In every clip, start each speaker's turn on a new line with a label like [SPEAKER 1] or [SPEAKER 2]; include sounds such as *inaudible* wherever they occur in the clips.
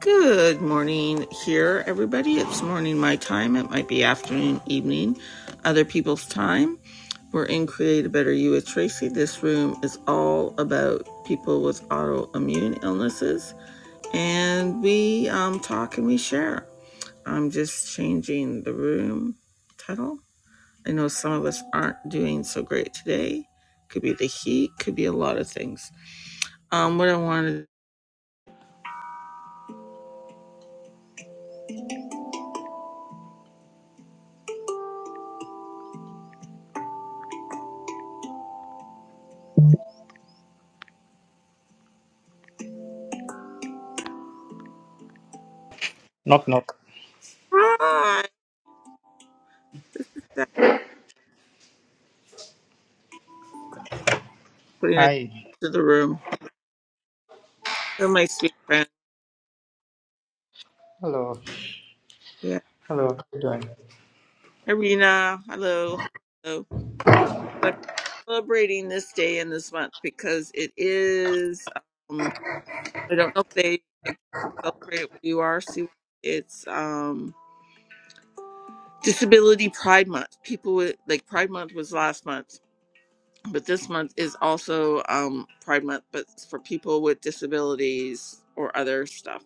[SPEAKER 1] Good morning here, everybody. It's morning my time. It might be afternoon, evening, other people's time. We're in Create a Better You with Tracy. This room is all about people with autoimmune illnesses, and we um, talk and we share. I'm just changing the room title. I know some of us aren't doing so great today. Could be the heat, could be a lot of things. Um, what I wanted.
[SPEAKER 2] Knock knock.
[SPEAKER 1] Hi. Putting it
[SPEAKER 2] Hi.
[SPEAKER 1] to the room. Hello, my sweet friend.
[SPEAKER 2] Hello.
[SPEAKER 1] Yeah.
[SPEAKER 2] Hello. How you doing?
[SPEAKER 1] Irina, hello. Hello. So I'm celebrating this day and this month because it is, um, I don't know if they celebrate it where you are, Sue. It's um, Disability Pride Month. People with, like, Pride Month was last month, but this month is also um, Pride Month, but it's for people with disabilities or other stuff.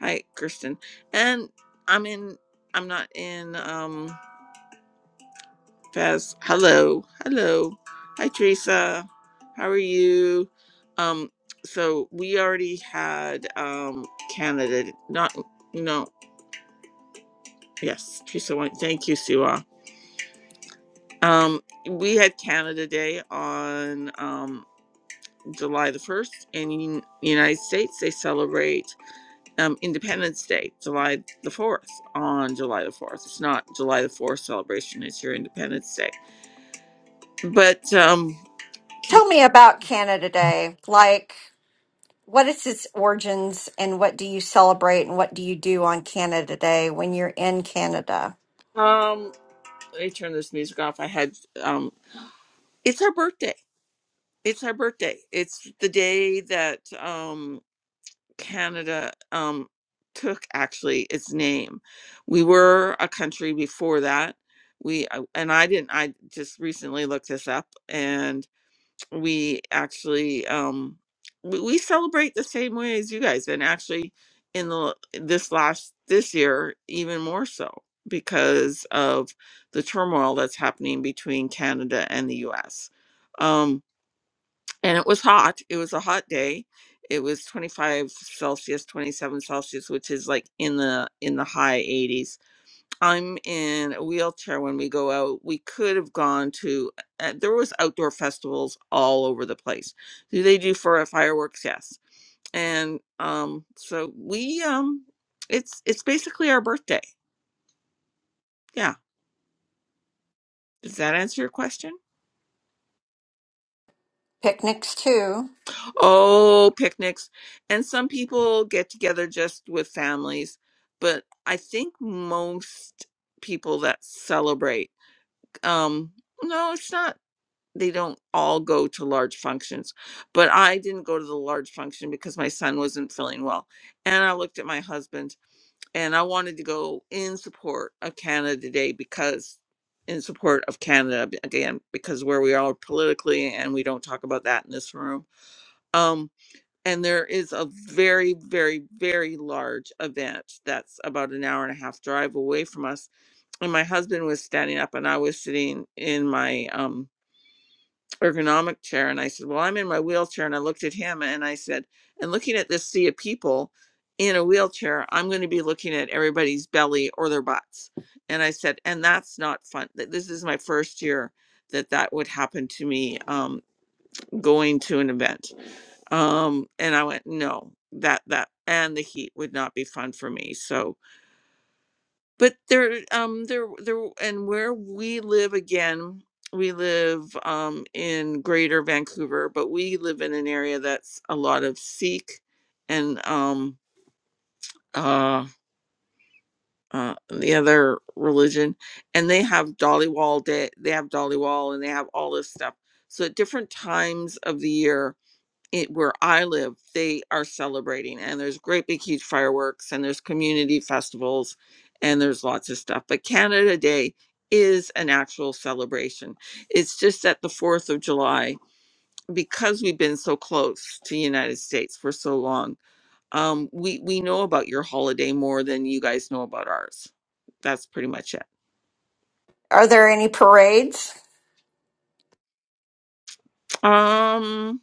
[SPEAKER 1] Hi, Kristen. And I'm in, I'm not in. um, Faz. Hello. Hello. Hi, Teresa. How are you? Um, so we already had um Canada not no yes, Teresa White. thank you, Siwa. Um we had Canada Day on um July the first and in the United States they celebrate um Independence Day, July the fourth on July the fourth. It's not July the fourth celebration, it's your Independence Day. But um can
[SPEAKER 3] Tell me about Canada Day. Like, what is its origins and what do you celebrate and what do you do on Canada Day when you're in Canada?
[SPEAKER 1] you? Um, let me turn this music off. I had um it's her birthday. It's her birthday. It's the day that um Canada um took actually its name. We were a country before that. We I- and I didn't I just recently looked this up and we actually um we, we celebrate the same way as you guys and actually in the this last this year even more so because of the turmoil that's happening between Canada and the US um and it was hot it was a hot day it was 25 celsius 27 celsius which is like in the in the high 80s I'm in a wheelchair when we go out. We could have gone to uh, there was outdoor festivals all over the place. Do they do for uh, fireworks? Yes. And um so we um it's it's basically our birthday. Yeah. Does that answer your question?
[SPEAKER 3] Picnics, too.
[SPEAKER 1] Oh, picnics. And some people get together just with families, but I think most people that celebrate um no, it's not they don't all go to large functions but i didn't go to the large function because my son wasn't feeling well and i looked at my husband and i wanted to go in support of canada day because in support of canada b- again because where we are politically and we don't talk about that in this room um and there is a very very very large event that's about an hour and a half drive away from us and my husband was standing up and i was sitting in my um ergonomic chair and I said, Well, I'm in my wheelchair. And I looked at him and I said, And looking at this sea of people in a wheelchair, I'm going to be looking at everybody's belly or their butts. And I said, And that's not fun. Th- This is my first year that that would happen to me um, going to an event. Um, and I went, No, that, that, and the heat would not be fun for me. So, but there um there there and where we live again we live um in greater vancouver but we live in an area that's a lot of sikh and um uh uh, the other religion and they have dolly wall day they have Dollywall, and they have all this stuff so at different times of the year it where I live, they are celebrating and there's great big huge fireworks and there's community festivals and there's lots of stuff. But Canada Day is an actual celebration. It's just that the 4th of July because we've been so close to the United States for so long. Um we we know about your holiday more than you guys know about ours. That's pretty much it.
[SPEAKER 3] Are there any parades?
[SPEAKER 1] Um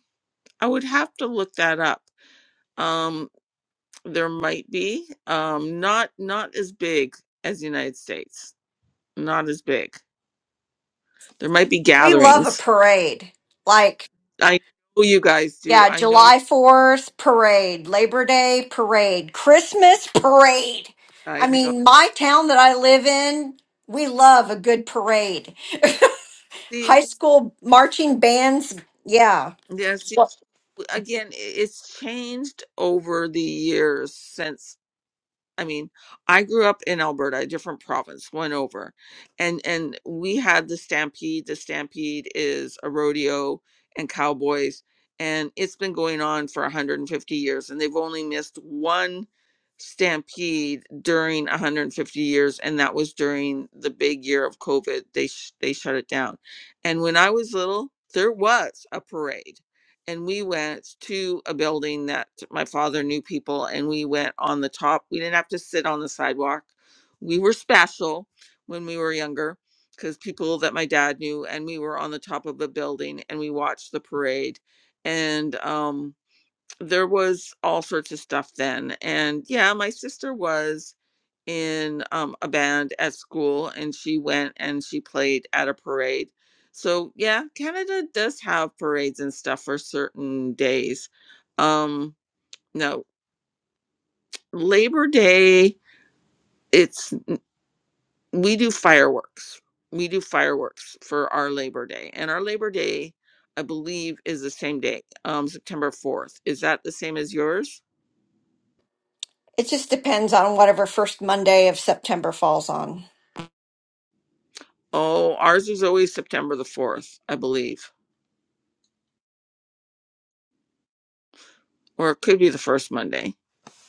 [SPEAKER 1] I would have to look that up. Um. There might be, um, not not as big as the United States. Not as big. There might be
[SPEAKER 3] We love a
[SPEAKER 1] gatherings.
[SPEAKER 3] parade. Like,
[SPEAKER 1] I know you guys do.
[SPEAKER 3] yeah,
[SPEAKER 1] I know.
[SPEAKER 3] July 4th parade, Labor Day parade, Christmas parade.
[SPEAKER 1] I
[SPEAKER 3] I
[SPEAKER 1] know.
[SPEAKER 3] mean, my town that I live in, we love a good parade. *laughs*
[SPEAKER 1] See,
[SPEAKER 3] High school marching bands, yeah.
[SPEAKER 1] yeah. See, again, i- it's changed over the years since. I mean, I grew up in Alberta, a different province, one over, and and we had the Stampede. The Stampede is a rodeo and cowboys, and it's been going on for 150 years, and they've only missed one stampede during 150 years, and that was during the big year of COVID. They sh- they shut it down, and when I was little, there was a parade and we went to a building that my father knew people and we went on the top we didn't have to sit on the sidewalk we were special when we were younger because people that my dad knew and we were on the top of a building and we watched the parade and um there was all sorts of stuff then and yeah my sister was in um, a band at school and she went and she played at a parade. So, yeah, Canada does have parades and stuff for certain days. Um, no, Labor Day, it's we do fireworks. We do fireworks for our Labor Day. And our Labor Day, I believe, is the same day, um, September 4th. Is that the same as yours?
[SPEAKER 3] It just depends on whatever first Monday of September falls on.
[SPEAKER 1] Oh, ours is always September the 4th, I believe. Or it could be the first Monday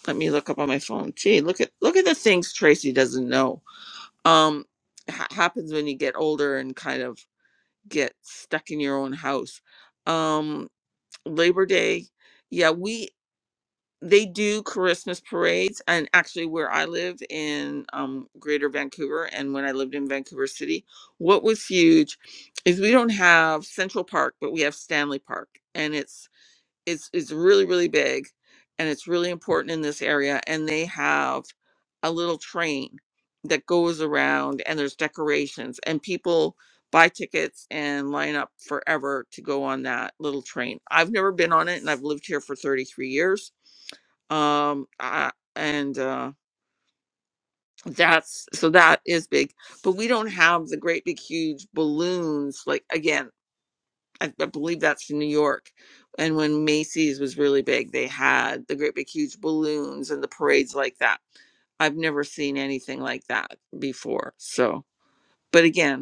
[SPEAKER 1] Let me look up on my phone. Gee, look at look at the things Tracy doesn't know. Um, ha- happens when you get older and kind of get stuck in your own house. Um, Labor Day, yeah, we they do Christmas parades, and actually where I live in um Greater Vancouver, and when I lived in Vancouver City, what was huge is we don't have Central Park, but we have Stanley Park, and it's it's it's really really big and it's really important in this area and they have a little train that goes around and there's decorations and people buy tickets and line up forever to go on that little train i've never been on it and i've lived here for 33 years um I, and uh that's so that is big but we don't have the great big huge balloons like again I, I believe that's from New York. And when Macy's was really big, they had the great big huge balloons and the parades like that. I've never seen anything like that before. So, but again,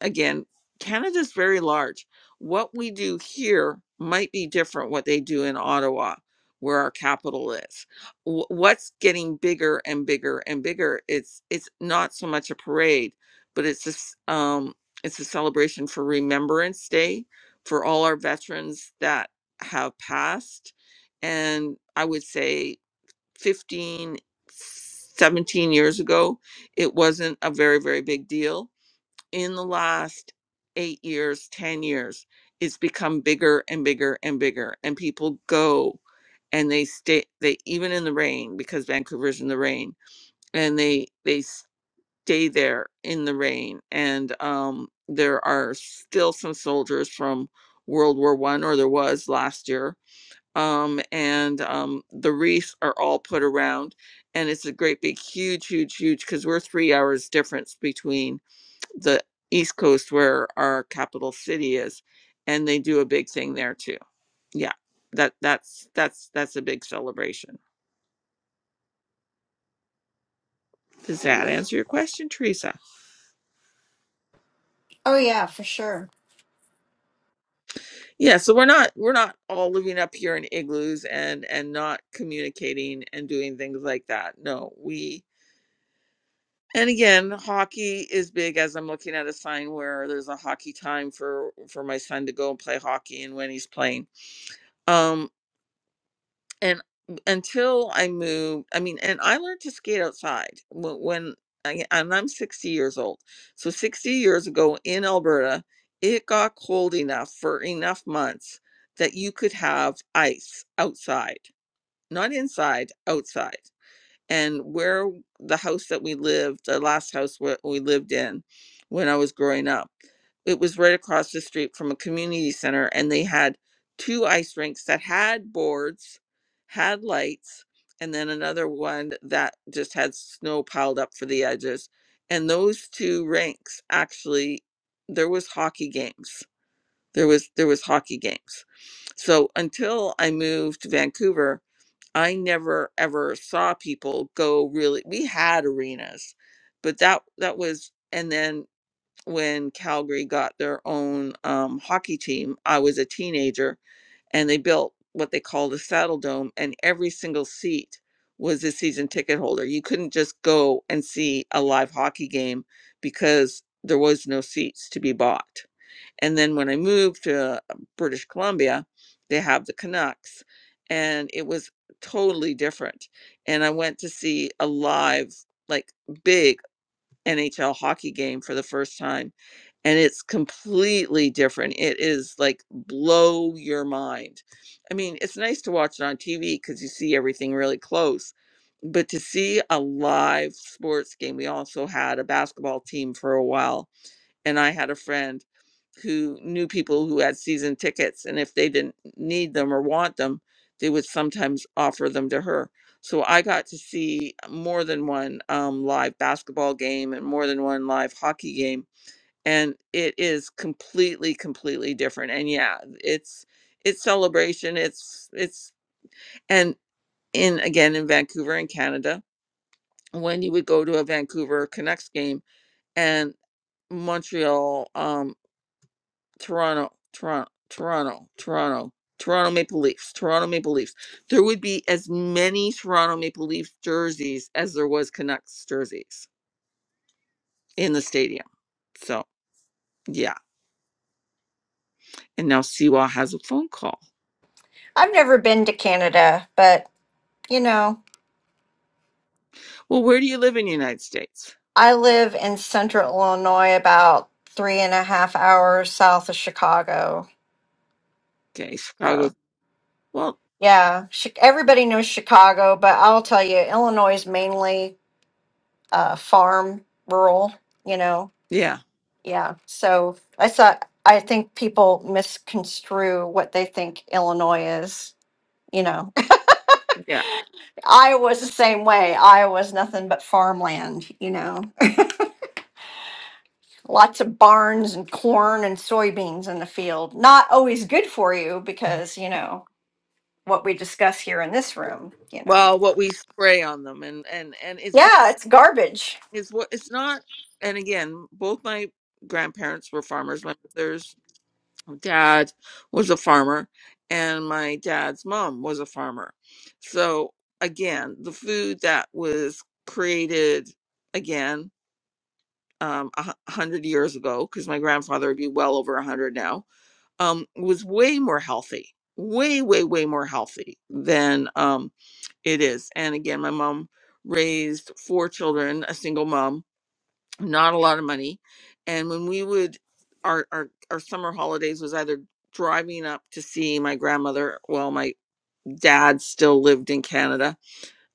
[SPEAKER 1] again, Canada's very large. What we do here might be different what they do in Ottawa, where our capital is. Wh- What's getting bigger and bigger and bigger? It's it's not so much a parade, but it's a, s- um it's a celebration for Remembrance Day for all our veterans that have passed. And I would say 15, 17 years ago, it wasn't a very very big deal in the last eight years, 10 years, it's become bigger and bigger and bigger. And people go and they stay, they even in the rain, because Vancouver's in the rain, and they, they stay there in the rain. And um, there are still some soldiers from World War One, or there was last year. Um, and um, the reefs are all put around, and it's a great big, huge, huge, huge, because we're three hours difference between the East Coast where our capital city is, and they do a big thing there too. Yeah, that that's that's that's a big celebration. Does that answer your question, Teresa?
[SPEAKER 3] Oh, yeah, for sure.
[SPEAKER 1] Yeah, so we're not we're not all living up here in igloos and and not communicating and doing things like that. No, we and again, hockey is big as I'm looking at a sign where there's a hockey time for for my son to go and play hockey and when he's playing. um and until I moved, I mean, and I learned to skate outside when, when I, and I'm 60 years old. So 60 years ago in Alberta, it got cold enough for enough months that you could have ice outside, not inside, outside and where the house that we lived, the last house where we lived in when I was growing up, it was right across the street from a community center, and they had two ice rinks that had boards, had lights, and then another one that just had snow piled up for the edges. And those two rinks actually, there was hockey games. There was there was hockey games. So until I moved to Vancouver, I never ever saw people go really we had arenas, but that that was and then when Calgary got their own um, hockey team, I was a teenager and they built what they called a saddle dome and every single seat was a season ticket holder. You couldn't just go and see a live hockey game because there was no seats to be bought. And then when I moved to uh, British Columbia, they have the Canucks, and it was totally different. And I went to see a live, like big NHL hockey game for the first time, and it's completely different. It is like blow your mind. I mean, it's nice to watch it on TV because you see everything really close, but to see a live sports game, we also had a basketball team for a while and I had a friend who knew people who had season tickets, and if they didn't need them or want them, they would sometimes offer them to her. So I got to see more than one um, live basketball game and more than one live hockey game, and it is completely, completely different. And yeah, it's it's celebration. It's it's and in again in Vancouver in Canada, when you would go to a Vancouver Canucks game and Montreal um, Toronto, Toronto, Toronto, Toronto, Toronto Maple Leafs, Toronto Maple Leafs. There would be as many Toronto Maple Leafs jerseys as there was Canucks jerseys in the stadium. So yeah. And now Siwa has a phone call.
[SPEAKER 3] I've never been to Canada, but you know,
[SPEAKER 1] Well, where do you live in the United States?
[SPEAKER 3] I live in central Illinois, about three and a half hours south of Chicago.
[SPEAKER 1] Okay, Chicago.
[SPEAKER 3] So,
[SPEAKER 1] Well,
[SPEAKER 3] yeah, Chi- everybody knows Chicago, but I'll tell you, Illinois is mainly uh, farm, rural, you know.
[SPEAKER 1] yeah,
[SPEAKER 3] Yeah. So I saw, I think people misconstrue what they think Illinois is, you know.
[SPEAKER 1] yeah.
[SPEAKER 3] Iowa's the same way. Iowa's nothing but farmland, you know. Lots of barns and corn and soybeans in the field. Not always good for you because, you know, what we discuss here in this room, you know.
[SPEAKER 1] Well, what we spray on them, and and and it's not,
[SPEAKER 3] Yeah, it's garbage.
[SPEAKER 1] it's what it's not. And again, both my grandparents were farmers. My mother's my dad was a farmer and my dad's mom was a farmer. So again, the food that was created again um, a hu- a hundred years ago, because my grandfather would be well over a hundred now, um, was way more healthy, way, way, way more healthy than um, it is. And again, my mom raised four children, a single mom, not a lot of money. And when we would, our, our, our summer holidays was either driving up to see my grandmother. Well, my dad still lived in Canada.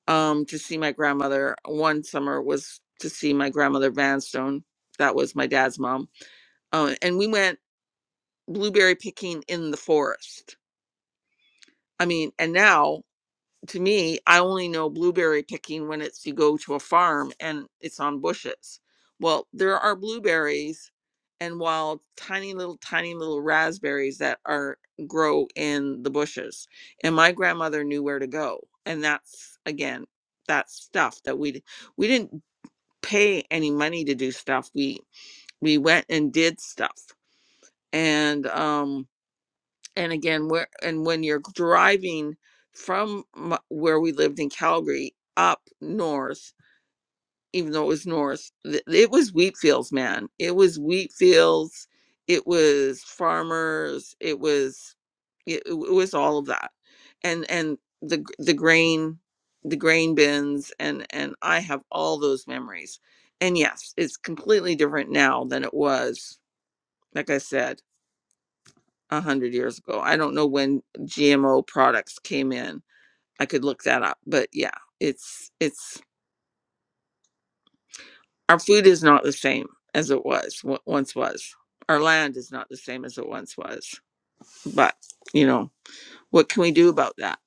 [SPEAKER 1] Um, to see my grandmother. One summer was to see my grandmother Vanstone. That was my dad's mom. Uh, and we went blueberry picking in the forest. I mean, and now to me, I only know blueberry picking when it's you go to a farm and it's on bushes. Well, there are blueberries and wild tiny little tiny little raspberries that are grow in the bushes. And my grandmother knew where to go. And that's again, that's stuff that we d- we didn't pay any money to do stuff. We we went and did stuff. And um, and again where and when you're driving from m- where we lived in calgary up north even though it was north th- it was wheat fields man it was wheat fields it was farmers it was it, it was all of that and and the gr- the grain the grain bins and and i have all those memories and yes it's completely different now than it was like i said a hundred years ago. I don't know when GMO products came in. I could look that up, but yeah, it's it's our food is not the same as it was what once was. Our land is not the same as it once was. But you know, what can we do about that?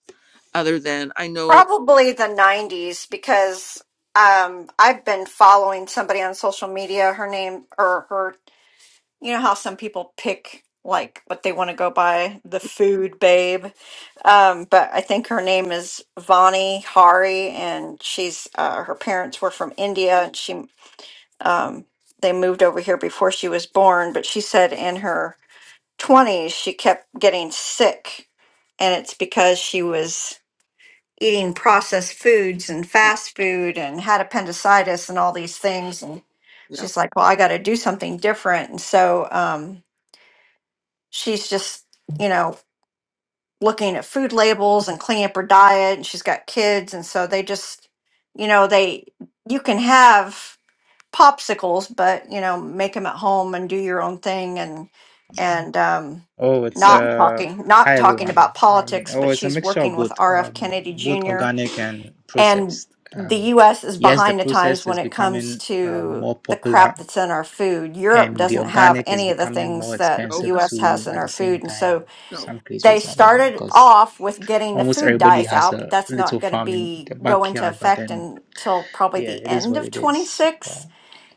[SPEAKER 1] Other than I know,
[SPEAKER 3] Probably the 90s because um I've been following somebody on social media. Her name or her you know how some people pick like what they want to go by the food babe um, but i think her name is vani hari and she's uh, her parents were from india and she um, they moved over here before she was born but she said in her 20s she kept getting sick and it's because she was eating processed foods and
[SPEAKER 1] uh,
[SPEAKER 3] fast food and had appendicitis and all these things and
[SPEAKER 1] yeah,
[SPEAKER 3] she's like well i got to do something different and so um, she's just you know looking at food labels and cleaning up her diet and she's got kids and so they just you know they you can have popsicles but you know make them at home and do your own thing and and um
[SPEAKER 2] Oh, it's
[SPEAKER 1] see,
[SPEAKER 3] not
[SPEAKER 2] uh.
[SPEAKER 3] talking not
[SPEAKER 2] Hi
[SPEAKER 3] talking
[SPEAKER 2] everyone.
[SPEAKER 3] about
[SPEAKER 2] Um.
[SPEAKER 3] politics
[SPEAKER 2] Oh,
[SPEAKER 3] but
[SPEAKER 2] it's a
[SPEAKER 3] she's
[SPEAKER 2] mixture of
[SPEAKER 3] working with
[SPEAKER 2] both,
[SPEAKER 3] RF
[SPEAKER 2] um,
[SPEAKER 3] Kennedy
[SPEAKER 2] both
[SPEAKER 3] Jr.
[SPEAKER 2] organic and
[SPEAKER 3] and
[SPEAKER 2] processed. Um,
[SPEAKER 3] the US is
[SPEAKER 2] yes, the
[SPEAKER 3] behind the times
[SPEAKER 2] processed
[SPEAKER 3] when
[SPEAKER 2] is
[SPEAKER 3] it comes
[SPEAKER 2] becoming uh,
[SPEAKER 3] to
[SPEAKER 2] more
[SPEAKER 3] the crap
[SPEAKER 2] popular,
[SPEAKER 3] that's in our food. Europe
[SPEAKER 2] and the
[SPEAKER 3] doesn't have
[SPEAKER 2] organic is
[SPEAKER 3] any of the
[SPEAKER 2] becoming
[SPEAKER 3] things
[SPEAKER 2] more
[SPEAKER 3] that
[SPEAKER 1] no,
[SPEAKER 2] expensive
[SPEAKER 3] US
[SPEAKER 2] too.
[SPEAKER 3] has in
[SPEAKER 2] At
[SPEAKER 3] our
[SPEAKER 2] the same
[SPEAKER 3] food and
[SPEAKER 2] time,
[SPEAKER 3] so
[SPEAKER 1] no.
[SPEAKER 2] some
[SPEAKER 3] they
[SPEAKER 2] countries I don't know
[SPEAKER 3] started
[SPEAKER 2] because
[SPEAKER 3] off with getting the
[SPEAKER 2] almost
[SPEAKER 3] food
[SPEAKER 2] everybody
[SPEAKER 3] dyes
[SPEAKER 2] has
[SPEAKER 3] out, but
[SPEAKER 2] a
[SPEAKER 3] that's not
[SPEAKER 2] little
[SPEAKER 3] going to
[SPEAKER 2] farm in
[SPEAKER 3] be
[SPEAKER 2] the
[SPEAKER 3] go into
[SPEAKER 2] backyard, but
[SPEAKER 3] effect
[SPEAKER 2] then
[SPEAKER 3] until probably
[SPEAKER 2] yeah,
[SPEAKER 3] the
[SPEAKER 2] it is
[SPEAKER 3] end
[SPEAKER 2] what
[SPEAKER 3] of
[SPEAKER 2] it is. Uh,
[SPEAKER 3] 26.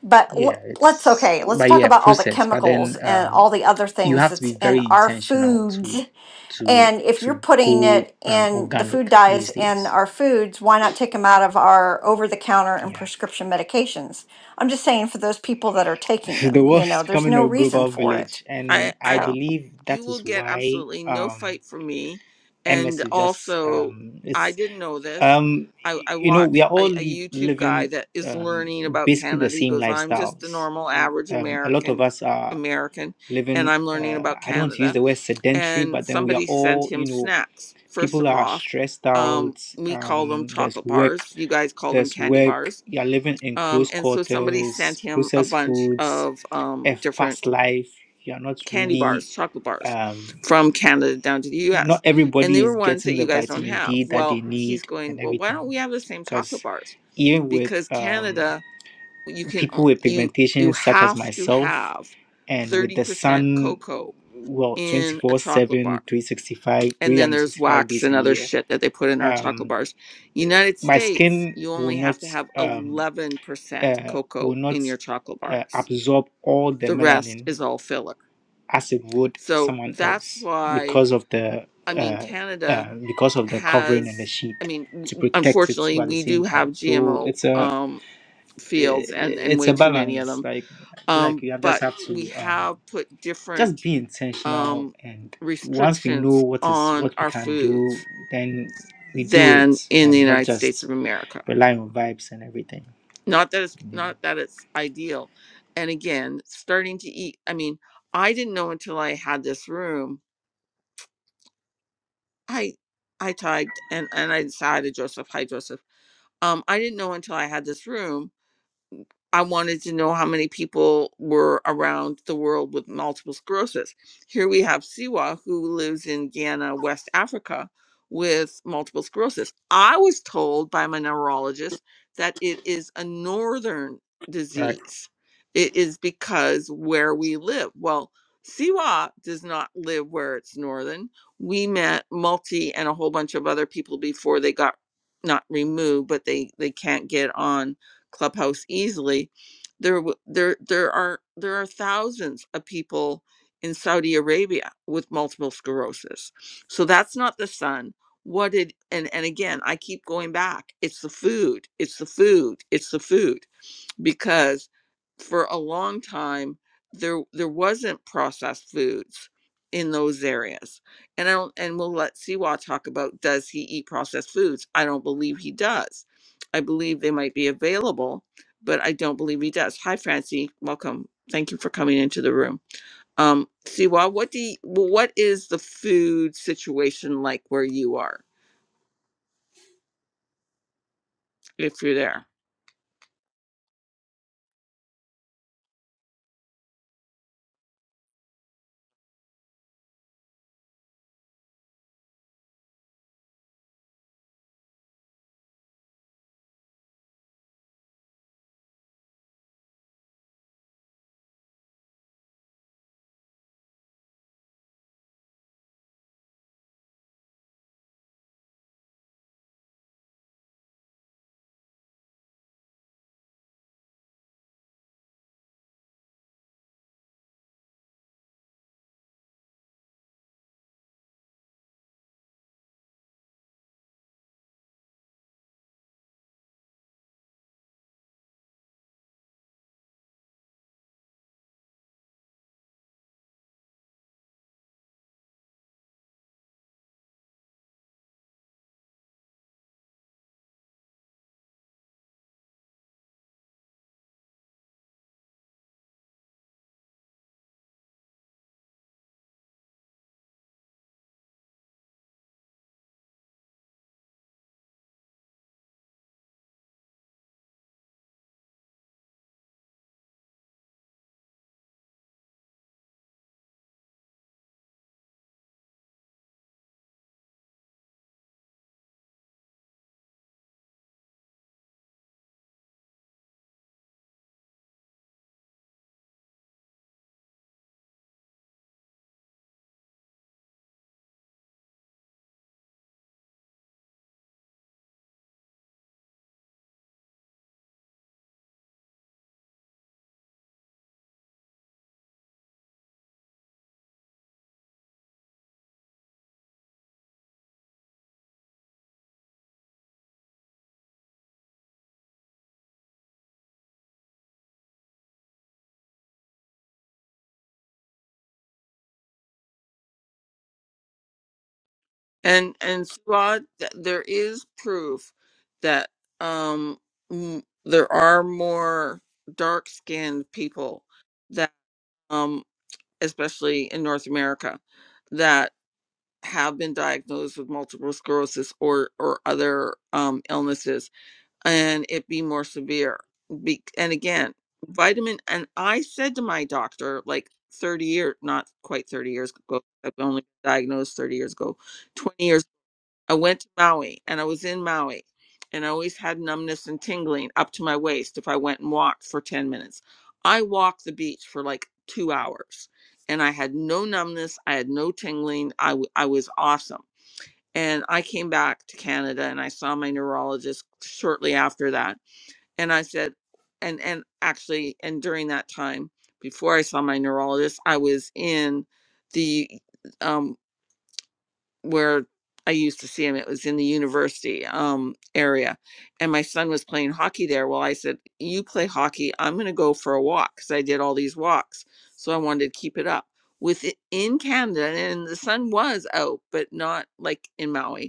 [SPEAKER 3] But
[SPEAKER 2] yeah,
[SPEAKER 3] l- let's
[SPEAKER 2] it's
[SPEAKER 3] okay, let's
[SPEAKER 2] but
[SPEAKER 3] talk
[SPEAKER 2] yeah,
[SPEAKER 3] about all the
[SPEAKER 2] process. But then
[SPEAKER 3] chemicals and
[SPEAKER 2] um.
[SPEAKER 3] all the other
[SPEAKER 2] you
[SPEAKER 3] things
[SPEAKER 2] have to
[SPEAKER 3] that's
[SPEAKER 2] be
[SPEAKER 3] in
[SPEAKER 2] very
[SPEAKER 3] our
[SPEAKER 2] intentional to
[SPEAKER 3] foods.
[SPEAKER 2] to
[SPEAKER 3] And if you're
[SPEAKER 2] to
[SPEAKER 3] putting
[SPEAKER 2] go
[SPEAKER 3] it
[SPEAKER 2] um,
[SPEAKER 3] in the food
[SPEAKER 2] organic
[SPEAKER 3] dyes
[SPEAKER 2] these
[SPEAKER 3] in
[SPEAKER 2] days.
[SPEAKER 3] our foods, why not take them out of our over the counter and
[SPEAKER 2] Yeah,
[SPEAKER 3] prescription medications? I'm just saying for those people that are
[SPEAKER 2] *laughs*
[SPEAKER 3] taking
[SPEAKER 2] the
[SPEAKER 3] them,
[SPEAKER 2] world
[SPEAKER 3] you know,
[SPEAKER 2] is
[SPEAKER 3] there's
[SPEAKER 2] becoming
[SPEAKER 3] no
[SPEAKER 2] a
[SPEAKER 3] reason
[SPEAKER 2] global
[SPEAKER 3] for it.
[SPEAKER 2] village,
[SPEAKER 1] I
[SPEAKER 2] and I
[SPEAKER 1] I
[SPEAKER 3] So.
[SPEAKER 2] believe
[SPEAKER 1] you
[SPEAKER 2] that
[SPEAKER 1] will
[SPEAKER 2] is
[SPEAKER 1] get
[SPEAKER 2] why
[SPEAKER 1] absolutely no
[SPEAKER 2] um,
[SPEAKER 1] fight from me. And
[SPEAKER 2] MS is just
[SPEAKER 1] also,
[SPEAKER 2] um,
[SPEAKER 1] I
[SPEAKER 2] it's
[SPEAKER 1] didn't know this.
[SPEAKER 2] um,
[SPEAKER 1] I,
[SPEAKER 2] y-
[SPEAKER 1] I
[SPEAKER 2] you know
[SPEAKER 1] watch
[SPEAKER 2] we are all
[SPEAKER 1] a, a
[SPEAKER 2] live,
[SPEAKER 1] YouTube guy
[SPEAKER 2] living
[SPEAKER 1] that is
[SPEAKER 2] um,
[SPEAKER 1] learning about
[SPEAKER 2] basically the
[SPEAKER 1] Canada. He
[SPEAKER 2] same
[SPEAKER 1] goes, I'm just a
[SPEAKER 2] lifestyles.
[SPEAKER 1] normal, average
[SPEAKER 2] Um, a lot of
[SPEAKER 1] American,
[SPEAKER 2] us are
[SPEAKER 1] American, and
[SPEAKER 2] living.
[SPEAKER 1] I'm learning
[SPEAKER 2] Uh,
[SPEAKER 1] about
[SPEAKER 2] I don't want to use
[SPEAKER 1] Canada.
[SPEAKER 2] the word sedentary,
[SPEAKER 1] And
[SPEAKER 2] but then we are
[SPEAKER 1] somebody
[SPEAKER 2] all
[SPEAKER 1] sent him
[SPEAKER 2] you know
[SPEAKER 1] snacks. First
[SPEAKER 2] people
[SPEAKER 1] of
[SPEAKER 2] are
[SPEAKER 1] all,
[SPEAKER 2] stressed
[SPEAKER 1] um,
[SPEAKER 2] out
[SPEAKER 1] we call them
[SPEAKER 2] um, there's
[SPEAKER 1] chocolate
[SPEAKER 2] work
[SPEAKER 1] bars. You guys call them
[SPEAKER 2] there's
[SPEAKER 1] candy
[SPEAKER 2] work
[SPEAKER 1] bars.
[SPEAKER 2] you're living in
[SPEAKER 1] Um,
[SPEAKER 2] close
[SPEAKER 1] and so somebody
[SPEAKER 2] quarters
[SPEAKER 1] sent him a
[SPEAKER 2] processed
[SPEAKER 1] bunch
[SPEAKER 2] foods
[SPEAKER 1] of um,
[SPEAKER 2] a
[SPEAKER 1] different
[SPEAKER 2] fast life you're not
[SPEAKER 1] candy
[SPEAKER 2] really
[SPEAKER 1] bars, chocolate bars
[SPEAKER 2] um,
[SPEAKER 1] from Canada down to the
[SPEAKER 2] not
[SPEAKER 1] US. And they
[SPEAKER 2] everybody
[SPEAKER 1] were
[SPEAKER 2] is
[SPEAKER 1] ones that
[SPEAKER 2] getting
[SPEAKER 1] you
[SPEAKER 2] the
[SPEAKER 1] guys don't
[SPEAKER 2] vitamin
[SPEAKER 1] have.
[SPEAKER 2] d that they
[SPEAKER 1] Well, he's
[SPEAKER 2] need
[SPEAKER 1] going,
[SPEAKER 2] and
[SPEAKER 1] "Well, why don't
[SPEAKER 2] everything
[SPEAKER 1] we have the same chocolate
[SPEAKER 2] because
[SPEAKER 1] bars?"
[SPEAKER 2] even with
[SPEAKER 1] Because
[SPEAKER 2] um,
[SPEAKER 1] Canada, you can
[SPEAKER 2] people
[SPEAKER 1] o-
[SPEAKER 2] with
[SPEAKER 1] you you
[SPEAKER 2] pigmentation such as
[SPEAKER 1] have to
[SPEAKER 2] myself
[SPEAKER 1] have
[SPEAKER 2] and with the
[SPEAKER 1] 30%
[SPEAKER 2] sun
[SPEAKER 1] cocoa
[SPEAKER 2] well twenty
[SPEAKER 1] in a
[SPEAKER 2] four
[SPEAKER 1] chocolate bar.
[SPEAKER 2] seven, three sixty 365
[SPEAKER 1] And then there's wax
[SPEAKER 2] days
[SPEAKER 1] and
[SPEAKER 2] a
[SPEAKER 1] other
[SPEAKER 2] year
[SPEAKER 1] shit that they put in our
[SPEAKER 2] Um.
[SPEAKER 1] chocolate bars. United
[SPEAKER 2] my
[SPEAKER 1] States,
[SPEAKER 2] skin
[SPEAKER 1] you
[SPEAKER 2] will
[SPEAKER 1] only
[SPEAKER 2] not
[SPEAKER 1] have to have
[SPEAKER 2] um,
[SPEAKER 1] 11%
[SPEAKER 2] uh,
[SPEAKER 1] cocoa
[SPEAKER 2] will not
[SPEAKER 1] in your chocolate
[SPEAKER 2] uh,
[SPEAKER 1] bars.
[SPEAKER 2] absorb all the
[SPEAKER 1] The rest
[SPEAKER 2] melanin
[SPEAKER 1] is all filler.
[SPEAKER 2] as it would
[SPEAKER 1] So
[SPEAKER 2] someone
[SPEAKER 1] that's
[SPEAKER 2] else
[SPEAKER 1] why
[SPEAKER 2] because of the
[SPEAKER 1] I mean,
[SPEAKER 2] uh,
[SPEAKER 1] Canada
[SPEAKER 2] uh, because of the covering and the
[SPEAKER 1] has,
[SPEAKER 2] sheet
[SPEAKER 1] I mean, w-
[SPEAKER 2] to protect it
[SPEAKER 1] unfortunately,
[SPEAKER 2] too at the
[SPEAKER 1] we do
[SPEAKER 2] same
[SPEAKER 1] have
[SPEAKER 2] time. So
[SPEAKER 1] GMO
[SPEAKER 2] it's a
[SPEAKER 1] um, fields and, and
[SPEAKER 2] it's
[SPEAKER 1] way
[SPEAKER 2] a
[SPEAKER 1] too many of
[SPEAKER 2] balance.
[SPEAKER 1] them.
[SPEAKER 2] Like I feel like
[SPEAKER 1] Um,
[SPEAKER 2] you have just
[SPEAKER 1] but
[SPEAKER 2] have
[SPEAKER 1] we
[SPEAKER 2] to um,
[SPEAKER 1] have put different
[SPEAKER 2] just be intentional
[SPEAKER 1] um,
[SPEAKER 2] and once we know
[SPEAKER 1] restrictions
[SPEAKER 2] what is
[SPEAKER 1] on
[SPEAKER 2] what we
[SPEAKER 1] our
[SPEAKER 2] can do,
[SPEAKER 1] foods
[SPEAKER 2] then we do
[SPEAKER 1] than
[SPEAKER 2] it
[SPEAKER 1] in the
[SPEAKER 2] and not
[SPEAKER 1] United States of
[SPEAKER 2] just
[SPEAKER 1] America.
[SPEAKER 2] rely on vibes and everything.
[SPEAKER 1] Not that it's
[SPEAKER 2] Anyway,
[SPEAKER 1] not that it's ideal. And again, starting to eat, I mean, I didn't know until I had this room. I I typed and, and I decided, Joseph, hi Joseph. Um, I didn't know until I had this room I wanted to know how many people were around the world with multiple sclerosis. Here we have Siwa, who lives in Ghana, West Africa, with multiple sclerosis. I was told by my neurologist that it is a northern
[SPEAKER 2] right.
[SPEAKER 1] disease. It is because where we live. Well, Siwa does not live where it's northern. We met Multi and a whole bunch of other people before they got not removed, but they they can't get on Clubhouse easily. There, w- there, there are there are thousands of people in Saudi Arabia with multiple sclerosis. So that's not the sun. What did and and again, I keep going back. It's the food. It's the food. It's the food because for a long time there there wasn't processed foods in those areas. And I don't and we'll let Siwa talk about does he eat processed foods? I don't believe he does. I believe they might be available, but I don't believe he does. Hi Francie, welcome. Thank you for coming into the room. Um Siwa, what do you, what is the food situation like where you are if you're there? And and Suad, th- there is proof that um m- there are more dark-skinned people that um especially in North America that have been diagnosed with multiple sclerosis or or other um illnesses and it be more severe. Be- and again, vitamin and I said to my doctor like 30 years not quite 30 years ago I've only been diagnosed 30 years ago twenty years. I went to Maui and I was in Maui and I always had numbness and tingling up to my waist if I went and walked for 10 minutes. I walked the beach for like two hours and I had no numbness. I had no tingling. I, w- I was awesome. And I came back to Canada and I saw my neurologist shortly after that. And I said, and, and actually, and during that time, before I saw my neurologist, I was in the um, where I used to see him. It was in the university um, area, and my son was playing hockey there. Well, I said, "You play hockey. I'm going to go for a walk because I did all these walks, so I wanted to keep it up." With in Canada, and the sun was out, but not like in Maui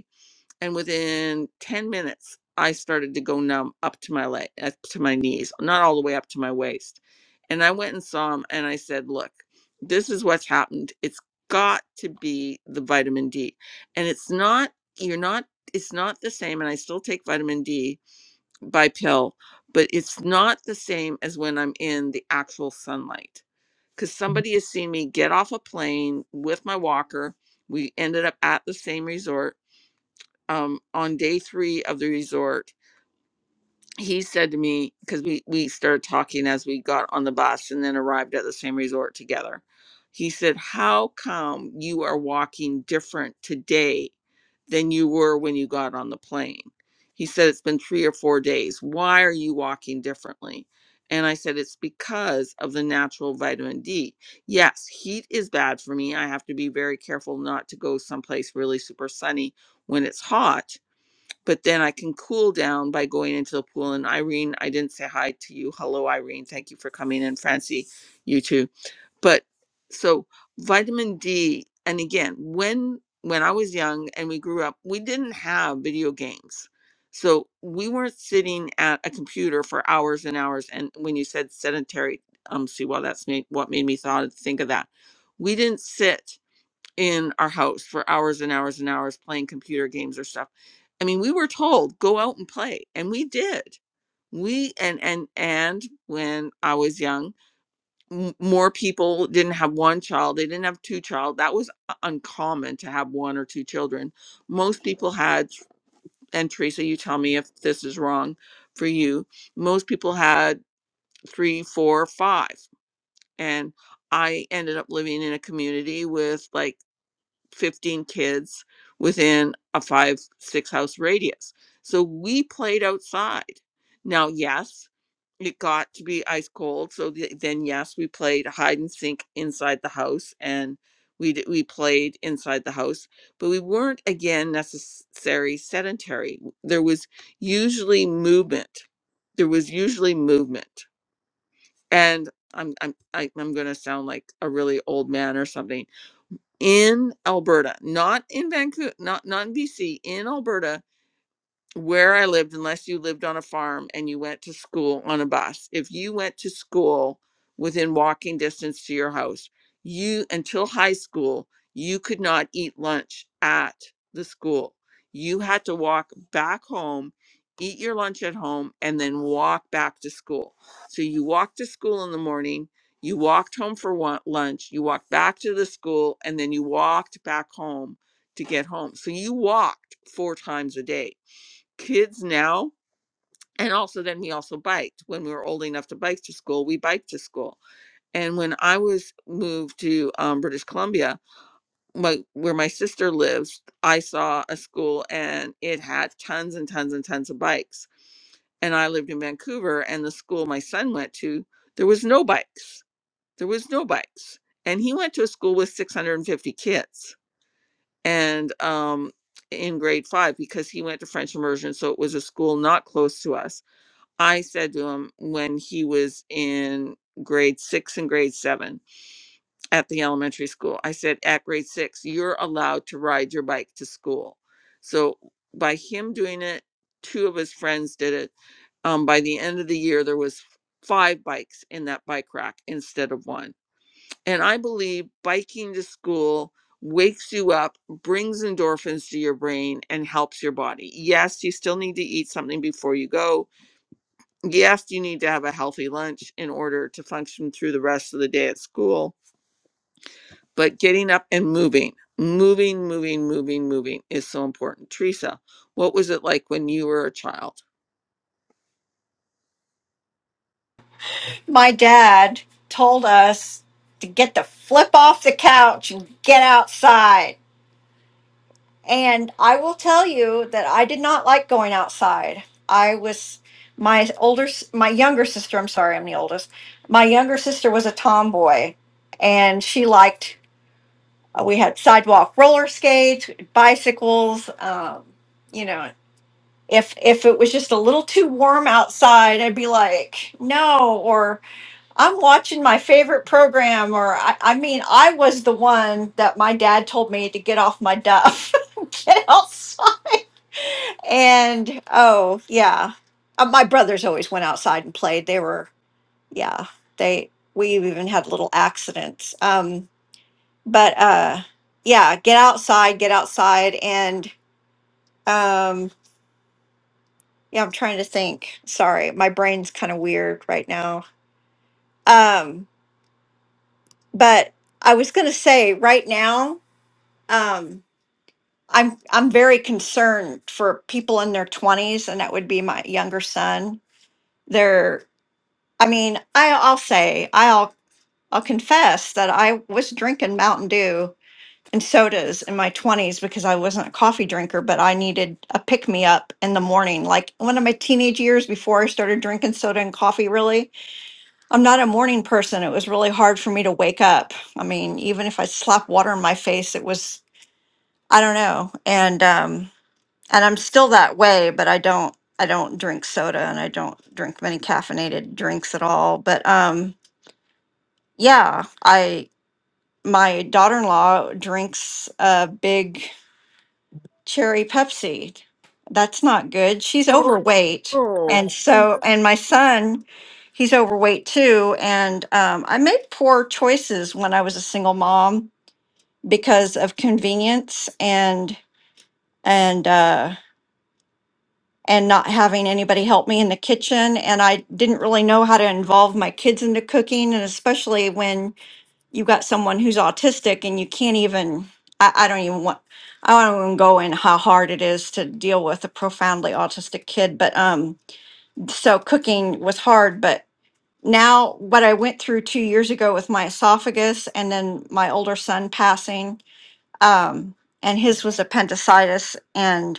[SPEAKER 1] and within 10 minutes i started to go numb up to my leg up to my knees not all the way up to my waist and i went and saw him and i said look this is what's happened it's got to be the vitamin d and it's not you're not it's not the same and i still take vitamin d by pill but it's not the same as when i'm in the actual sunlight because somebody has seen me get off a plane with my walker we ended up at the same resort um, on day three of the resort, he said to me, because we, we started talking as we got on the bus and then arrived at the same resort together. He said, How come you are walking different today than you were when you got on the plane? He said, It's been three or four days. Why are you walking differently? And I said, It's because of the natural vitamin D. Yes, heat is bad for me. I have to be very careful not to go someplace really super sunny when it's hot but then I can cool down by going into the pool. And Irene, I didn't say hi to you. Hello, Irene. Thank you for coming in. Francie, you too. But so vitamin D, and again, when when I was young and we grew up, we didn't have video games. So we weren't sitting at a computer for hours and hours. And when you said sedentary, um, see, well, that's made, what made me thought, think of that. We didn't sit in our house for hours and hours and hours playing computer games or stuff. I mean, we were told go out and play, and we did. We and and and when I was young, m- more people didn't have one child. They didn't have two child. That was u- uncommon to have one or two children. Most people had, and Teresa, you tell me if this is wrong for you. Most people had three, four, five, and I ended up living in a community with like 15 kids within a five, six house radius. So we played outside. Now, yes, it got to be ice cold. So th- then, yes, we played hide and seek inside the house and we, d- we played inside the house, but we weren't again necessary sedentary. There was usually movement. There was usually movement. And I'm, I'm, I- I'm going to sound like a really old man or something in Alberta, not in Vancouver, not not in BC, in Alberta, where I lived, unless you lived on a farm and you went to school on a bus, if you went to school within walking distance to your house, you, until high school, you could not eat lunch at the school. You had to walk back home, eat your lunch at home, and then walk back to school. So you walked to school in the morning, you walked home for wa- lunch, you walked back to the school, and then you walked back home to get home. So you walked four times a day kids now and also then we also biked when we were old enough to bike to school we biked to school and when i was moved to um, british columbia my, where my sister lives i saw a school and it had tons and tons and tons of bikes and i lived in vancouver and the school my son went to there was no bikes there was no bikes and he went to a school with 650 kids and um, in grade five because he went to french immersion so it was a school not close to us I said to him when he was in grade six and grade seven at the elementary school, I said, at grade six, you're allowed to ride your bike to school. So by him doing it, two of his friends did it. Um, by the end of the year, there was five bikes in that bike rack instead of one. And I believe biking to school wakes you up, brings endorphins to your brain, and helps your body. Yes, you still need to eat something before you go yes, you need to have a healthy lunch in order to function through the rest of the day at school, but getting up and moving, moving, moving, moving, moving is so important. Teresa, what was it like when you were a child?
[SPEAKER 3] my dad told us to get the flip off the couch and get outside. And I will tell you that I did not like going outside. I was my older, s- my younger sister. I'm sorry, I'm the oldest. My younger sister was a tomboy, and she liked. uh, We had sidewalk roller skates, bicycles. Um, you know, if if it was just a little too warm outside, I'd be like, no, or I'm watching my favorite program, or I, I mean, I was the one that my dad told me to get off my duff, *laughs* get outside. And oh, yeah. Uh, my brothers always went outside and played. They were, yeah, they, we even had little accidents. Um, but uh, yeah, get outside, get outside. And um, yeah, I'm trying to think. Sorry, my brain's kind of weird right now. Um, but I was going to say right now, Um, I'm I'm very concerned for people in their 20s and that would be my younger son. They're I mean, I I'll say, I'll I'll confess that I was drinking Mountain Dew and sodas in my 20s because I wasn't a coffee drinker, but I needed a pick me up in the morning. Like one of my teenage years before I started drinking soda and coffee, really, I'm not a morning person. It was really hard for me to wake up. I mean, even if I slapped water in my face, it was, I don't know. And, um, and I'm still that way, but I don't I don't drink soda and I don't drink many caffeinated drinks at all. But um yeah, I my daughter-in-law drinks a big cherry Pepsi. That's not good. She's
[SPEAKER 1] Oh,
[SPEAKER 3] overweight.
[SPEAKER 1] oh,
[SPEAKER 3] And
[SPEAKER 1] oh,
[SPEAKER 3] so and my son, he's overweight too, and um I made poor choices when I was a single mom because of convenience and and uh and not having anybody help me in the kitchen. And I didn't really know how to involve my kids into cooking. And especially when you got someone who's autistic and you can't even, I, I don't even want, I don't even go in how hard it is to deal with a profoundly autistic kid. But um, so cooking was hard. But now what I went through two years ago with my esophagus and then my older son passing, um, and his was appendicitis. And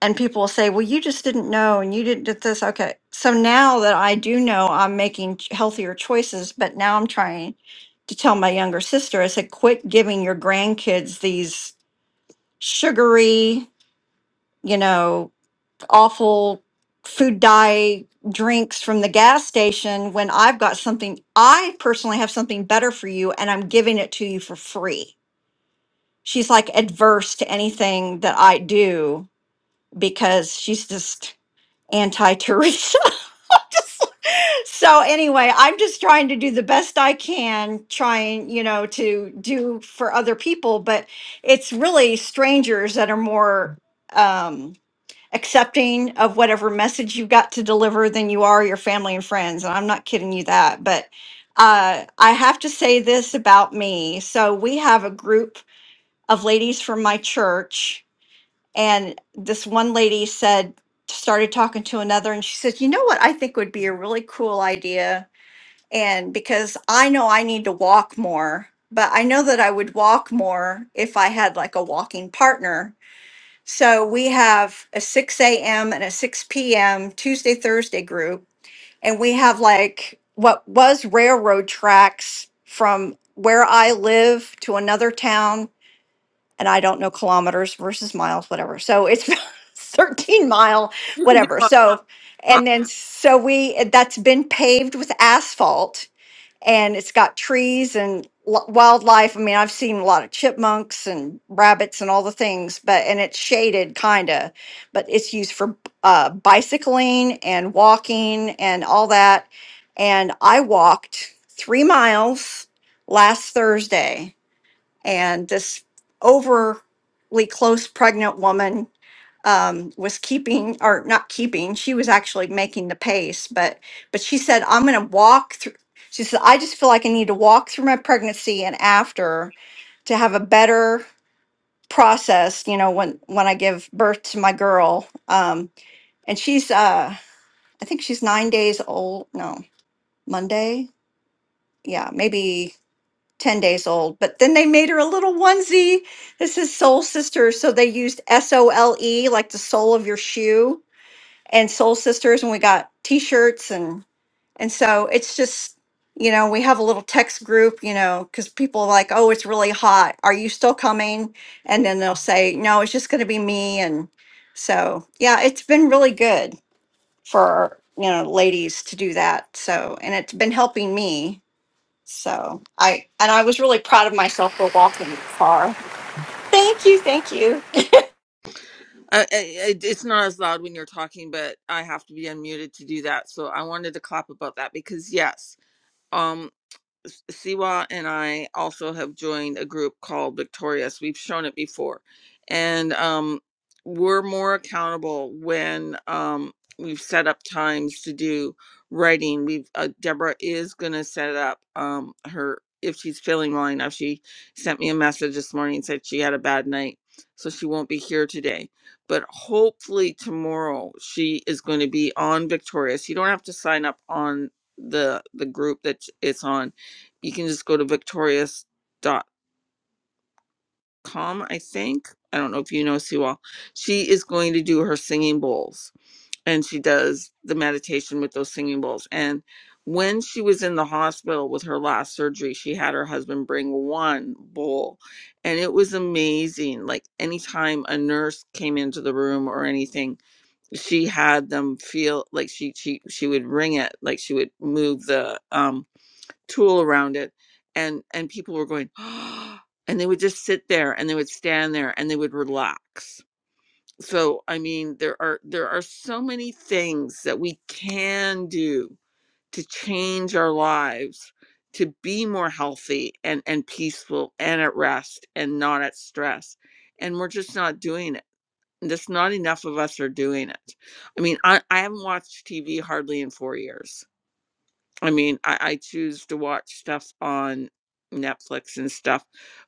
[SPEAKER 3] and people will say, "Well, you just didn't know, and you didn't did this." Okay, so now that I do know, I'm making ch- healthier choices. But now I'm trying to tell my younger sister. I said, "Quit giving your grandkids these sugary, you know, awful food dye drinks from the gas station when I've got something. I personally have something better for you, and I'm giving it to you for free." She's like adverse to anything that I do because she's just anti Teresa. *laughs* so anyway, I'm just trying to do the best I can, trying, you know, to do for other people, but it's really strangers that are more um accepting of whatever message you've got to deliver than you are your family and friends. And I'm not kidding you that, but uh I have to say this about me. So we have a group of ladies from my church and this one lady said, started talking to another, and she said, You know what I think would be a really cool idea? And because I know I need to walk more, but I know that I would walk more if I had like a walking partner. So we have a 6 a.m. and a 6 p.m. Tuesday, Thursday group. And we have like what was railroad tracks from where I live to another town and I don't know kilometers versus miles, whatever. So it's *laughs* 13 mile,
[SPEAKER 1] you can be
[SPEAKER 3] whatever.
[SPEAKER 1] my
[SPEAKER 3] So,
[SPEAKER 1] mom.
[SPEAKER 3] and then so we that's been paved with asphalt and it's got trees and lo- wildlife. I mean, I've seen a lot of chipmunks and rabbits and all the things, but and it's shaded kind of, but it's used for uh, bicycling and walking and all that. And I walked three miles last Thursday and this overly close pregnant woman um, was keeping, or not keeping, she was actually making the pace, but, but she said, I'm going to walk through. She said, I just feel like I need to walk through my pregnancy and after to have a better process, you know, when, when I give birth to my girl. Um, and she's, uh, I think she's nine days old. No, Monday. Yeah, maybe 10 days old. But then they made her a little onesie. This is Soul Sisters. So they used S O L E, like the sole of your shoe, and Soul Sisters. And we got t shirts. And, and so it's just, you know, we have a little text group, you know, because people are like, oh, it's really hot. Are you still coming? And then they'll say, no, it's just going to be me. And so, yeah, it's been really good for, you know, ladies to do that. So, and it's been helping me so I and I was really proud of myself for walking that far. Thank you, thank you.
[SPEAKER 1] I, I, I- it's not as loud when you're talking, but I have to be unmuted to do that. So I wanted to clap about that because yes, S- Siwa and I also have joined a group called Victorious. We've shown it before. And um, we're more accountable when um, we've set up times to do writing. We've uh, Deborah is going to set up um, her if she's feeling well enough. She sent me a message this morning and said she had a bad night, so she won't be here today. But hopefully tomorrow she is going to be on Victorious. You don't have to sign up on the the group that it's on you can just go to victorious dot com. i think i don't know if you know sue all she is going to do her singing bowls and she does the meditation with those singing bowls and when she was in the hospital with her last surgery she had her husband bring one bowl and it was amazing like anytime a nurse came into the room or anything she had them feel like she she she would ring it like she would move the um tool around it and and people were going "Ah," and they would just sit there and they would stand there and they would relax so i mean there are there are so many things that we can do to change our lives to be more healthy and and peaceful and at rest and not at stress and we're just not doing it just not enough of us are doing it i mean i, I haven't watched tv hardly in four years I mean, I, I choose to watch stuff on Netflix and stuff,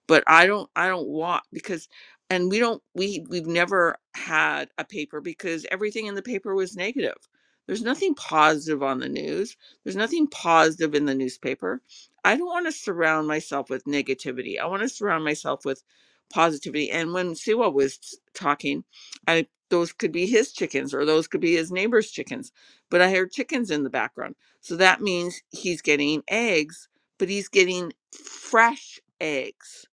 [SPEAKER 1] but I don't I don't want because and we don't we we've never had a paper because everything in the paper was negative. There's nothing positive on the news. There's nothing positive in the newspaper. I don't want to surround myself with negativity. I want to surround myself with positivity. And when Siwa was talking, I those could be his chickens or those could be his neighbor's chickens. But I heard chickens in the background. So that means he's getting eggs, but he's getting fresh eggs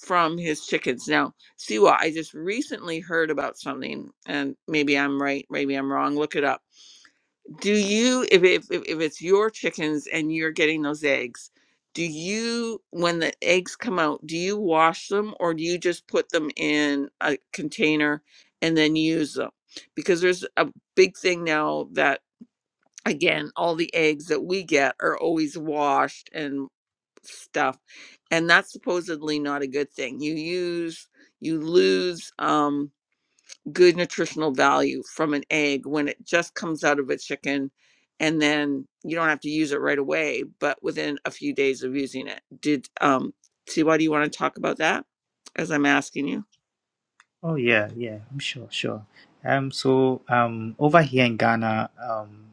[SPEAKER 1] from his chickens. Now, Siwa, I just recently heard about something, and maybe I'm right, maybe I'm wrong. Look it up. Do you, if if if if it's your chickens and you're getting those eggs, do you, when the eggs come out, do you wash them or do you just put them in a container and then use them? Because there's a big thing now that again, all the eggs that we get are always washed and stuff. And that's supposedly not a good thing. You use, you lose um, good nutritional value from an egg when it just comes out of a chicken and then you don't have to use it right away, but within a few days of using it. Did, um, see, why do you want to talk about that as I'm asking you?
[SPEAKER 2] Oh yeah, yeah. I'm sure, sure. Um, so um, over here in Ghana, um,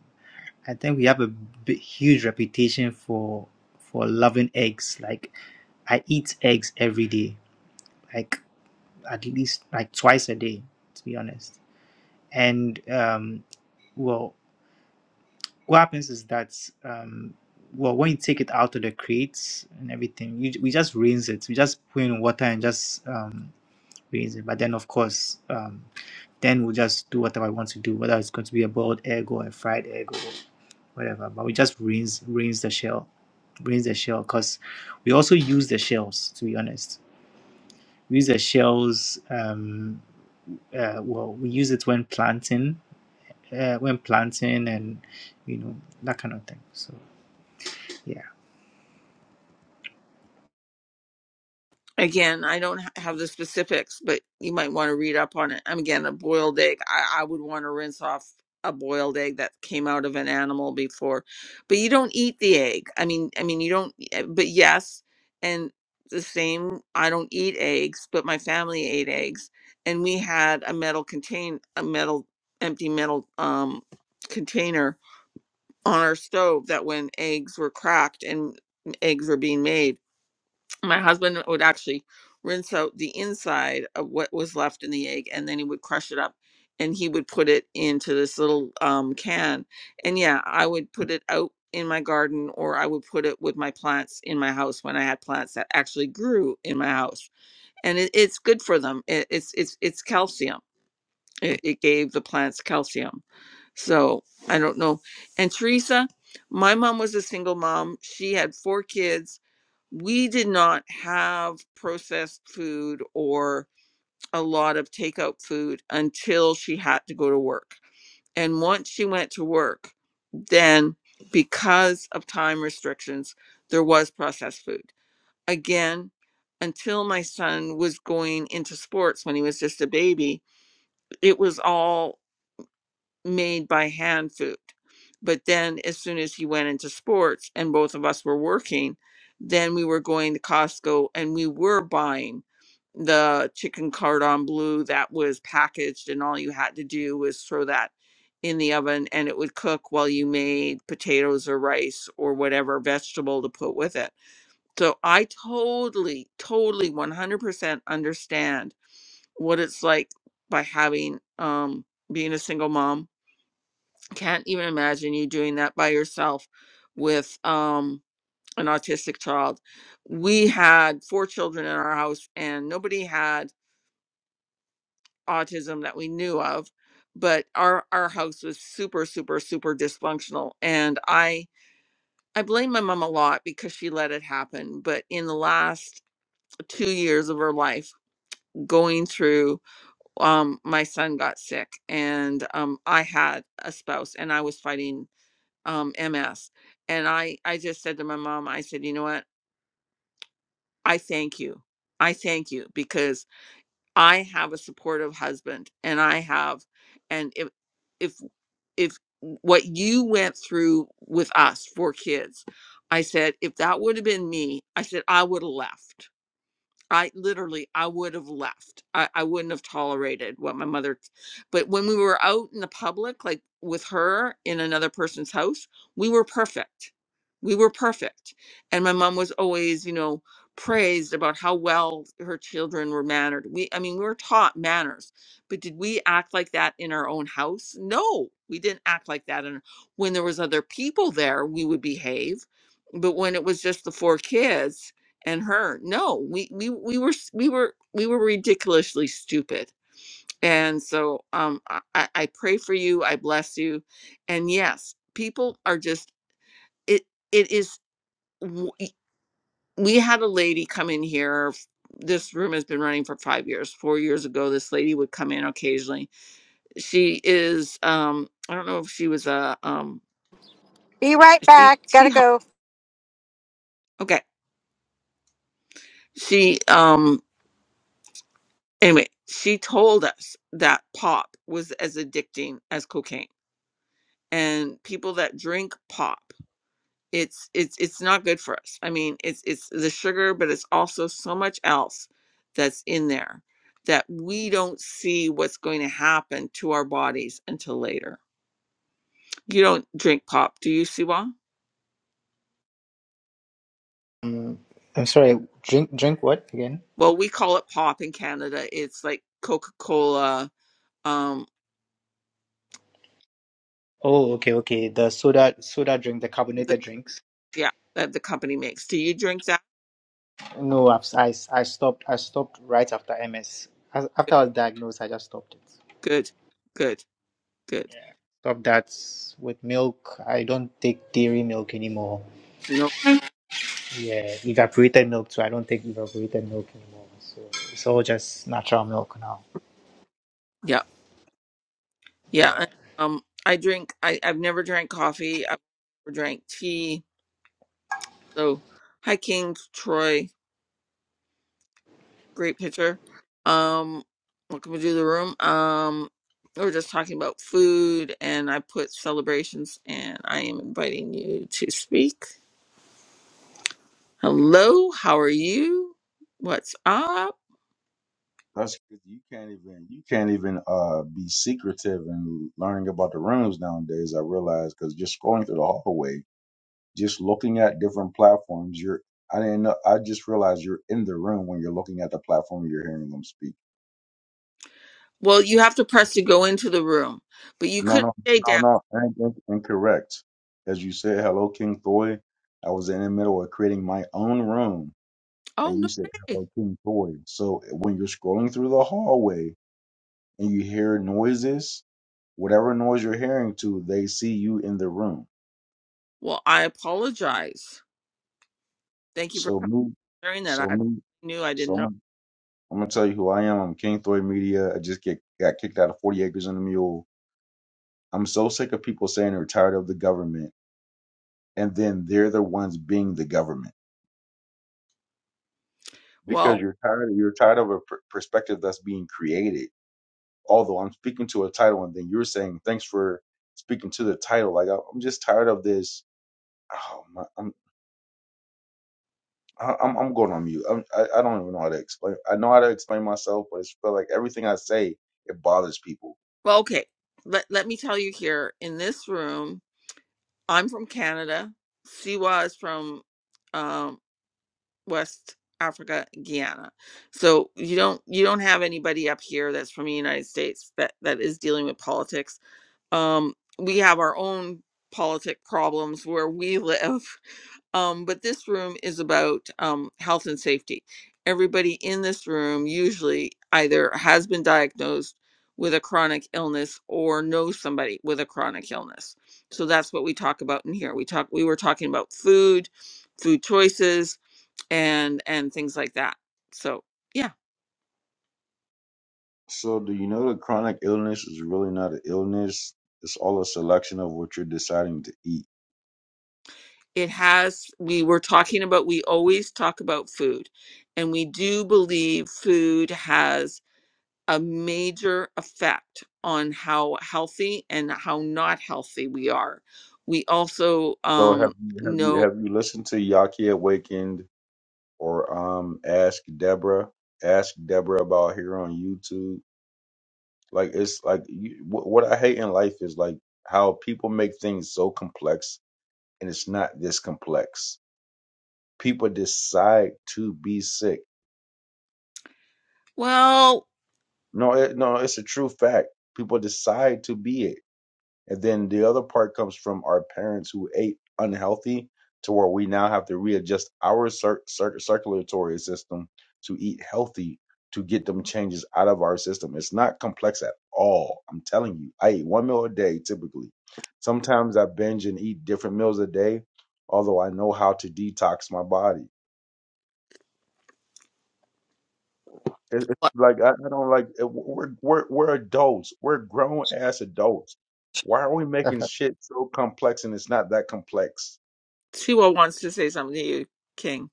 [SPEAKER 2] I think we have a big, huge reputation for for loving eggs. Like I eat eggs every day, like at least like twice a day, to be honest. And um, well, what happens is that um, well, when you take it out of the crates and everything, you, we just rinse it. We just put in water and just um, rinse it. But then, of course. Um, then we'll just do whatever I want to do, whether it's going to be a boiled egg or a fried egg or whatever. But we just rinse rinse the shell, rinse the shell, because we also use the shells. To be honest, we use the shells. Um, uh, well, we use it when planting, uh, when planting, and you know that kind of thing. So yeah.
[SPEAKER 1] Again, I don't ha- have the specifics, but you might want to read up on it. I'm again a boiled egg. I, I would want to rinse off a boiled egg that came out of an animal before, but you don't eat the egg. I mean, I mean you don't. eh, But yes, and the same. I don't eat eggs, but my family ate eggs, and we had a metal contain a metal empty metal um container on our stove that when eggs were cracked and mm, eggs were being made my husband would actually rinse out the inside of what was left in the egg and then he would crush it up and he would put it into this little um, can and yeah i would put it out in my garden or i would put it with my plants in my house when i had plants that actually grew in my house and it, it's good for them it, it's it's it's calcium it, it gave the plants calcium. So I don't know. And Teresa, my mom was a single mom. She had four kids. We did not have processed food or a lot of takeout food until she had to go to work. And once she went to work, then because of time restrictions, there was processed food. Again, until my son was going into sports when he was just a baby, it was all made by hand food. But then, as soon as he went into sports and both of us were working, then we were going to Costco and we were buying the chicken cordon bleu that was packaged, and all you had to do was throw that in the oven and it would cook while you made potatoes or rice or whatever vegetable to put with it. So I totally, totally 100% understand what it's like by having, um, being a single mom can't even imagine you doing that by yourself with um an autistic child. We had four children in our house and nobody had autism that we knew of, but our our house was super super super dysfunctional and I I blame my mom a lot because she let it happen, but in the last 2 years of her life going through um my son got sick and um I had a spouse and I was fighting um, MS. And I, I just said to my mom, I said, you know what? I thank you. I thank you because I have a supportive husband and I have, and if, if, if what you went through with us, four kids, I said, if that would have been me, I said, I would have left. I literally, I would have left. I, I wouldn't have tolerated what my mother, but when we were out in the public, like with her in another person's house, we were perfect. We were perfect. And my mom was always, you know, praised about how well her children were mannered. We, I mean, we were taught manners, but did we act like that in our own house? No, we didn't act like that. And when there was other people there, we would behave. But when it was just the four kids, and her no we we we were s- we were we were ridiculously stupid and so um i i I pray for you i bless you and yes people are just it it is w- y- we had a lady come in here f- this room has been running for five years four years ago this lady would come in occasionally she is um i don't know if she was a um
[SPEAKER 3] Be right
[SPEAKER 1] she
[SPEAKER 3] back.
[SPEAKER 1] she
[SPEAKER 3] Gotta
[SPEAKER 1] helped
[SPEAKER 3] go.
[SPEAKER 1] okay she um. anyway, she told us that pop was as addicting as cocaine. And people that drink pop, it's it's it's not good for us. I mean, it's it's the sugar, but it's also so much else that's in there that we don't see what's going to happen to our bodies until later. You don't drink pop, do you, Siwa?
[SPEAKER 2] Um, I'm sorry. Drink drink what again?
[SPEAKER 1] Well, we call it pop in Canada. It's like Coca-Cola. Um,
[SPEAKER 2] Oh, okay, okay. The soda soda drink, the
[SPEAKER 1] the,
[SPEAKER 2] carbonated drinks.
[SPEAKER 1] yeah, that the company makes. Do you drink that?
[SPEAKER 2] No, I've, I, I stopped. I stopped right after MS. As- After I was diagnosed, I just stopped it.
[SPEAKER 1] Good, good, good.
[SPEAKER 2] Stopped that with milk. I don't take dairy milk anymore.
[SPEAKER 1] No.
[SPEAKER 2] Yeah, evaporated milk too. I don't take evaporated milk anymore. So it's all just natural milk now.
[SPEAKER 1] Yeah. Yeah.
[SPEAKER 2] Yeah.
[SPEAKER 1] and, um, I drink. I I've never drank coffee. I've never drank tea. So, hi King Troy, great picture. Um, welcome to the room. Um, we were just talking about food, and I put celebrations, and I am inviting you to speak. Hello, how are you? What's up?
[SPEAKER 4] That's because you can't even you can't even uh be secretive and learning about the rooms nowadays. I realize because just scrolling through the hallway, just looking at different platforms, you're I didn't know. I just realized you're in the room when you're looking at the platform. You're hearing them speak.
[SPEAKER 1] Well, you have to press to go into the room, but you
[SPEAKER 4] No,
[SPEAKER 1] could
[SPEAKER 4] no,
[SPEAKER 1] stay
[SPEAKER 4] no,
[SPEAKER 1] down.
[SPEAKER 4] no. in- in- Incorrect. As you said, hello, King Thoy. I was in the middle of creating my own room,
[SPEAKER 1] Oh
[SPEAKER 4] and you
[SPEAKER 1] no
[SPEAKER 4] said
[SPEAKER 1] way.
[SPEAKER 4] hello, King Thoy. So when you're scrolling through the hallway and you hear noises Whatever noise you're hearing to, they see you in the room.
[SPEAKER 1] Well, I apologize. Thank you for.
[SPEAKER 4] So move.
[SPEAKER 1] during that
[SPEAKER 4] So
[SPEAKER 1] I
[SPEAKER 4] move.
[SPEAKER 1] knew I
[SPEAKER 4] So
[SPEAKER 1] didn't know.
[SPEAKER 4] I'm, I'm gonna tell you who I am. I'm King Throy Media. I just get got kicked out of 40 Acres and a Mule. I'm so sick of people saying they're tired of the government, and then they're the ones being the government because
[SPEAKER 1] Well,
[SPEAKER 4] you're tired. You're tired of a per- perspective that's being created. Although I'm speaking to a title, and then you're saying thanks for speaking to the title. Like I- I'm just tired of this. Oh my! I- I'm I'm going on mute. I'm, I I don't even know how to explain. I know how to explain myself, but it's felt like everything I say it bothers people.
[SPEAKER 1] well, okay. Let let me tell you here in this room, I'm from Canada. Siwa is from um, West Africa, Guyana. So you don't you don't have anybody up here that's from the United States that that is dealing with politics. Um, we have our own politic problems where we live. *laughs* Um, but this room is about um, health and safety. Everybody in this room usually either has been diagnosed with a chronic illness or knows somebody with a chronic illness. So that's what we talk about in here. We talk we were talking about food, food choices and and things like that. So, yeah,
[SPEAKER 4] So do you know that chronic illness is really not an illness? It's all a selection of what you're deciding to eat.
[SPEAKER 1] it has we were talking about we always talk about food and we do believe food has a major effect on how healthy and how not healthy we are. We also
[SPEAKER 4] So
[SPEAKER 1] um,
[SPEAKER 4] have you have you
[SPEAKER 1] know,
[SPEAKER 4] have you listened to Yaki Awakened or um Ask Deborah? Ask Deborah about here on YouTube. Like it's like you, what what I hate in life is like how people make things so complex and it's not this complex People decide to be sick.
[SPEAKER 1] well,
[SPEAKER 4] No, it, no, it's a true fact. People decide to be it. And then the other part comes from our parents who ate unhealthy to where we now have to readjust our cir- cir- circulatory system to eat healthy to get them changes out of our system. It's not complex at all. I'm telling you, I eat one meal a day typically. Sometimes I binge and eat different meals a day, although I know how to detox my body It, it's
[SPEAKER 1] what-
[SPEAKER 4] like I, I don't like. We're we're we're adults. We're grown ass adults. Why are we making
[SPEAKER 2] *laughs*
[SPEAKER 4] shit so complex and it's not that complex?
[SPEAKER 1] Siwa wants to say something to you, King.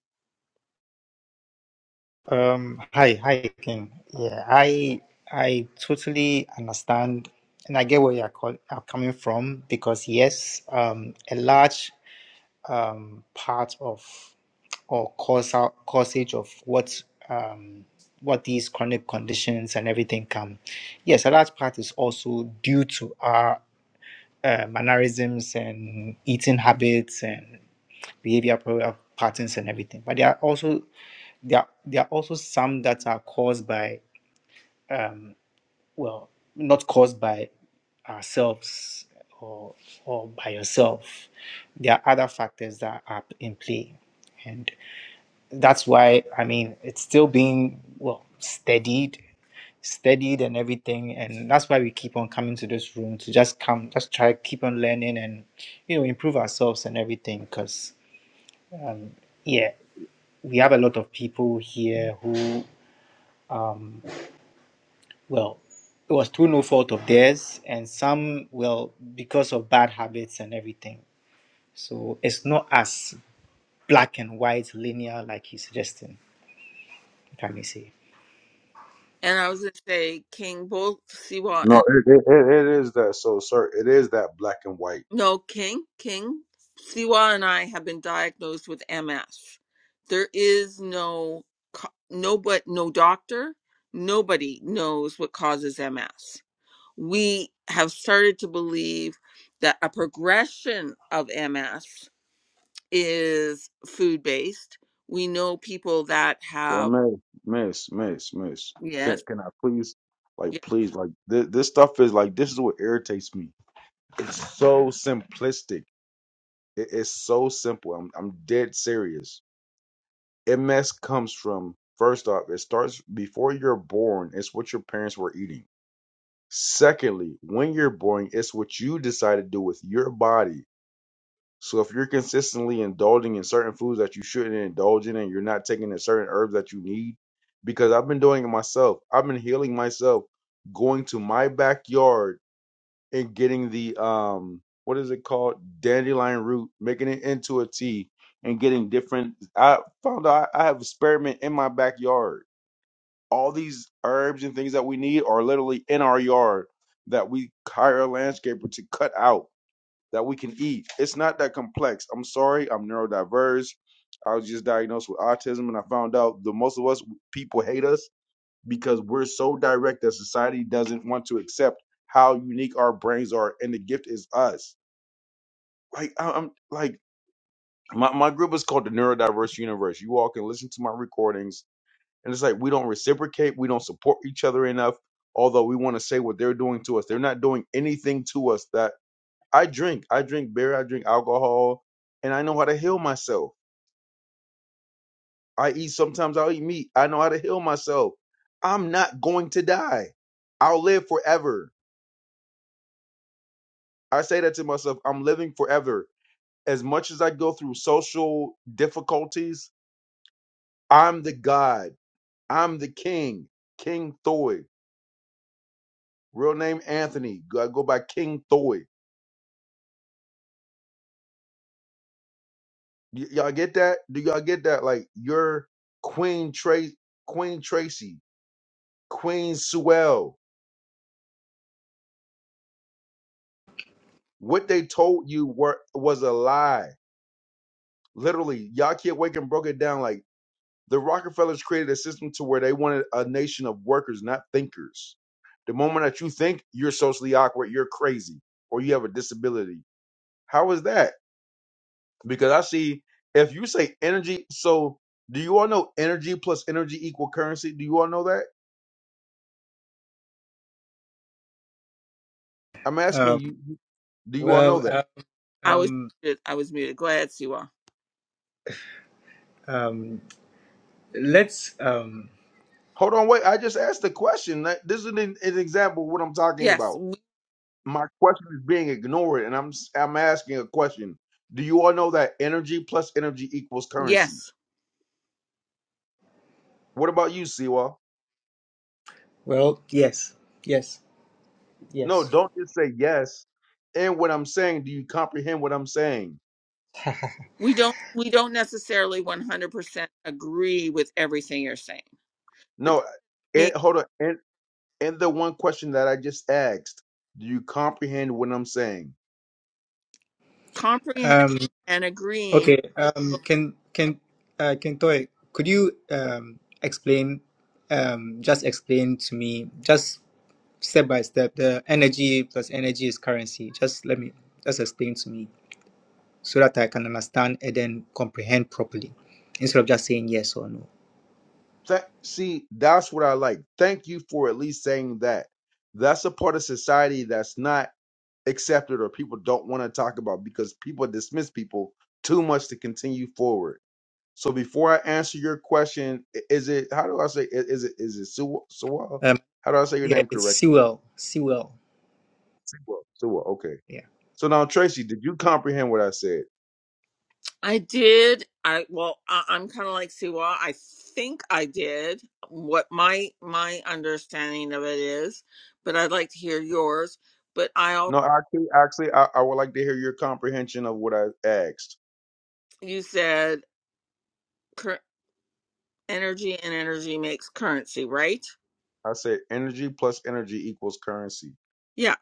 [SPEAKER 2] Um. Hi. Hi, King. Yeah. I I totally understand, and I get where you're, call, are coming from because yes, um, a large um, part of or causal causage of what um, what these chronic conditions and everything come. Yes, a large part is also due to our uh, mannerisms and eating habits and behavior pro- uh, patterns and everything. But there are also there are, there are also some that are caused by um, well, not caused by ourselves or, or by yourself. There are other factors that are in play. And that's why, I mean, it's still being, well, steadied, steadied and everything. And that's why we keep on coming to this room to just come, just try, keep on learning and, you know, improve ourselves and everything. Because, yeah, we have a lot of people here who, um, Well, it was through no fault of theirs, and some, well, because of bad habits and everything. So it's not as black and white, linear, like he's suggesting, if I may say.
[SPEAKER 1] And I was going to say, King, both Siwa
[SPEAKER 4] No,
[SPEAKER 1] and,
[SPEAKER 4] it it, it, it is that. So, sir, it is that black and white.
[SPEAKER 1] no, King, King, Siwa and I have been diagnosed with MS. There is no, co- no, but no doctor, nobody knows what causes MS we have started to believe that a progression of MS is food based. We know people that
[SPEAKER 4] So,
[SPEAKER 1] have
[SPEAKER 4] miss, miss, miss, miss. Can
[SPEAKER 1] yes,
[SPEAKER 4] can I please,
[SPEAKER 1] yeah,
[SPEAKER 4] like, please, like this this stuff is like this is what irritates me. It's so simplistic. It, it's so simple. I'm I'm dead serious. MS comes from first off. It starts before you're born. It's what your parents were eating Secondly, when you're boring, it's what you decide to do with your body. So if you're consistently indulging in certain foods that you shouldn't indulge in and you're not taking the certain herbs that you need, because I've been doing it myself. I've been healing myself, going to my backyard and getting the um what is it called? Dandelion root, making it into a tea and getting different I found out I have spearmint in my backyard all these herbs and things that we need are literally in our yard that we hire a landscaper to cut out that we can eat. It's not that complex. I'm sorry, I'm neurodiverse. I was just diagnosed with autism, and I found out the most of us people hate us because we're so direct that society doesn't want to accept how unique our brains are, and the gift is us. Like I- I'm like my my group is called the Neurodiverse Universe. You all can listen to my recordings and it's like we don't reciprocate, we don't support each other enough, although we want to say what they're doing to us. They're not doing anything to us that I drink. I drink beer, I drink alcohol, and I know how to heal myself. I eat sometimes I'll eat meat. I know how to heal myself. I'm not going to die. I'll live forever. I say that to myself, I'm living forever. As much as I go through social difficulties, I'm the God. I'm the king. King Thoy. Real name Anthony. I go by King Thoy. Y- y'all get that? Do y'all get that? Like your Queen Trace, Queen Tracy, Queen Sewell. What they told you were was a lie. Literally, y'all kid Waken broke it down like the Rockefellers created a system to where they wanted a nation of workers, not thinkers. The moment that you think you're socially awkward, you're crazy, or you have a disability. How is that? Because I see if you say energy, so do you all know energy plus energy equal currency? Do you all know that? I'm asking
[SPEAKER 2] Um,
[SPEAKER 4] you, do you all know
[SPEAKER 2] well,
[SPEAKER 4] that?
[SPEAKER 2] uh,
[SPEAKER 1] I was
[SPEAKER 2] um,
[SPEAKER 1] muted, I was muted. Go ahead, Siwa.
[SPEAKER 2] um, let's. Um,
[SPEAKER 4] Hold on, wait. I just asked the question. That- This is an, an example of what I'm talking
[SPEAKER 1] Yes,
[SPEAKER 4] about.
[SPEAKER 1] we,
[SPEAKER 4] My question is being ignored, and I'm s- I'm asking a question. Do you all know that energy plus energy equals currency?
[SPEAKER 1] yes.
[SPEAKER 4] What about you, Siwa?
[SPEAKER 2] well, yes, yes.
[SPEAKER 4] No,
[SPEAKER 2] Yes.
[SPEAKER 4] don't just say yes. And what I'm saying, do you comprehend what I'm saying?
[SPEAKER 1] We don't we don't necessarily 100% agree with everything you're saying, but
[SPEAKER 4] No.
[SPEAKER 1] that
[SPEAKER 4] And
[SPEAKER 1] makes
[SPEAKER 4] hold on. And and the one question that I just asked, do you comprehend what I'm saying?
[SPEAKER 1] comprehend
[SPEAKER 2] Um,
[SPEAKER 1] and agreeing.
[SPEAKER 2] Okay, um, can can uh, can Toy, could you um explain, um, just explain to me, just step by step, the energy plus energy is currency. Just let me just explain to me so that I can understand and then comprehend properly, instead of just saying yes or no.
[SPEAKER 4] Tha- see, that's what I like. Thank you for at least saying that. That's a part of society that's not accepted or people don't want to talk about because people dismiss people too much to continue forward. So before I answer your question, i- is it how do I say i- is it is it Suwa? Suwa?
[SPEAKER 2] Um,
[SPEAKER 4] How do I say your
[SPEAKER 2] yeah,
[SPEAKER 4] name
[SPEAKER 2] it's
[SPEAKER 4] correctly?
[SPEAKER 2] Sewell, Sewell.
[SPEAKER 4] Suwa. Suwa. Okay.
[SPEAKER 2] Yeah.
[SPEAKER 4] So now Tracy, did you comprehend what I said?
[SPEAKER 1] I did. I well, I, I'm kind of like Siwa. I think I did what my my understanding of it is, but I'd like to hear yours. But I also
[SPEAKER 4] No, actually, actually, I, I would like to hear your comprehension of what I asked.
[SPEAKER 1] you said cur- energy and energy makes currency, right?
[SPEAKER 4] I said energy plus energy equals currency.
[SPEAKER 1] Yeah.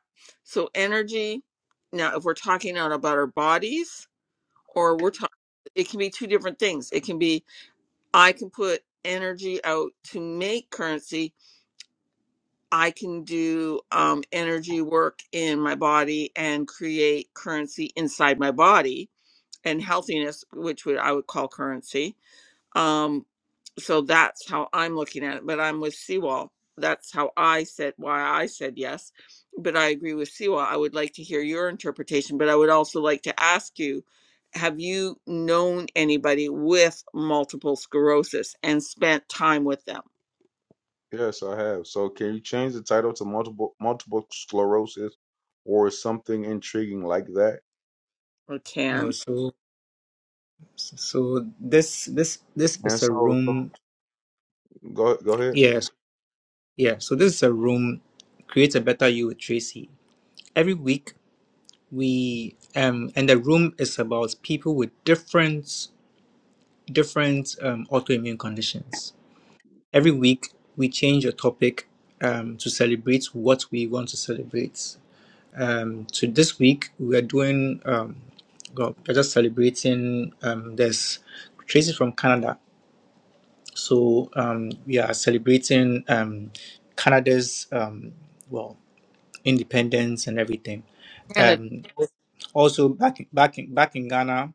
[SPEAKER 1] So energy. Now, if we're talking now about our bodies, or we're talking, it can be two different things. It can be I can put energy out to make currency, I can do um, energy work in my body and create currency inside my body and healthiness, which would I would call currency. Um, so that's how I'm looking at it. But I'm with Seawall. That's how I said why I said yes. But I agree with Seawall. I would like to hear your interpretation, but I would also like to ask you, have you known anybody with multiple sclerosis and spent time with them
[SPEAKER 4] Yes, I have. So can you change the title to multiple multiple sclerosis or something intriguing like that?
[SPEAKER 1] or can?
[SPEAKER 2] No, so so this this this is
[SPEAKER 4] And
[SPEAKER 2] a
[SPEAKER 4] so, so
[SPEAKER 2] room.
[SPEAKER 4] go go ahead.
[SPEAKER 2] Yes, yeah. So this is a room. Create a better you with Tracy every week. we um, and the room is about people with different different um, autoimmune conditions. Every week we change a topic um, to celebrate what we want to celebrate. Um, so this week we are doing um, well, we're just celebrating. Um, there's Tracy from Canada, so um, we are celebrating um, Canada's um, well independence and everything. Um, also, back in, back in, back in Ghana,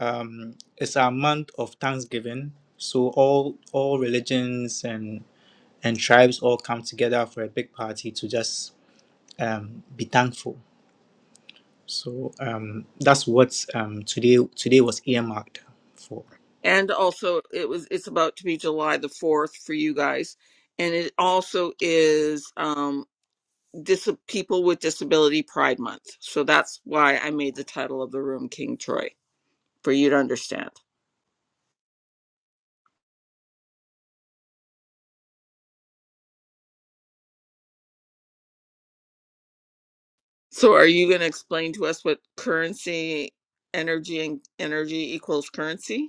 [SPEAKER 2] um, it's our month of Thanksgiving, so all all religions and and tribes all come together for a big party to just um, be thankful. So um, that's what um, today today was earmarked for.
[SPEAKER 1] and also it was it's about to be july the 4th for you guys and it also is um dis- people with disability pride month so that's why i made the title of the room king troy for you to understand so are you going to explain to us what currency energy and energy equals currency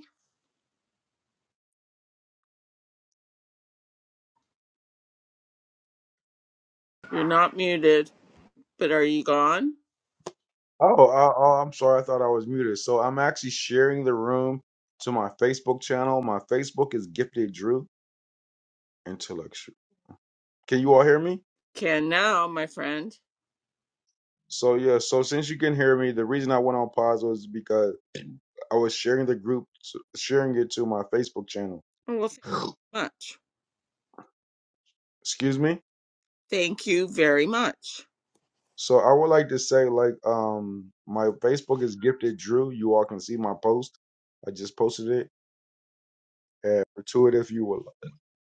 [SPEAKER 1] you're not muted but are you gone
[SPEAKER 4] Oh, I, oh, I'm sorry. I thought I was muted. So I'm actually sharing the room to my Facebook channel. My Facebook is Gifted Drew Intellectual. Can you all hear me?
[SPEAKER 1] can now my friend
[SPEAKER 4] So yeah. So since you can hear me, the reason I went on pause was because I was sharing the group, sharing it to my Facebook channel.
[SPEAKER 1] oh, well thank
[SPEAKER 4] *sniffs*
[SPEAKER 1] you much
[SPEAKER 4] Excuse me.
[SPEAKER 1] thank you very much
[SPEAKER 4] So I would like to say, like, um, my Facebook is gifted Drew. You all can see my post. I just posted it and to it if you would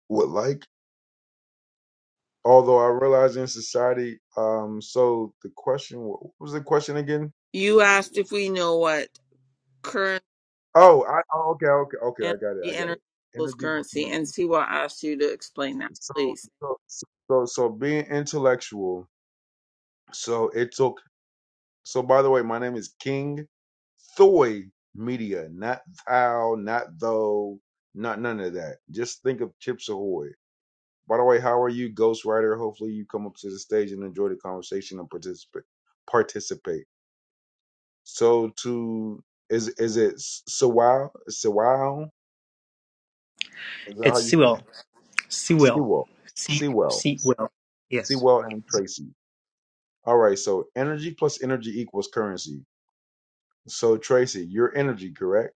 [SPEAKER 4] would like. Although I realize in society, um, so the question what was the question again?
[SPEAKER 1] you asked if we know what
[SPEAKER 4] Oh, I oh, okay, okay, okay, I
[SPEAKER 1] energy,
[SPEAKER 4] got it, I got it.
[SPEAKER 1] energy equals
[SPEAKER 4] Energy with
[SPEAKER 1] currency. And
[SPEAKER 4] energy.
[SPEAKER 1] see I asked you to explain that,
[SPEAKER 4] So
[SPEAKER 1] please.
[SPEAKER 4] so so so being intellectual. So it took So, by the way, my name is King Thoy Media, not thou, not though, not none of that. Just think of Chips Ahoy. By the way, how are you, Ghostwriter? Hopefully, you come up to the stage and enjoy the conversation and participate. Participate. So, to is is it Sewell? Sewell? Is that how
[SPEAKER 2] It's
[SPEAKER 4] you?
[SPEAKER 2] Sewell, Sewell,
[SPEAKER 4] Sewell.
[SPEAKER 2] C
[SPEAKER 4] Sewell.
[SPEAKER 2] Sewell. Yes.
[SPEAKER 4] Sewell and Tracy. All right. So, energy plus energy equals currency. So, Tracy, your energy, correct?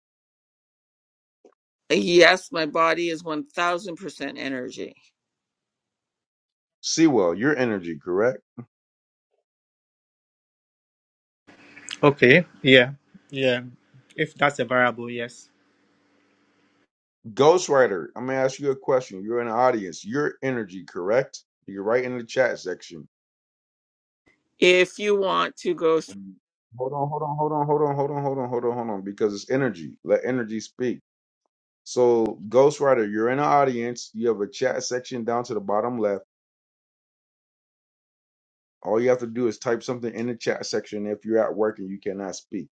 [SPEAKER 1] Yes, my body is 1000% energy.
[SPEAKER 4] Sewell, your energy, correct?
[SPEAKER 2] Okay. Yeah. Yeah. If that's a variable, yes.
[SPEAKER 4] Ghostwriter, I'm gonna ask you a question. You're in the audience. Your energy, correct? You're right in the chat section.
[SPEAKER 1] If you want to go through,
[SPEAKER 4] And Hold on, hold on, hold on, hold on, hold on, hold on, hold on, hold on, because it's energy. Let energy speak. So, Ghostwriter, you're in the audience. You have a chat section down to the bottom left. All you have to do is type something in the chat section if you're at work and you cannot speak.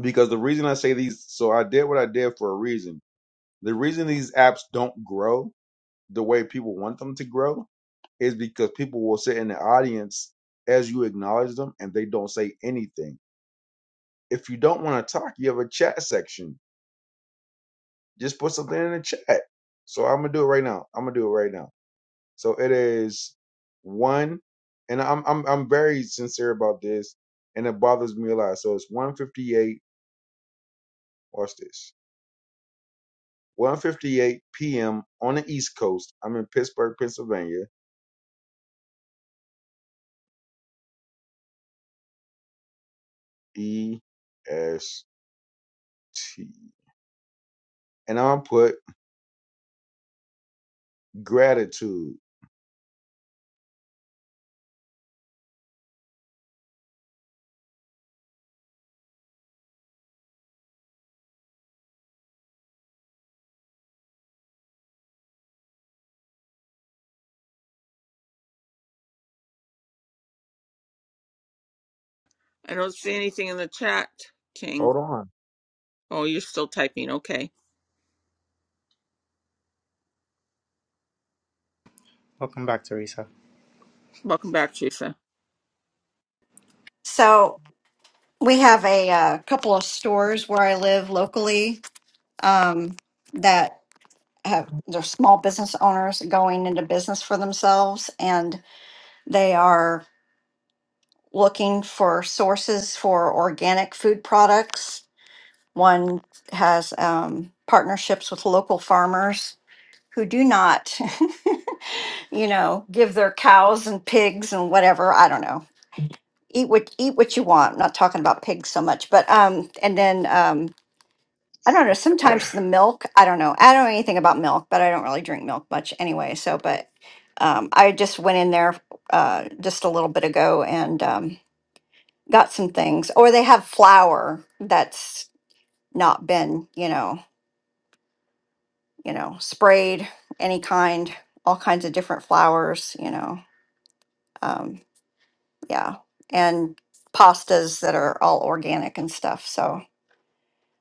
[SPEAKER 4] Because the reason I say these, so I did what I did for a reason. The reason these apps don't grow the way people want them to grow is because people will sit in the audience as you acknowledge them and they don't say anything. If you don't want to talk, you have a chat section. Just put something in the chat. So I'm gonna do it right now. I'm gonna do it right now. So it is one, and I'm I'm I'm very sincere about this, and it bothers me a lot. So it's one fifty eight. Watch this. One fifty eight p.m. on the East Coast. I'm in Pittsburgh, Pennsylvania. E S T. and I'm put gratitude.
[SPEAKER 1] I don't see anything in the chat, King.
[SPEAKER 4] Hold on.
[SPEAKER 1] Oh, you're still typing. Okay.
[SPEAKER 2] Welcome back, Teresa.
[SPEAKER 1] Welcome back, Teresa.
[SPEAKER 3] So we have a uh, couple of stores where I live locally um, that have they're small business owners going into business for themselves, and they are looking for sources for organic food products. One has um, partnerships with local farmers who do not. *laughs* you know, give their cows and pigs and whatever. I don't know. Eat what eat what you want. I'm not talking about pigs so much, but um, and then um, I don't know. Sometimes the milk. I don't know. I don't know anything about milk, but I don't really drink milk much anyway. So, but um, I just went in there uh, just a little bit ago and um, got some things. Or they have flour that's not been, you know, you know, sprayed any kind, all kinds of different flours, you know. Um, Yeah. And pastas that are all organic and stuff. So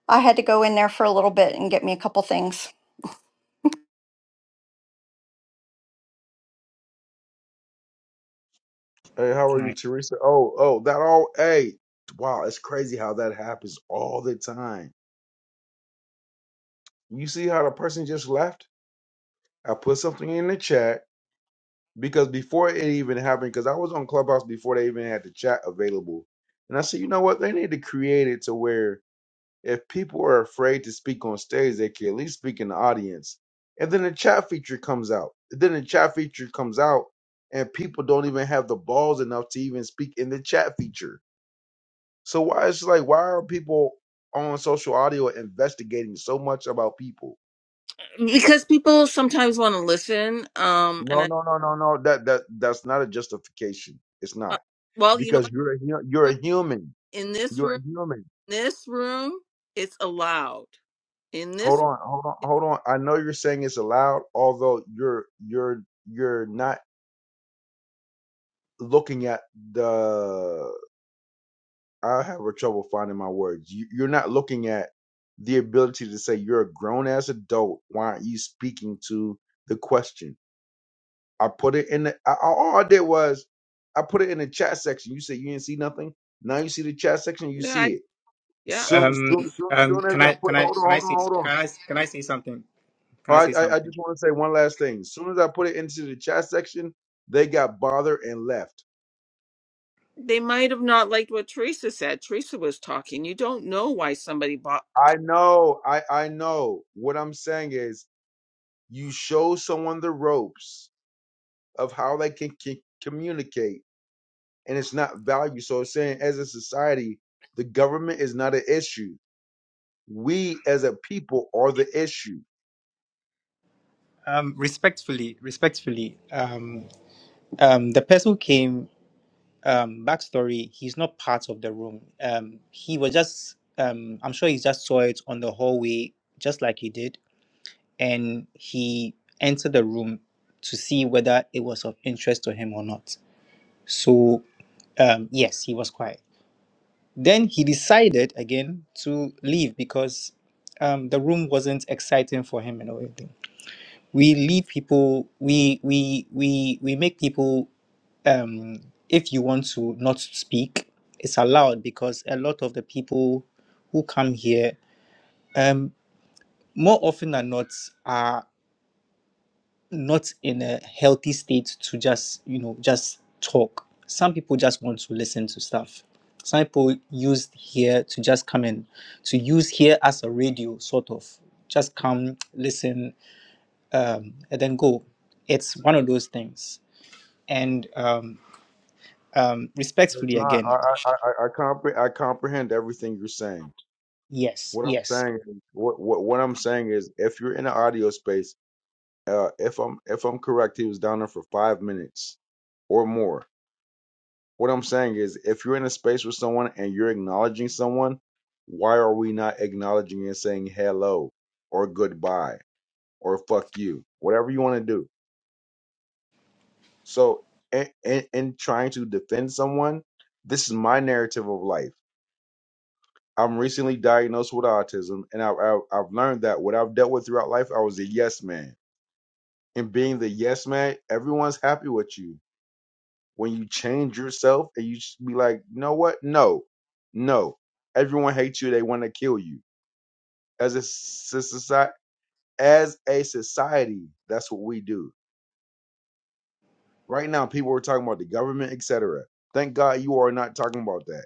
[SPEAKER 3] I had to go in there for a little bit and get me a couple things.
[SPEAKER 4] Hey, how are you,
[SPEAKER 2] Nice.
[SPEAKER 4] Teresa? Oh, oh, that all. Hey, wow, it's crazy how that happens all the time. You see how the person just left? I put something in the chat because before it even happened, because I was on Clubhouse before they even had the chat available, and I said, you know what? They need to create it to where If people are afraid to speak on stage, they can at least speak in the audience. And then the chat feature comes out. then the chat feature comes out, and people don't even have the balls enough to even speak in the chat feature. So why it's like why are people on social audio investigating so much about people?
[SPEAKER 1] Because people sometimes want to listen. Um, and
[SPEAKER 4] No,
[SPEAKER 1] I,
[SPEAKER 4] no, no, no, no. That that that's not a justification. It's
[SPEAKER 1] uh,
[SPEAKER 4] not
[SPEAKER 1] well, you know
[SPEAKER 4] because you're a hu- you're
[SPEAKER 1] what?
[SPEAKER 4] a human.
[SPEAKER 1] In this
[SPEAKER 4] You're
[SPEAKER 1] room,
[SPEAKER 4] a human.
[SPEAKER 1] this room, it's allowed. In
[SPEAKER 4] Hold
[SPEAKER 1] this,
[SPEAKER 4] on, hold on, hold on. I know you're saying it's allowed, although you're you're you're not looking at the I have a trouble finding my words. You, you're not looking at the ability to say you're a grown ass adult. Why aren't you speaking to the question? I put it in the I, all I did was I put it in the chat section. You said you didn't see nothing. Now you see the chat section. You
[SPEAKER 1] yeah,
[SPEAKER 4] see
[SPEAKER 1] I,
[SPEAKER 4] it
[SPEAKER 1] yeah.
[SPEAKER 4] soon.
[SPEAKER 2] Um.
[SPEAKER 4] Soon, soon,
[SPEAKER 2] Um.
[SPEAKER 4] soon as
[SPEAKER 2] Can
[SPEAKER 4] I
[SPEAKER 2] I?
[SPEAKER 4] put
[SPEAKER 2] Can I?
[SPEAKER 4] hold on,
[SPEAKER 2] Can I
[SPEAKER 4] hold on,
[SPEAKER 2] say?
[SPEAKER 4] hold on.
[SPEAKER 2] Can I? Can I say something? Can
[SPEAKER 4] Oh,
[SPEAKER 2] I
[SPEAKER 4] I
[SPEAKER 2] say
[SPEAKER 4] I, I
[SPEAKER 2] something?
[SPEAKER 4] just want to say one last thing. As soon as I put it into the chat section, they got bothered and left.
[SPEAKER 1] they might have not liked what Teresa said. Teresa was talking. You don't know why somebody bought.
[SPEAKER 4] I know, I I know. What I'm saying is You show someone the ropes of how they can, can communicate, and it's not value. So it's saying, as a society, the government is not an issue. We, as a people, are the issue.
[SPEAKER 2] Um, respectfully, respectfully, um, um, the person who came, um, backstory, he's not part of the room. Um, he was just, um, I'm sure he just saw it on the hallway, just like he did, and he entered the room to see whether it was of interest to him or not. So, um, yes, he was quiet. Then he decided again to leave because um, the room wasn't exciting for him and everything. we lead people we we we we make people um if you want to not speak it's allowed because a lot of the people who come here um more often than not are not in a healthy state to just you know just talk some people just want to listen to stuff some people used here to just come in to use here as a radio sort of just come listen um and then go it's one of those things and um, um,
[SPEAKER 4] It's
[SPEAKER 2] respectfully
[SPEAKER 4] not. I
[SPEAKER 2] again,
[SPEAKER 4] I I, I comprehend. I comprehend everything you're saying.
[SPEAKER 2] yes,
[SPEAKER 4] What I'm
[SPEAKER 2] yes.
[SPEAKER 4] saying. is- What what what I'm saying is, if you're in the audio space, uh, if I'm if I'm correct, he was down there for five minutes or more What I'm saying is, if you're in a space with someone and you're acknowledging someone, why are we not acknowledging and saying hello or goodbye or fuck you, whatever you want to do? So, in, in, in trying to defend someone, this is my narrative of life. I'm recently diagnosed with autism, and I, I, I've learned that what I've dealt with throughout life, I was a yes man. And being the yes man, everyone's happy with you when you change yourself and you just be like, you know what? No, no. Everyone hates you. They want to kill you. As a society, as a society, that's what we do. Right now, people are talking about the government, etc. Thank God you are not talking about that.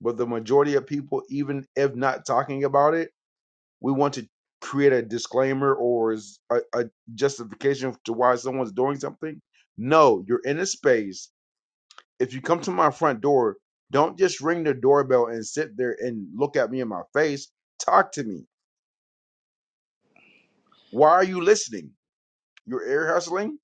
[SPEAKER 4] But the majority of people, even if not talking about it, we want to create a disclaimer or is a a justification to why someone's doing something. No, you're in a space if you come to my front door, don't just ring the doorbell and sit there and look at me in my face. Talk to me. Why are you listening? You're ear hustling?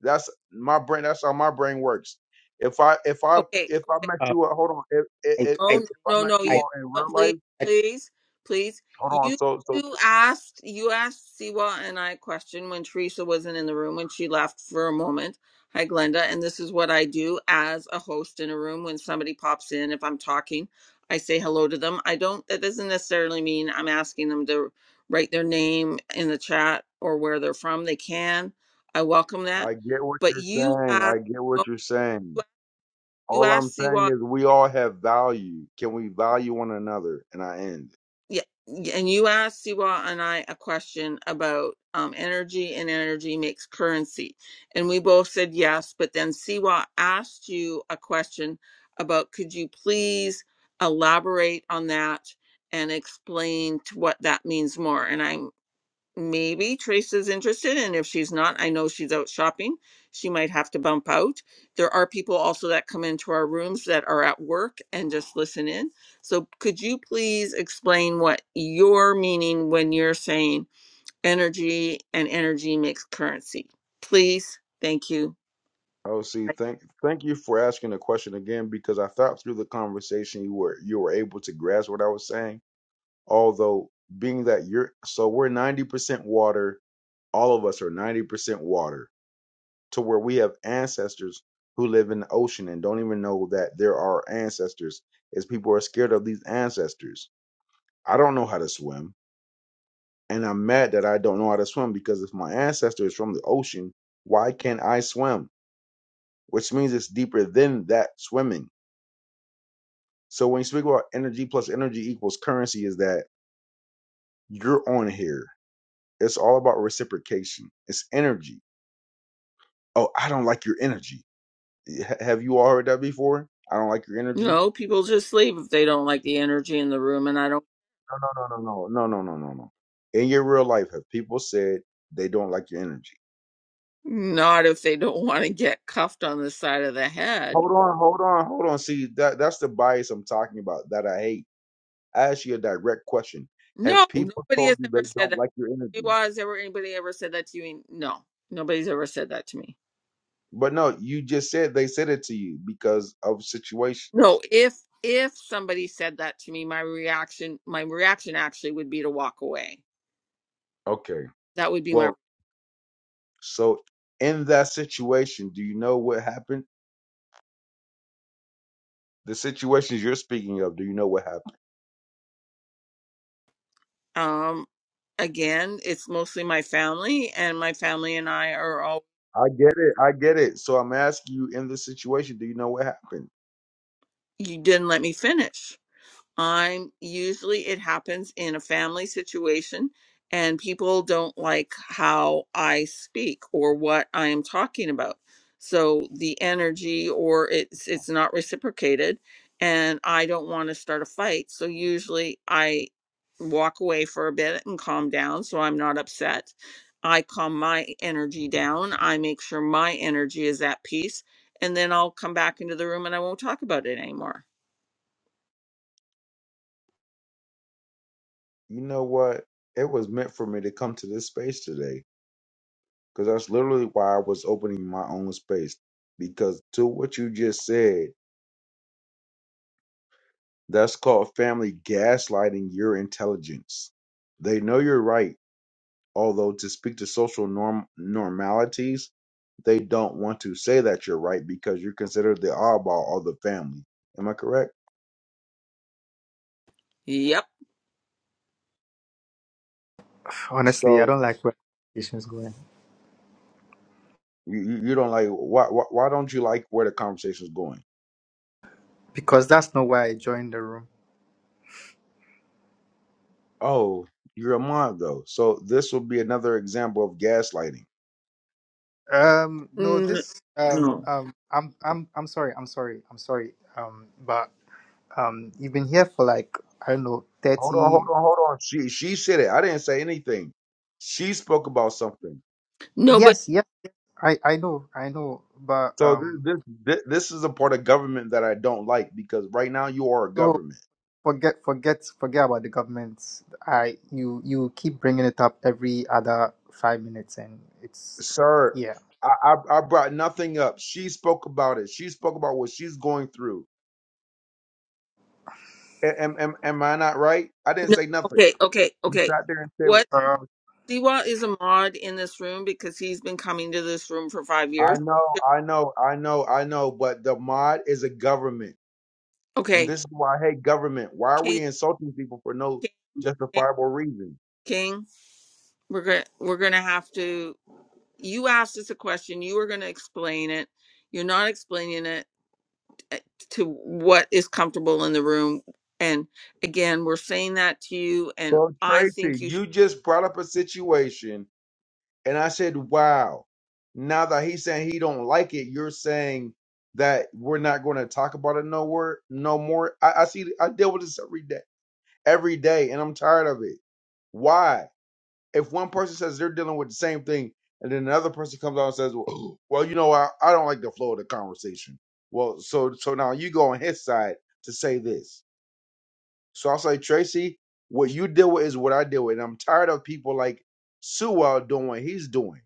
[SPEAKER 4] That's my brain. That's how my brain works. If I if I
[SPEAKER 1] Okay,
[SPEAKER 4] if I met
[SPEAKER 2] Uh,
[SPEAKER 4] you, uh, hold on. If if
[SPEAKER 2] I,
[SPEAKER 1] Oh
[SPEAKER 4] if,
[SPEAKER 2] I,
[SPEAKER 4] if I
[SPEAKER 1] no,
[SPEAKER 4] met
[SPEAKER 1] no, no,
[SPEAKER 4] you
[SPEAKER 2] I,
[SPEAKER 1] you
[SPEAKER 4] all in
[SPEAKER 1] but
[SPEAKER 4] real
[SPEAKER 1] please,
[SPEAKER 4] life,
[SPEAKER 2] I,
[SPEAKER 1] please, please.
[SPEAKER 4] hold on.
[SPEAKER 1] You
[SPEAKER 4] So so
[SPEAKER 1] you asked you asked Siwa and I a question when Teresa wasn't in the room when she left for a moment. Hi Glenda, and this is what I do as a host in a room when somebody pops in. If I'm talking, I say hello to them. I don't that doesn't necessarily mean I'm asking them to write their name in the chat or where they're from. They can. I welcome that.
[SPEAKER 4] I get what
[SPEAKER 1] But
[SPEAKER 4] you're
[SPEAKER 1] you
[SPEAKER 4] saying.
[SPEAKER 1] asked
[SPEAKER 4] I get what you're saying.
[SPEAKER 1] you
[SPEAKER 4] All I'm
[SPEAKER 1] asked Siwa
[SPEAKER 4] saying is we all have value. Can we value one another? And I end.
[SPEAKER 1] Yeah, yeah, and you asked Siwa and I a question about um, energy and energy makes currency, and we both said yes. But then Siwa asked you a question about could you please elaborate on that and explain to what that means more? and I'm maybe Teresa's interested, and if she's not, I know she's out shopping. She might have to bump out. There are people also that come into our rooms that are at work and just listen in. So, could you please explain what you're meaning when you're saying energy and energy makes currency? Please, thank you.
[SPEAKER 4] Oh, see, thank thank you for asking the question again because I thought through the conversation you were you were able to grasp what I was saying. Although being that you're so we're 90% water, all of us are 90% water to where we have ancestors who live in the ocean and don't even know that there are ancestors As people are scared of these ancestors. I don't know how to swim and I'm mad that I don't know how to swim because if my ancestor is from the ocean, why can't I swim? Which means it's deeper than that swimming So when you speak about energy plus energy equals currency, is that you're on here? It's all about reciprocation. It's energy. Oh, I don't like your energy. H- have you all heard that before? I don't like your energy.
[SPEAKER 1] No, people just leave if they don't like the energy in the room, and I don't.
[SPEAKER 4] No, no, no, no, no, no, no, no, no, no. In your real life, have people said they don't like your energy?
[SPEAKER 1] Not if they don't want to get cuffed on the side of the head.
[SPEAKER 4] Hold on, hold on, hold on. See, that that's the bias I'm talking about that I hate. I ask you a direct question.
[SPEAKER 1] No,
[SPEAKER 4] Have people
[SPEAKER 1] nobody
[SPEAKER 4] told
[SPEAKER 1] has
[SPEAKER 4] you
[SPEAKER 1] ever
[SPEAKER 4] they
[SPEAKER 1] said that.
[SPEAKER 4] don't like your
[SPEAKER 1] You
[SPEAKER 4] energy?
[SPEAKER 1] are. Has ever anybody ever said that to you? And No, nobody's ever said that to me.
[SPEAKER 4] But no, you just said they said it to you because of situation.
[SPEAKER 1] No, if if somebody said that to me, my reaction, my reaction actually would be to walk away.
[SPEAKER 4] Okay.
[SPEAKER 1] That would be my
[SPEAKER 4] Well, so in that situation, do you know what happened? The situations you're speaking of, do you know what happened?
[SPEAKER 1] um. Again, it's mostly my family, and my family and I are all.
[SPEAKER 4] I get it. I get it. So I'm asking you in this situation, do you know what happened?
[SPEAKER 1] You didn't let me finish. I'm usually it happens in a family situation and people don't like how I speak or what I am talking about. So the energy or it's it's not reciprocated and I don't want to start a fight. So usually I walk away for a bit and calm down so I'm not upset. I calm my energy down. I make sure my energy is at peace and then I'll come back into the room and I won't talk about it anymore.
[SPEAKER 4] You know what? It was meant for me to come to this space today because that's literally why I was opening my own space. Because to what you just said, that's called family gaslighting your intelligence. They know you're right although to speak to social norm normalities, they don't want to say that you're right because you're considered the oddball of the family. Am I correct?
[SPEAKER 1] Yep.
[SPEAKER 2] honestly, I
[SPEAKER 4] So
[SPEAKER 2] don't like where the conversation's going
[SPEAKER 4] you you you don't like why why, why don't you like where the conversation's going?
[SPEAKER 2] because that's not why I joined the room.
[SPEAKER 4] Oh, you're a mod though. So this will be another example of gaslighting.
[SPEAKER 2] Um, no,
[SPEAKER 1] Mm,
[SPEAKER 2] this, um,
[SPEAKER 1] no.
[SPEAKER 2] um, I'm, I'm, I'm sorry, I'm sorry, I'm sorry. Um, but um, you've been here for like I don't know,
[SPEAKER 4] Hold on, hold
[SPEAKER 2] thirty.
[SPEAKER 4] on, hold on. She she said it. I didn't say anything. She spoke about something.
[SPEAKER 1] No, but
[SPEAKER 2] Yes, yes, I, I know, I know, but
[SPEAKER 4] So
[SPEAKER 2] um,
[SPEAKER 4] this this this is a part of government that I don't like because right now you are a
[SPEAKER 2] so
[SPEAKER 4] government.
[SPEAKER 2] forget forget forget about the government i you you keep bringing it up every other five minutes and it's
[SPEAKER 4] sir
[SPEAKER 2] yeah
[SPEAKER 4] I, I i brought nothing up she spoke about it she spoke about what she's going through A- am, am, am i not right i didn't
[SPEAKER 1] no.
[SPEAKER 4] say nothing
[SPEAKER 1] Okay, okay,
[SPEAKER 4] you
[SPEAKER 1] okay.
[SPEAKER 4] sat there and said
[SPEAKER 1] What
[SPEAKER 2] uh,
[SPEAKER 4] no
[SPEAKER 1] Siwa is a mod in this room because he's been coming to this room for five
[SPEAKER 4] i
[SPEAKER 1] years.
[SPEAKER 4] know i know i know i know but the mod is a government and
[SPEAKER 1] Okay.
[SPEAKER 4] this is why i hate government why are
[SPEAKER 1] King,
[SPEAKER 4] we insulting people for no
[SPEAKER 1] King, King,
[SPEAKER 4] justifiable reason
[SPEAKER 1] King. We're going to we're going to have to you asked us a question you were going to explain it you're not explaining it uh, to what is comfortable in the room and again we're saying that to you and
[SPEAKER 4] so
[SPEAKER 1] i think
[SPEAKER 4] tracy
[SPEAKER 1] you should
[SPEAKER 4] you just brought up a situation And I said, wow. Now that he's saying he don't like it, you're saying that we're not going to talk about it no more, no more. I, I see, I deal with this every day, every day, and I'm tired of it. Why? If one person says they're dealing with the same thing, and then another person comes out and says, well, *clears throat* well, you know, I, I don't like the flow of the conversation. Well, so so now you go on his side to say this. So I'll say, Tracy, what you deal with is what I deal with, and I'm tired of people like Sewell doing what he's doing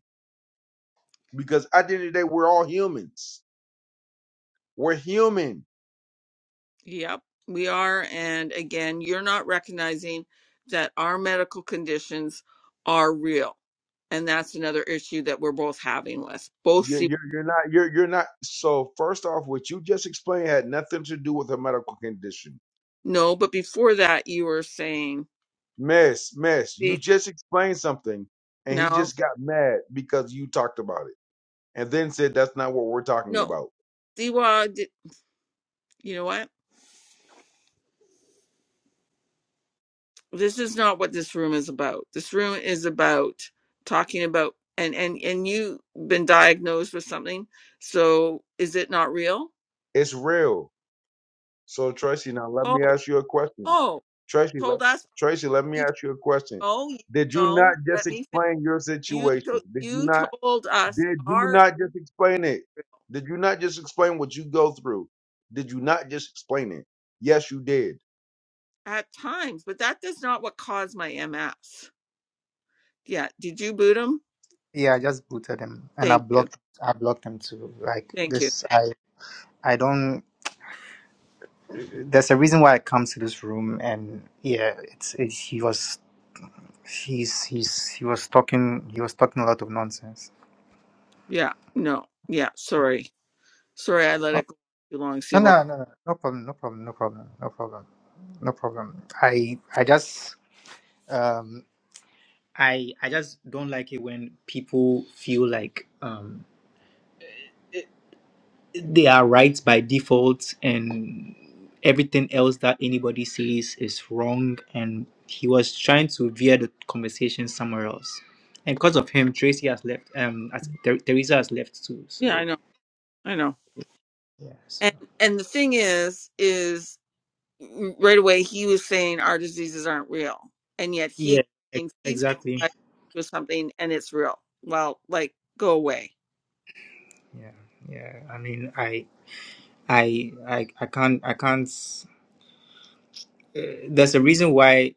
[SPEAKER 4] because at the end of the day, we're all humans. We're human.
[SPEAKER 1] yep we are and again you're not recognizing that our medical conditions are real and that's another issue that we're both having with both
[SPEAKER 4] You're,
[SPEAKER 1] see
[SPEAKER 4] you're, you're not. You're, you're not. So first off, what you just explained had nothing to do with a medical condition.
[SPEAKER 1] no but before that you were saying
[SPEAKER 4] Miss, miss, you
[SPEAKER 1] see
[SPEAKER 4] just explained something, and he
[SPEAKER 1] no
[SPEAKER 4] just got mad because you talked about it, and then said that's not what we're talking
[SPEAKER 1] no
[SPEAKER 4] about.
[SPEAKER 1] see did you know what this is not what this room is about. This room is about talking about and and and you've been diagnosed with something. So is it not real?
[SPEAKER 4] It's real. So Tracy, now let
[SPEAKER 1] Oh,
[SPEAKER 4] me ask you a question.
[SPEAKER 1] oh,
[SPEAKER 4] Tracy, let,
[SPEAKER 1] told us
[SPEAKER 4] Tracy, let me
[SPEAKER 1] you told,
[SPEAKER 4] ask you a question.
[SPEAKER 1] oh you
[SPEAKER 4] Did you
[SPEAKER 1] know.
[SPEAKER 4] not just
[SPEAKER 1] Let me finish.
[SPEAKER 4] explain your
[SPEAKER 1] You to,
[SPEAKER 4] situation? Did you
[SPEAKER 1] you
[SPEAKER 4] not?
[SPEAKER 1] told us
[SPEAKER 4] Did you
[SPEAKER 1] are
[SPEAKER 4] not just explain it?
[SPEAKER 1] real
[SPEAKER 4] Did you not just explain what you go through? Did you not just explain it? Yes, you did.
[SPEAKER 1] at times, but that is not what caused my MS. Yeah. Did you boot him?
[SPEAKER 2] yeah i just booted him and i
[SPEAKER 1] Thank you.
[SPEAKER 2] blocked i blocked him too like
[SPEAKER 1] Thank you.
[SPEAKER 2] this i i don't there's a reason why i come to this room and yeah it's, it's he was he's he's he was talking he was talking a lot of nonsense
[SPEAKER 1] Yeah. No. Yeah. Sorry. Sorry. I let it
[SPEAKER 2] Oh,
[SPEAKER 1] go too long. See what?
[SPEAKER 2] no, no, no, no no problem, no problem, no problem, no problem, no problem. I, I just, um, I I just don't like it when people feel like um they are right by default and everything else that anybody says is wrong and he was trying to veer the conversation somewhere else. And because of him, Tracy has left. Um, as, Ther- Teresa has left too.
[SPEAKER 1] Yeah. I
[SPEAKER 2] So
[SPEAKER 1] know. I know.
[SPEAKER 2] yeah, so
[SPEAKER 1] And and the thing is, is mm, right away he was saying our diseases aren't real, and yet
[SPEAKER 2] yeah,
[SPEAKER 1] he
[SPEAKER 2] e-
[SPEAKER 1] and he's
[SPEAKER 2] exactly.
[SPEAKER 1] diagnosed with something and it's real. Well, like go away.
[SPEAKER 2] Yeah, yeah. I mean, I, I, I, I can't, I can't. Uh, there's a reason why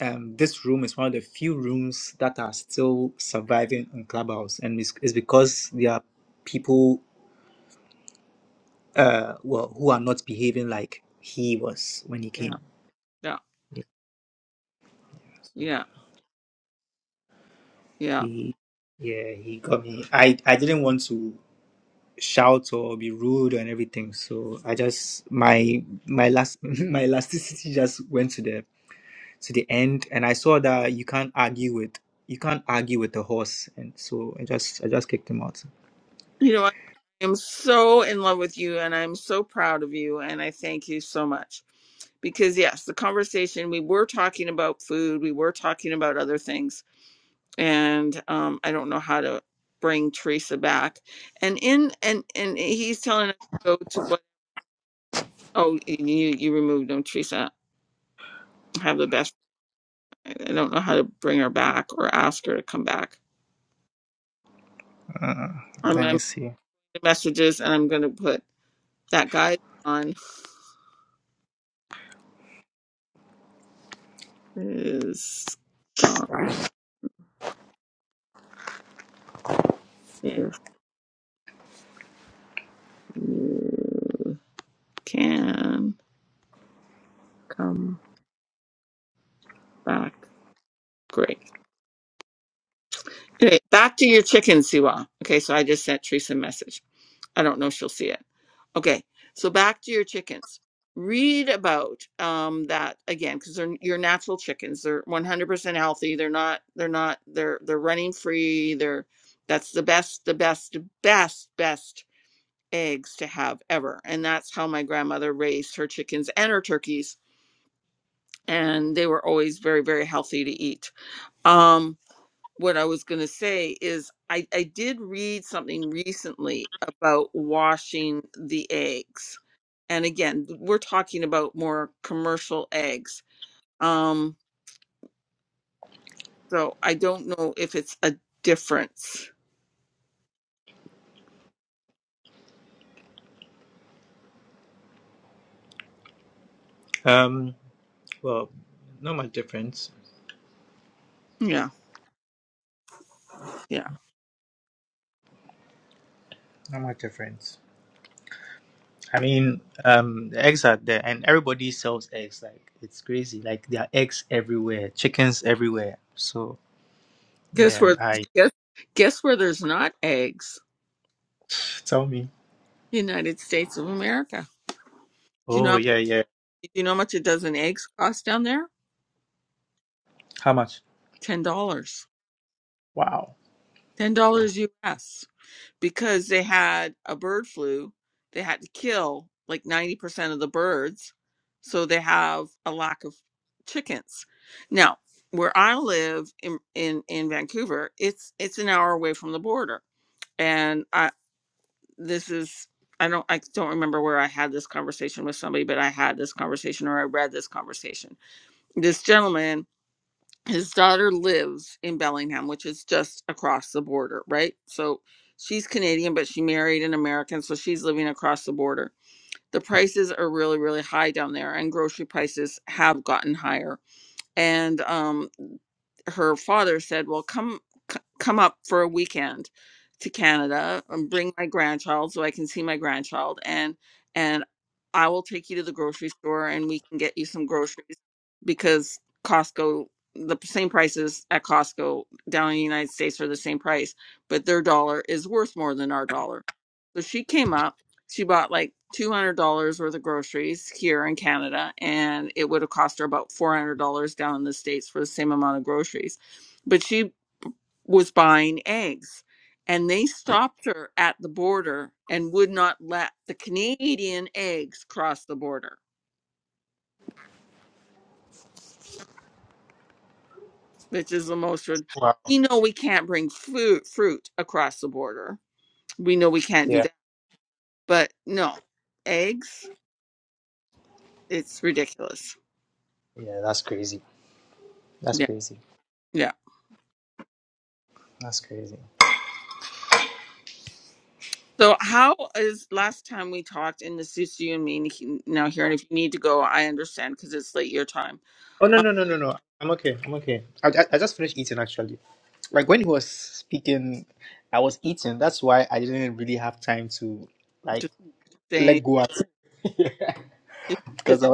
[SPEAKER 2] um, this room is one of the few rooms that are still surviving on Clubhouse, and it's, it's because there are people uh, well, who are not behaving like he was when he
[SPEAKER 1] Yeah,
[SPEAKER 2] came.
[SPEAKER 1] yeah, yeah, yeah.
[SPEAKER 2] He, yeah, he got me. I, I didn't want to shout or be rude and everything, so I just my my last *laughs* my elasticity just went to the to the end, and I saw that you can't argue with you can't argue with the horse, and so I just I just kicked him out.
[SPEAKER 1] You know, I am so in love with you, and I'm so proud of you, and I thank you so much because yes, the conversation we were talking about food, we were talking about other things, and um, I don't know how to bring Teresa back. And in and and he's telling us to go to what? Oh, you you removed him, Teresa. Have the best. I don't know how to bring her back or ask her to come back.
[SPEAKER 2] Uh,
[SPEAKER 1] I'm
[SPEAKER 2] let me
[SPEAKER 1] gonna
[SPEAKER 2] see.
[SPEAKER 1] messages, and I'm going to put that guy on is gone. If you can come back, great. Okay, back to your chicken, Siwa. Okay, so I just sent Teresa a message. I don't know if she'll see it. Okay, so back to your chickens. Read about um, that again because they're your natural chickens. They're 100% healthy. They're not. They're not. They're they're running free. They're that's the best, the best, best, best eggs to have ever. And that's how my grandmother raised her chickens and her turkeys, and they were always very, very healthy to eat. Um, what I was going to say is I, I did read something recently about washing the eggs. And again, we're talking about more commercial eggs. Um, so I don't know if it's a difference.
[SPEAKER 2] Um, well, not much difference.
[SPEAKER 1] Yeah, yeah.
[SPEAKER 2] Not much difference. I mean, um, the eggs are there, and everybody sells eggs. Like it's crazy. Like there are eggs everywhere, chickens everywhere. So
[SPEAKER 1] Guess
[SPEAKER 2] yeah,
[SPEAKER 1] where
[SPEAKER 2] I
[SPEAKER 1] guess guess where there's not eggs?
[SPEAKER 2] *sighs* tell me.
[SPEAKER 1] United States of America. Do you know
[SPEAKER 2] Oh
[SPEAKER 1] how-
[SPEAKER 2] yeah, yeah.
[SPEAKER 1] do you know how much a dozen eggs cost down there?
[SPEAKER 2] How much?
[SPEAKER 1] Ten dollars.
[SPEAKER 2] Wow.
[SPEAKER 1] Ten dollars US. because they had a bird flu, they had to kill like 90% of the birds. So they have a lack of chickens. Now, where I live in, in, in Vancouver, it's it's an hour away from the border. And I this is I don't I don't remember where I had this conversation with somebody, but I had this conversation or I read this conversation. This gentleman his daughter lives in Bellingham, which is just across the border, right? So she's Canadian, but she married an American, so she's living across the border. The prices are really, really high down there, and grocery prices have gotten higher. And um, her father said, "Well, come c- come up for a weekend to Canada and bring my grandchild so I can see my grandchild and and I will take you to the grocery store and we can get you some groceries because Costco the same prices at Costco down in the United States are the same price, but their dollar is worth more than our dollar." So she came up she bought like $200 worth of groceries here in Canada, and it would have cost her about $400 down in the States for the same amount of groceries. But she was buying eggs, and they stopped her at the border and would not let the Canadian eggs cross the border, which is the most. rid-
[SPEAKER 2] Wow.
[SPEAKER 1] We know we can't bring fruit, fruit across the border. We know we can't do
[SPEAKER 2] Yeah.
[SPEAKER 1] that. But no, eggs, it's ridiculous.
[SPEAKER 2] Yeah, that's crazy. That's
[SPEAKER 1] Yeah.
[SPEAKER 2] crazy.
[SPEAKER 1] yeah.
[SPEAKER 2] That's crazy.
[SPEAKER 1] So, how is last time we talked in this is you and me he- now here? And if you need to go, I understand because it's late your time.
[SPEAKER 2] Oh no
[SPEAKER 1] Um,
[SPEAKER 2] no no no no. I'm okay. I'm okay. I I, I just finished eating actually. Like when he was speaking, I was eating. That's why I didn't really have time to like.
[SPEAKER 1] to say,
[SPEAKER 2] Leguat. *laughs* Because I,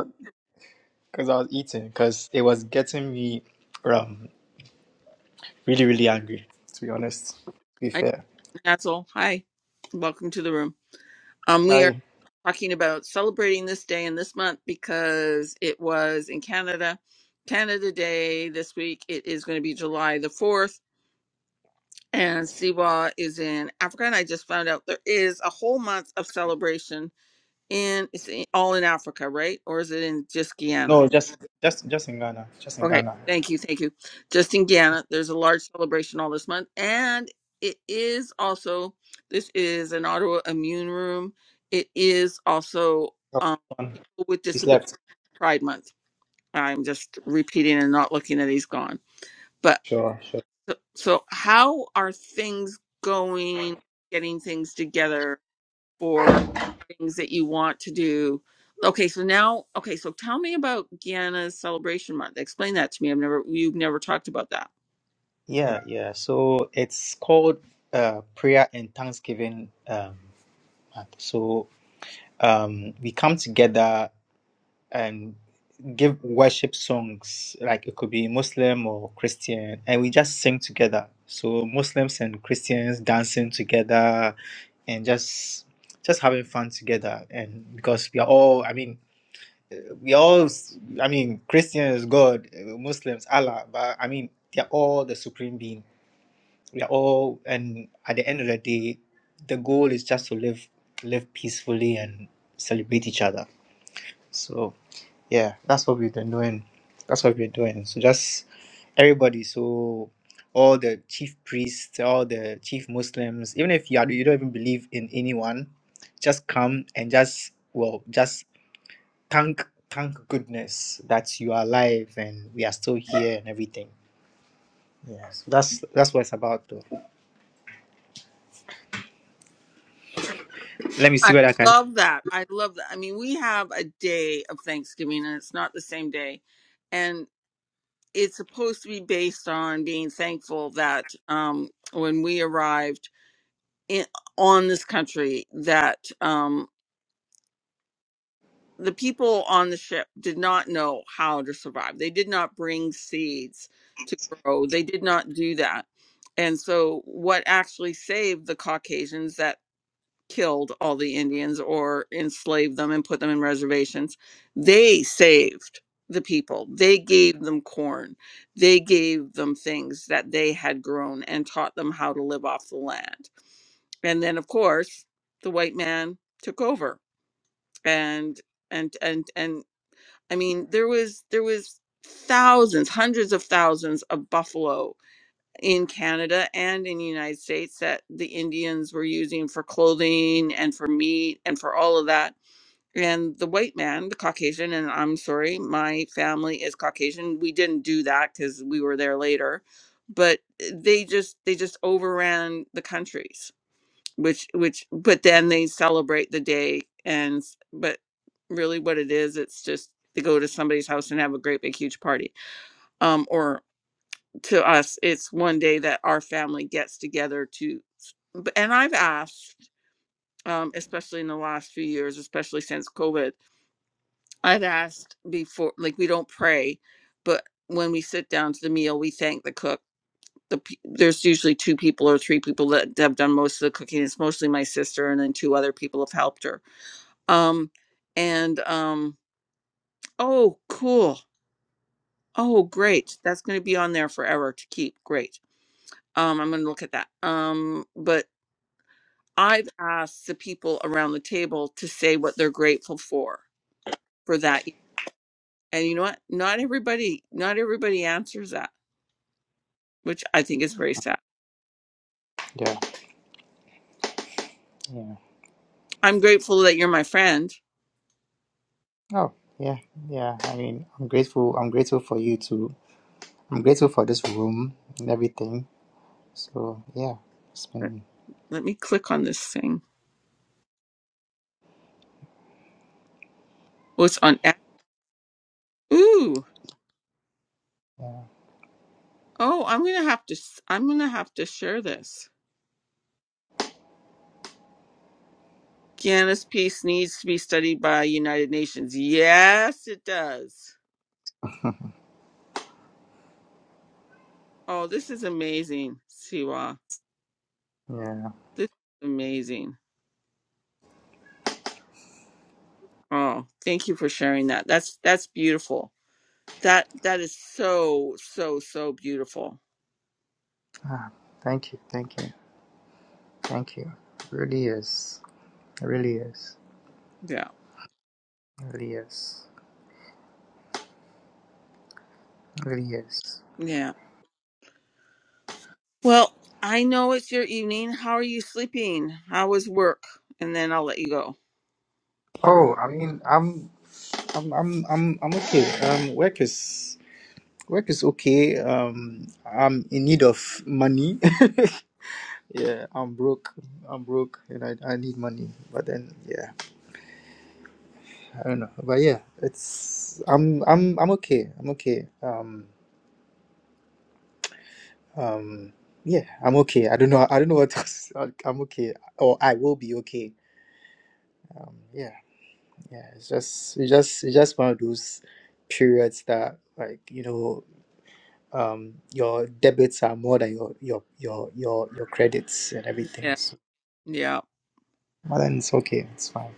[SPEAKER 2] because I was eating, because it was getting me um, really, really angry, to be honest. To be
[SPEAKER 1] I
[SPEAKER 2] fair.
[SPEAKER 1] Nazzle, hi, welcome to the room. Um, we are
[SPEAKER 2] I,
[SPEAKER 1] talking about celebrating this day and this month because it was in Canada, Canada Day this week. It is going to be July the fourth, and Siwa is in Africa. And I just found out there is a whole month of celebration in it's in, all in Africa, right? Or is it in just Guyana?
[SPEAKER 2] no, just, just, just in Ghana. Just in
[SPEAKER 1] Okay,
[SPEAKER 2] Ghana.
[SPEAKER 1] thank you, thank you. Just in Guyana, there's a large celebration all this month, and it is also this is an autoimmune room. It is also
[SPEAKER 2] Oh,
[SPEAKER 1] um,
[SPEAKER 2] um,
[SPEAKER 1] people with
[SPEAKER 2] He's
[SPEAKER 1] disability
[SPEAKER 2] left.
[SPEAKER 1] Pride Month. I'm just repeating and not looking that he's gone. But
[SPEAKER 2] Sure, sure.
[SPEAKER 1] so, so how are things going? Getting things together for things that you want to do. Okay, so now, okay, so tell me about Guyana's celebration month. Explain that to me. I've never, you've never talked about that.
[SPEAKER 2] Yeah, yeah. So it's called uh, prayer and thanksgiving um, month. So um, we come together and give worship songs like it could be muslim or christian and we just sing together so muslims and christians dancing together and just just having fun together and because we are all i mean uh, we all s- i mean christians god uh, muslims allah but i mean they're all the supreme being we are all and at the end of the day the goal is just to live live peacefully and celebrate each other so yeah, that's what we've been doing. That's what we're doing. So just everybody, so all the chief priests, all the chief Muslims, even if you are, you don't even believe in anyone, just come and just well, just thank thank goodness that you are alive and we are still here and everything. Yeah, so that's that's what it's about though. Let me see
[SPEAKER 1] I
[SPEAKER 2] what I can
[SPEAKER 1] love that. I love that. I mean, we have a day of Thanksgiving and it's not the same day. And it's supposed to be based on being thankful that um, when we arrived in, on this country that um, the people on the ship did not know how to survive they did not bring seeds to grow they did not do that and so what actually saved the caucasians that killed all the Indians or enslaved them and put them in reservations. They saved the people. They gave them corn. They gave them things that they had grown and taught them how to live off the land. And then of course, the white man took over. And and and and I mean, there was there was thousands, hundreds of thousands of buffalo in Canada and in the United States that the Indians were using for clothing and for meat and for all of that. And the white man, the Caucasian, and I'm sorry, my family is Caucasian. We didn't do that because we were there later, but eh, they just they just overran the countries. Which which but then they celebrate the day and s- but really what it is, it's just they go to somebody's house and have a great big huge party. Um, or to us it's one day that our family gets together to and i've asked um, especially in the last few years especially since covid i've asked before like we don't pray but when we sit down to the meal we thank the cook the, pe- there's usually two people or three people that have done most of the cooking it's mostly my sister and then two other people have helped her um and um oh cool oh great that's going to be on there forever to keep great um i'm going to look at that um but I've asked the people around the table to say what they're grateful for for that. year. And you know what? Not everybody, not everybody answers that, which I think is very sad.
[SPEAKER 2] Yeah. Yeah.
[SPEAKER 1] I'm grateful that you're my friend.
[SPEAKER 2] Oh, yeah. Yeah. I mean I'm grateful I'm grateful for you too. I'm grateful for this room and everything So yeah, it's
[SPEAKER 1] Let
[SPEAKER 2] been
[SPEAKER 1] let me click on this thing. Oh, it's on. a- Ooh.
[SPEAKER 2] yeah
[SPEAKER 1] Oh, I'm gonna have to. s- I'm gonna have to share this. Guyana's peace needs to be studied by United Nations. Yes, it does. Oh, this is amazing, Siwa.
[SPEAKER 2] yeah.
[SPEAKER 1] This is amazing. Oh, thank you for sharing that. That's that's beautiful. That that is so so so beautiful.
[SPEAKER 2] Ah, thank you, thank you, thank you. It really is, it really is,
[SPEAKER 1] Yeah.
[SPEAKER 2] it really is, it really is.
[SPEAKER 1] Yeah. Well, I know it's your evening. How are you sleeping? How was work? And then I'll let you go.
[SPEAKER 2] Oh, I mean, I'm I'm I'm I'm I'm okay. Um, work is work is okay. Um, I'm in need of money. *laughs* yeah, I'm broke. I'm broke, and I I need money. But then yeah, I don't know. But yeah, it's I'm I'm I'm okay. I'm okay. Um. Um, yeah, I'm okay. I don't know. I don't know what else. *laughs* I- I'm okay, or I will be okay. Um, yeah, yeah. It's just, it's just, it's just one of those periods that, like, you know, um, your debits are more than your your your your your credits and everything.
[SPEAKER 1] Yeah.
[SPEAKER 2] So,
[SPEAKER 1] Yeah.
[SPEAKER 2] but then it's okay. It's fine.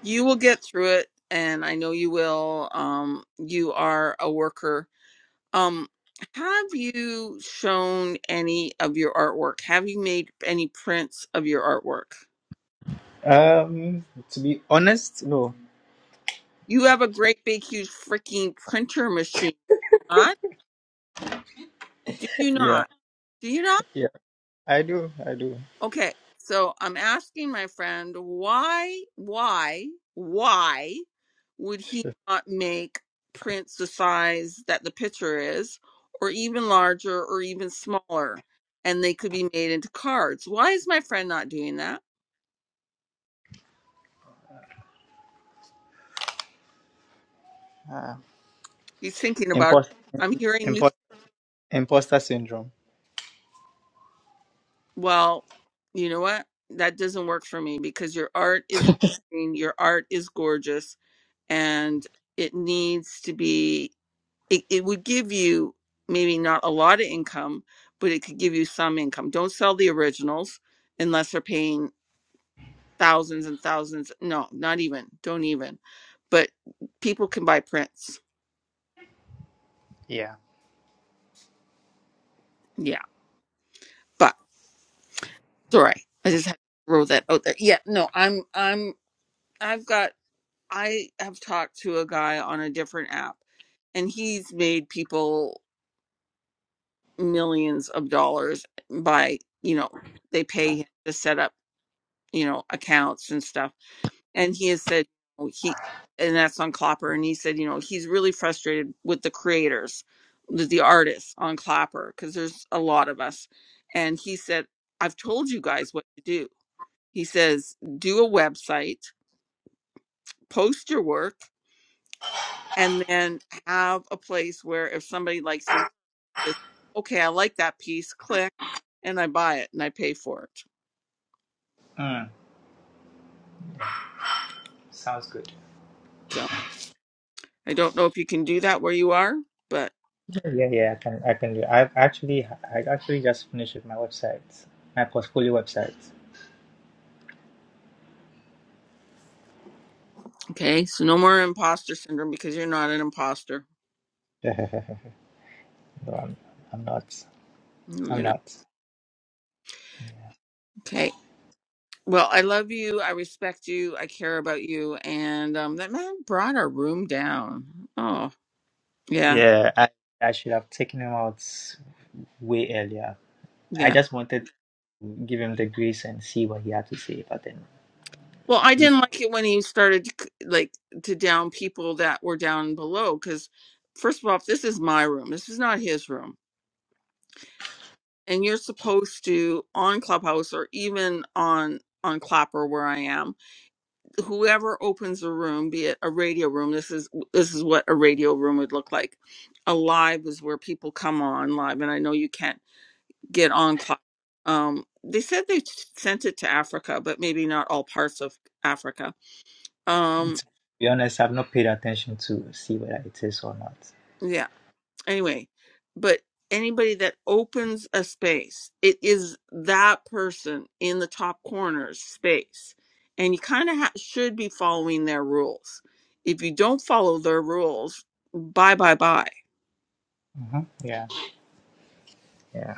[SPEAKER 1] You will get through it and I know you will. Um you are a worker. Um have you shown any of your artwork? Have you made any prints of your artwork?
[SPEAKER 2] Um, to be honest, no.
[SPEAKER 1] You have a great big huge freaking printer machine. Huh? Do you
[SPEAKER 2] Yeah,
[SPEAKER 1] not? Do you not?
[SPEAKER 2] yeah. I do, I do.
[SPEAKER 1] Okay. So I'm asking my friend why why why would he not make prints the size that the picture is or even larger or even smaller and they could be made into cards. Why is my friend not doing that?
[SPEAKER 2] Uh,
[SPEAKER 1] He's thinking about it.
[SPEAKER 2] Impost,
[SPEAKER 1] I'm hearing
[SPEAKER 2] impost, imposter syndrome.
[SPEAKER 1] Well, you know what? That doesn't work for me because your art is amazing, your art is gorgeous, and it needs to be, it, it would give you maybe not a lot of income, but it could give you some income. Don't sell the originals unless they're paying thousands and thousands. No, not even. Don't even. But people can buy prints.
[SPEAKER 2] yeah.
[SPEAKER 1] Yeah. But sorry. I just had to throw that out there. Yeah, no, I'm I'm I've got I have talked to a guy on a different app and he's made people millions of dollars by, you know, they pay him to set up, you know, accounts and stuff. And he has said oh, he and that's on Clapper and he said, you know, he's really frustrated with the creators, with the artists on Clapper because there's a lot of us. And he said, I've told you guys what to do. He says, do a website, post your work and then have a place where if somebody likes your work, just okay, I like that piece, click, and I buy it and I pay for it.
[SPEAKER 2] Mm, sounds good.
[SPEAKER 1] So I don't know if you can do that where you are, but
[SPEAKER 2] Yeah, yeah, I can, I can do. I actually, I actually just finished with my website, my portfolio website.
[SPEAKER 1] okay, so no more imposter syndrome because you're not an imposter.
[SPEAKER 2] *laughs* No, I'm, I'm not. I'm
[SPEAKER 1] You're not.
[SPEAKER 2] not.
[SPEAKER 1] Okay. Well, I love you. I respect you. I care about you. And um, that man brought our room down. Oh, yeah.
[SPEAKER 2] Yeah, I, I should have taken him out way earlier.
[SPEAKER 1] Yeah.
[SPEAKER 2] I just wanted to give him the grace and see what he had to say, but then,
[SPEAKER 1] Well, I didn't like it when he started to, c- like to down people that were down below because first of all, if this is my room. This is not his room, and you're supposed to on Clubhouse or even on on Clapper where I am. Whoever opens a room, be it a radio room, this is this is what a radio room would look like. A live is where people come on live, and I know you can't get on Club. Um, they said they sent it to Africa, but maybe not all parts of Africa. Um,
[SPEAKER 2] to be honest, I've not paid attention to see whether it is or not.
[SPEAKER 1] yeah anyway, but anybody that opens a space, it is that person in the top corner's space. And you kind of ha- should be following their rules. If you don't follow their rules, bye bye bye.
[SPEAKER 2] hmm Yeah, yeah.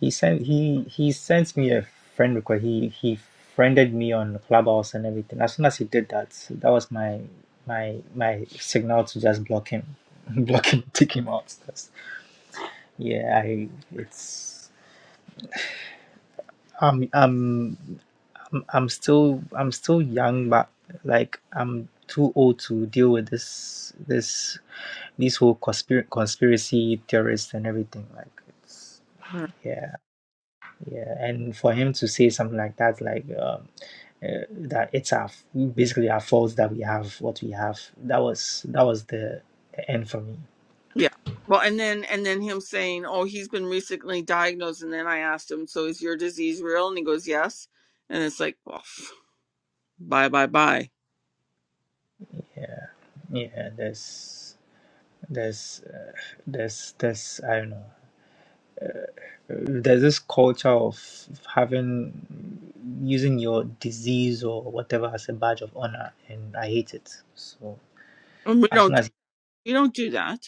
[SPEAKER 2] He sent he he sends me a friend request. He he friended me on Clubhouse and everything. As soon as he did that, that was my my my signal to just block him, *laughs* block him, take him out. That's, yeah, I it's I'm I'm I'm I'm still I'm still young, but like I'm too old to deal with this this these whole conspir- conspiracy theorists and everything. Like it's.
[SPEAKER 1] Right.
[SPEAKER 2] yeah. Yeah, and for him to say something like that, like um, uh, that it's our basically our fault that we have what we have. That was that was the end for me.
[SPEAKER 1] Yeah. Well, and then and then him saying, "Oh, he's been recently diagnosed." And then I asked him, "So is your disease real?" And he goes, "Yes." And it's like, well, *sighs* bye bye bye.
[SPEAKER 2] Yeah, yeah. There's there's uh, there's there's I don't know. There's this culture of having using your disease or whatever as a badge of honor, and I hate it. So.
[SPEAKER 1] And we
[SPEAKER 2] as as soon
[SPEAKER 1] don't
[SPEAKER 2] as
[SPEAKER 1] we don't do that.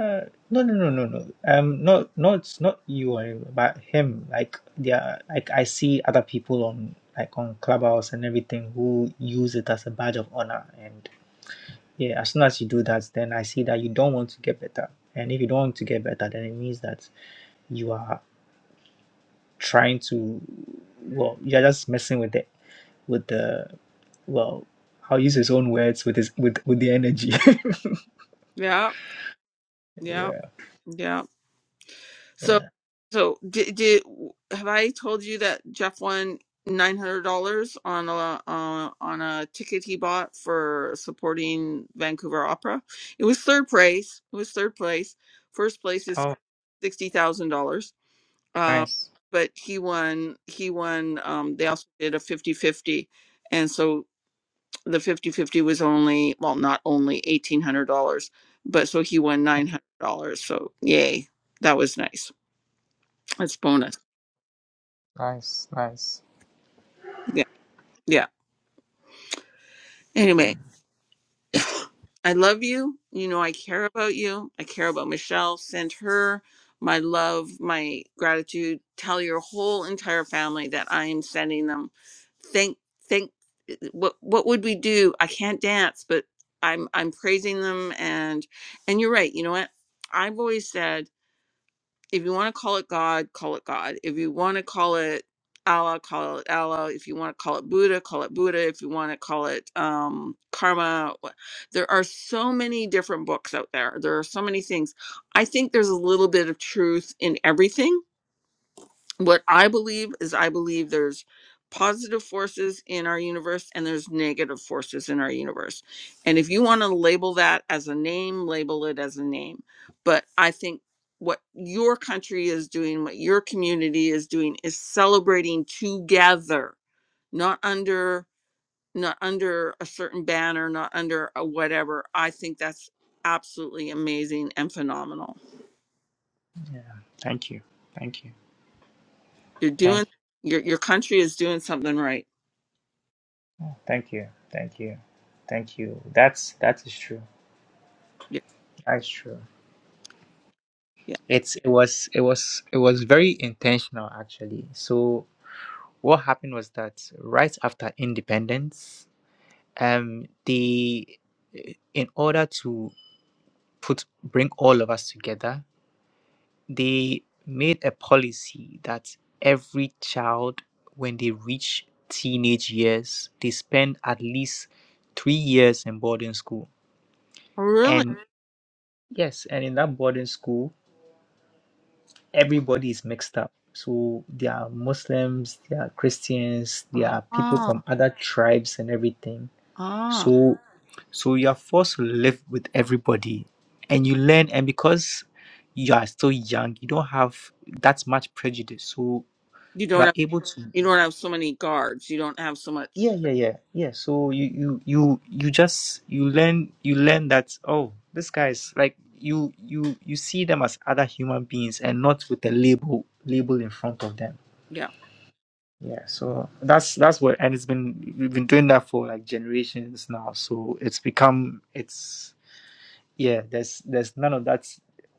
[SPEAKER 2] Uh, no, no, no, no, no. Um, no, no, it's not you uh, but him. Like there, like I see other people on like on Clubhouse and everything who use it as a badge of honor. And yeah, as soon as you do that, then I see that you don't want to get better. And if you don't want to get better, then it means that you are trying to, well, you're just messing with it, with the, well, I'll use his own words with his with with the energy. *laughs*
[SPEAKER 1] Yeah. Yeah.
[SPEAKER 2] Yeah.
[SPEAKER 1] Yeah. So,
[SPEAKER 2] yeah.
[SPEAKER 1] so did, did have I told you that Jeff won nine hundred dollars on a uh, on a ticket he bought for supporting Vancouver Opera? It was third place. It was third place. First place is
[SPEAKER 2] Oh,
[SPEAKER 1] sixty thousand dollars. Um,
[SPEAKER 2] nice,
[SPEAKER 1] but he won. He won. Um, they also did a fifty fifty, and so the fifty fifty was only well, not only eighteen hundred dollars, but so he won nine hundred dollars. So yay, that was nice. That's bonus.
[SPEAKER 2] nice, nice.
[SPEAKER 1] Yeah. Yeah. Anyway, I love you. You know, I care about you. I care about Michelle. Send her my love, my gratitude. Tell your whole entire family that I am sending them. Thank, thank. What what would we do? I can't dance, but I'm I'm praising them and and you're right. You know what? I've always said. If you want to call it God, call it God. If you want to call it Allah, call it Allah. If you want to call it Buddha, call it Buddha. If you want to call it um, karma, wha- there are so many different books out there. There are so many things. I think there's a little bit of truth in everything what I believe is I believe there's positive forces in our universe and there's negative forces in our universe. And if you want to label that as a name, label it as a name. But I think what your country is doing, what your community is doing is celebrating together, not under not under a certain banner, not under a whatever. I think that's absolutely amazing and phenomenal.
[SPEAKER 2] Yeah. Thank you. Thank you.
[SPEAKER 1] You're doing
[SPEAKER 2] Thank you.
[SPEAKER 1] your your country is doing something right.
[SPEAKER 2] Thank you. Thank you. Thank you. That's that is true.
[SPEAKER 1] Yeah.
[SPEAKER 2] That's true. It's it was it was it was very intentional actually. So what happened was that right after independence, um the in order to put bring all of us together they made a policy that every child, when they reach teenage years, they spend at least three years in boarding school.
[SPEAKER 1] Really?
[SPEAKER 2] And yes, and in that boarding school, everybody is mixed up. So there are Muslims, there are Christians, there are people
[SPEAKER 1] Ah,
[SPEAKER 2] from other tribes and everything.
[SPEAKER 1] ah.
[SPEAKER 2] So so you are forced to live with everybody and you learn and because you are still young, you don't have that much prejudice. So
[SPEAKER 1] You
[SPEAKER 2] you
[SPEAKER 1] don't
[SPEAKER 2] are
[SPEAKER 1] have
[SPEAKER 2] able to
[SPEAKER 1] you don't have so many guards. You don't have so much.
[SPEAKER 2] yeah yeah yeah yeah so you you you you just you learn you learn that oh this guys like you you you see them as other human beings and not with a label label in front of them
[SPEAKER 1] Yeah.
[SPEAKER 2] yeah so that's that's what and it's been we've been doing that for like generations now so it's become it's yeah there's there's none of that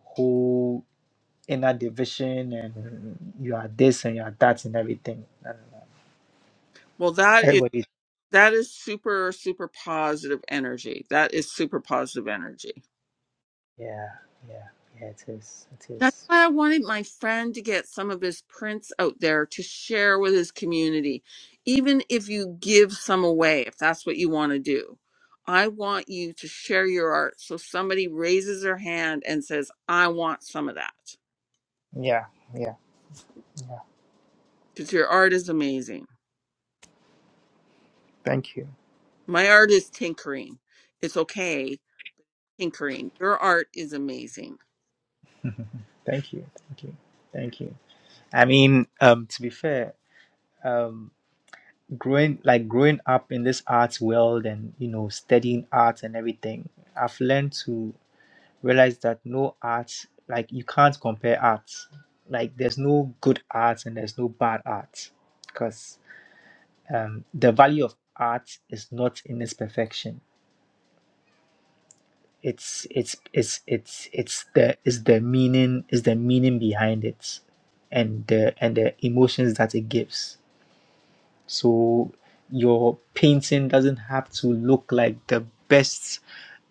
[SPEAKER 2] whole inner division and you are this and you are that and everything and
[SPEAKER 1] Well, that is
[SPEAKER 2] everybody
[SPEAKER 1] that is super super positive energy. That is super positive energy.
[SPEAKER 2] Yeah, yeah, yeah, it is. It
[SPEAKER 1] That's
[SPEAKER 2] is.
[SPEAKER 1] why I wanted my friend to get some of his prints out there to share with his community. Even if you give some away, if that's what you want to do. I want you to share your art so somebody raises their hand and says, "I want some of that."
[SPEAKER 2] Yeah, yeah.
[SPEAKER 1] Because your art is amazing.
[SPEAKER 2] Thank you.
[SPEAKER 1] My art is tinkering. It's okay, tinkering. Your art is amazing.
[SPEAKER 2] Thank you. Thank you. Thank you. I mean, um, to be fair, um, growing like growing up in this art world and you know studying art and everything, I've learned to realize that no art, like you can't compare art. Like there's no good art and there's no bad art, because um, the value of art is not in its perfection It's it's it's it's it's the is the meaning is the meaning behind it, and the and the emotions that it gives. So your painting doesn't have to look like the best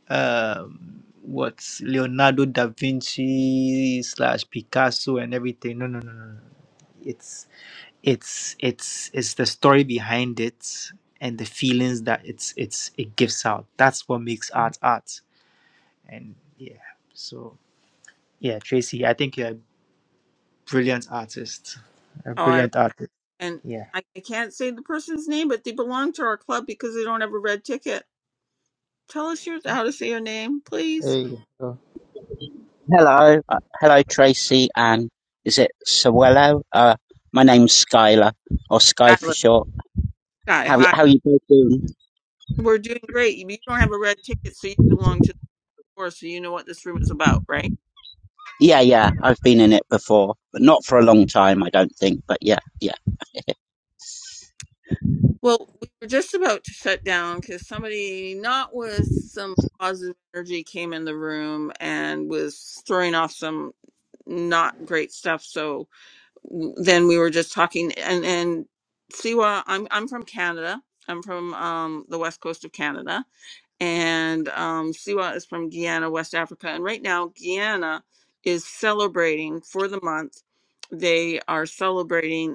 [SPEAKER 2] um what Leonardo da Vinci slash Picasso and everything. No no no no no. It's it's it's it's the story behind it and the feelings that it's it's it gives out. That's what makes art art. And yeah. So yeah, Tracy, I think you're a brilliant artist. A
[SPEAKER 1] Oh, I
[SPEAKER 2] brilliant artist.
[SPEAKER 1] and
[SPEAKER 2] Yeah.
[SPEAKER 1] I, I can't say the person's name, but they belong to our club because they don't have a red ticket. Tell us your how to say your name,
[SPEAKER 2] There
[SPEAKER 1] please.
[SPEAKER 2] you go.
[SPEAKER 5] Hello, uh, hello, Tracy, and is it Sawello? Uh, my name's Skylar, or Sky for
[SPEAKER 1] Skylar.
[SPEAKER 5] short.
[SPEAKER 1] Sky,
[SPEAKER 5] How y-
[SPEAKER 1] hi.
[SPEAKER 5] how you both doing?
[SPEAKER 1] We're doing great. You don't have a red ticket, so you belong to the course, so you know what this room is about, right?
[SPEAKER 5] Yeah, yeah, I've been in it before, but not for a long time, I don't think. But yeah, yeah.
[SPEAKER 1] Well, we were just about to shut down because somebody, not with some positive energy, came in the room and was throwing off some not great stuff. So w- then we were just talking, and and Siwa, I'm I'm from Canada. I'm from um, the west coast of Canada, and um, Siwa is from Guyana, West Africa. And right now, Guyana is celebrating for the month. They are celebrating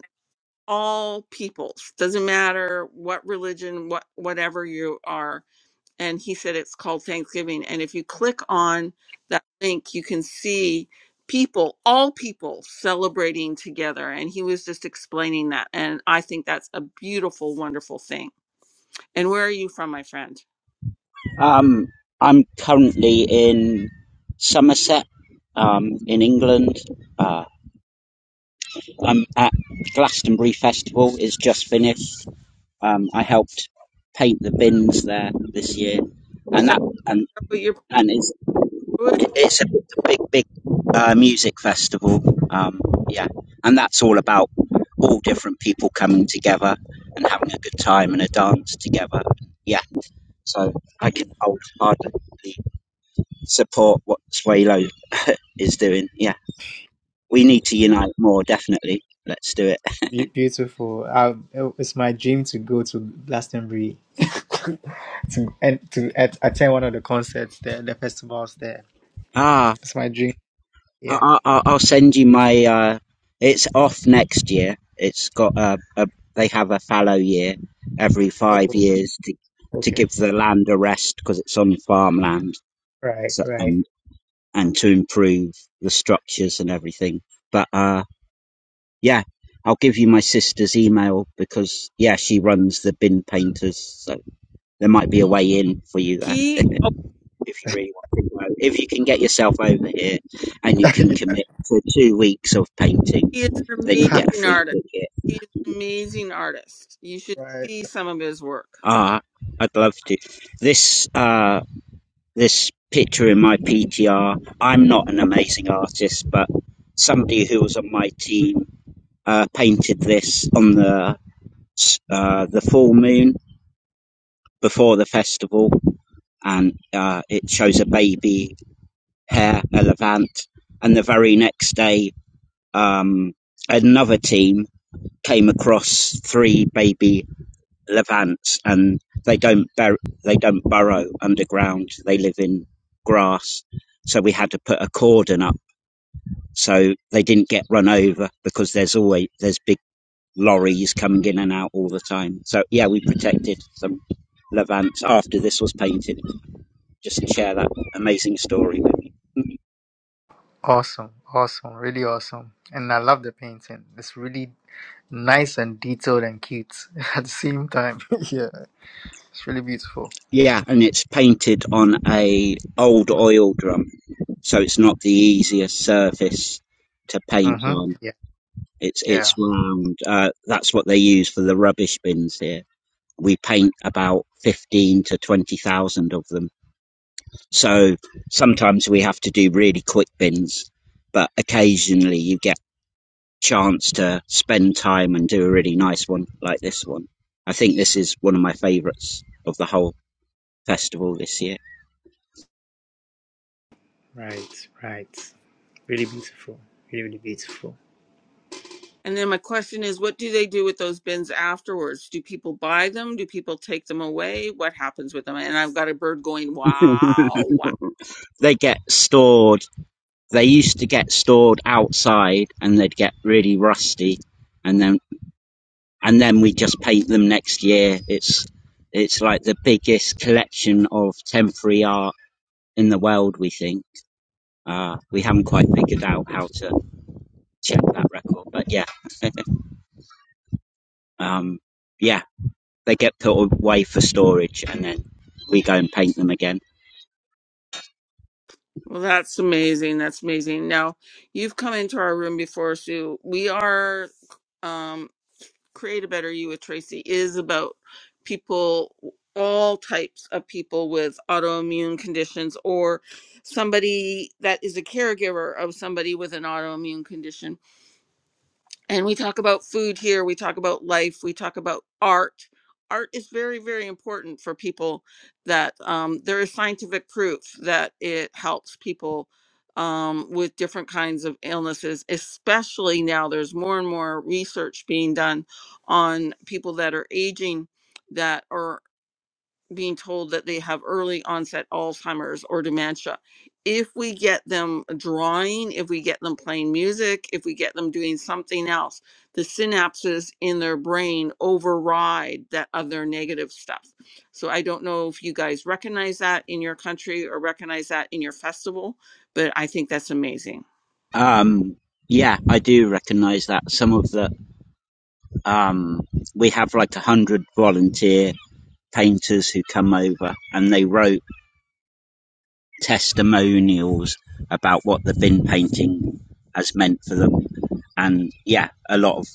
[SPEAKER 1] all peoples doesn't matter what religion what whatever you are and he said it's called thanksgiving and if you click on that link you can see people all people celebrating together and he was just explaining that and i think that's a beautiful wonderful thing and where are you from my friend
[SPEAKER 5] Um, I'm currently in Somerset, um, in England. Uh, I'm at Glastonbury Festival. It's just finished. Um, I helped paint the bins there this year,
[SPEAKER 1] is
[SPEAKER 5] and
[SPEAKER 1] that,
[SPEAKER 5] that
[SPEAKER 1] is
[SPEAKER 5] and
[SPEAKER 1] that what you're
[SPEAKER 5] and it's
[SPEAKER 1] with?
[SPEAKER 5] It's a big, big, uh, music festival. Um, yeah, and that's all about all different people coming together and having a good time and a dance together. Yeah, so I can wholeheartedly support what Swalo *laughs* is doing. Yeah, we need to unite more. Definitely, let's do it.
[SPEAKER 2] Be- beautiful. I, it's my dream to go to Glastonbury *laughs* to and to at, attend one of the concerts there, the festivals there.
[SPEAKER 5] Ah.
[SPEAKER 2] It's my dream. Yeah.
[SPEAKER 5] I, I, I'll send you my. Uh, it's off next year. It's got a, a. They have a fallow year every five
[SPEAKER 2] Oh,
[SPEAKER 5] years to to
[SPEAKER 2] okay.
[SPEAKER 5] give the land a rest because it's on farmland
[SPEAKER 2] Right,
[SPEAKER 5] so,
[SPEAKER 2] right.
[SPEAKER 5] um, and to improve the structures and everything. But uh, yeah, I'll give you my sister's email because yeah, she runs the bin painters, so there might be a way in for you there.
[SPEAKER 1] he
[SPEAKER 5] *laughs*
[SPEAKER 1] oh,
[SPEAKER 5] if you really want to go. If you can get yourself over here and you
[SPEAKER 2] *laughs*
[SPEAKER 5] can
[SPEAKER 2] yeah.
[SPEAKER 5] commit for two weeks of painting,
[SPEAKER 1] he is an
[SPEAKER 5] then you
[SPEAKER 2] Ha,
[SPEAKER 5] get a
[SPEAKER 1] amazing
[SPEAKER 5] free
[SPEAKER 1] artist
[SPEAKER 5] ticket.
[SPEAKER 1] he is an amazing artist you should
[SPEAKER 2] right.
[SPEAKER 1] see some of his work
[SPEAKER 5] Ah, I'd love to. This uh, this picture in my PTR. I'm not an amazing artist, but somebody who was on my team uh, painted this on the s- uh, the full moon before the festival, and uh, it shows a baby hare, a levant, and the very next day um, another team came across three baby levants, and they don't bur- they don't burrow underground. They live in grass, so we had to put a cordon up so they didn't get run over because there's always there's big lorries coming in and out all the time. So yeah, we protected some levants after this was painted. Just share that amazing story with you.
[SPEAKER 2] Awesome, awesome, really awesome. And I love the painting. It's really nice and detailed and cute *laughs* at the same time. *laughs* yeah. It's really beautiful.
[SPEAKER 5] Yeah, and it's painted on a old oil drum, so it's not the easiest surface to paint on.
[SPEAKER 2] Mm-hmm.
[SPEAKER 5] It's
[SPEAKER 2] Yeah,
[SPEAKER 5] it's round. Uh, that's what they use for the rubbish bins here. We paint about fifteen to twenty thousand of them, so sometimes we have to do really quick bins, but occasionally you get chance to spend time and do a really nice one like this one. I think this is one of my favourites of the whole festival this year.
[SPEAKER 2] right, right. Really beautiful, really, really beautiful.
[SPEAKER 1] And then my question is, what do they do with those bins afterwards? Do people buy them? Do people take them away? What happens with them? And I've got a bird going, wow, wow.
[SPEAKER 5] they get stored. They used to get stored outside, and they'd get really rusty, and then and then we just paint them next year. It's it's like the biggest collection of temporary art in the world. We think uh, we haven't quite figured out how to check that record, but yeah, *laughs* um, yeah, they get put away for storage, and then we go and paint them again.
[SPEAKER 1] Well, that's amazing. That's amazing. Now, you've come into our room before, Sue. We are, um, Create a Better You with Tracy is about people, all types of people with autoimmune conditions or somebody that is a caregiver of somebody with an autoimmune condition and we talk about food here we talk about life we talk about art art is very very important for people that um, there is scientific proof that it helps people um, with different kinds of illnesses especially now there's more and more research being done on people that are aging that are being told that they have early onset Alzheimer's or dementia. If we get them drawing, if we get them playing music, if we get them doing something else, the synapses in their brain override that other negative stuff. So I don't know if you guys recognize that in your country or recognize that in your festival, but I think that's amazing.
[SPEAKER 5] Um, yeah, I do recognise that some of the um, we have like a hundred volunteer painters who come over and they wrote testimonials about what the bin painting has meant for them, and yeah, a lot of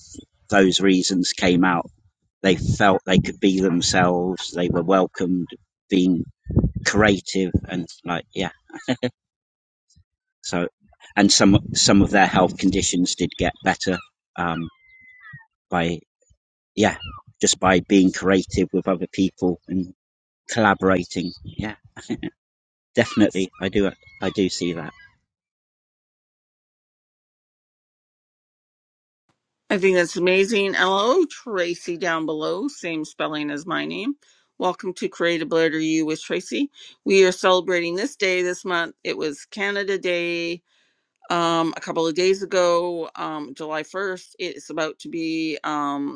[SPEAKER 5] those reasons came out. They felt they could be themselves. They were welcomed, being creative, and like yeah. So, and some some of their health conditions did get better um, by yeah, just by being creative with other people and collaborating. Yeah, *laughs* definitely. I do. I do see that.
[SPEAKER 1] I think that's amazing. Hello, Tracy down below, same spelling as my name. Welcome to Creative Letter U with Tracy. We are celebrating this day this month. It was Canada Day um, a couple of days ago, um, July 1st. It's about to be um,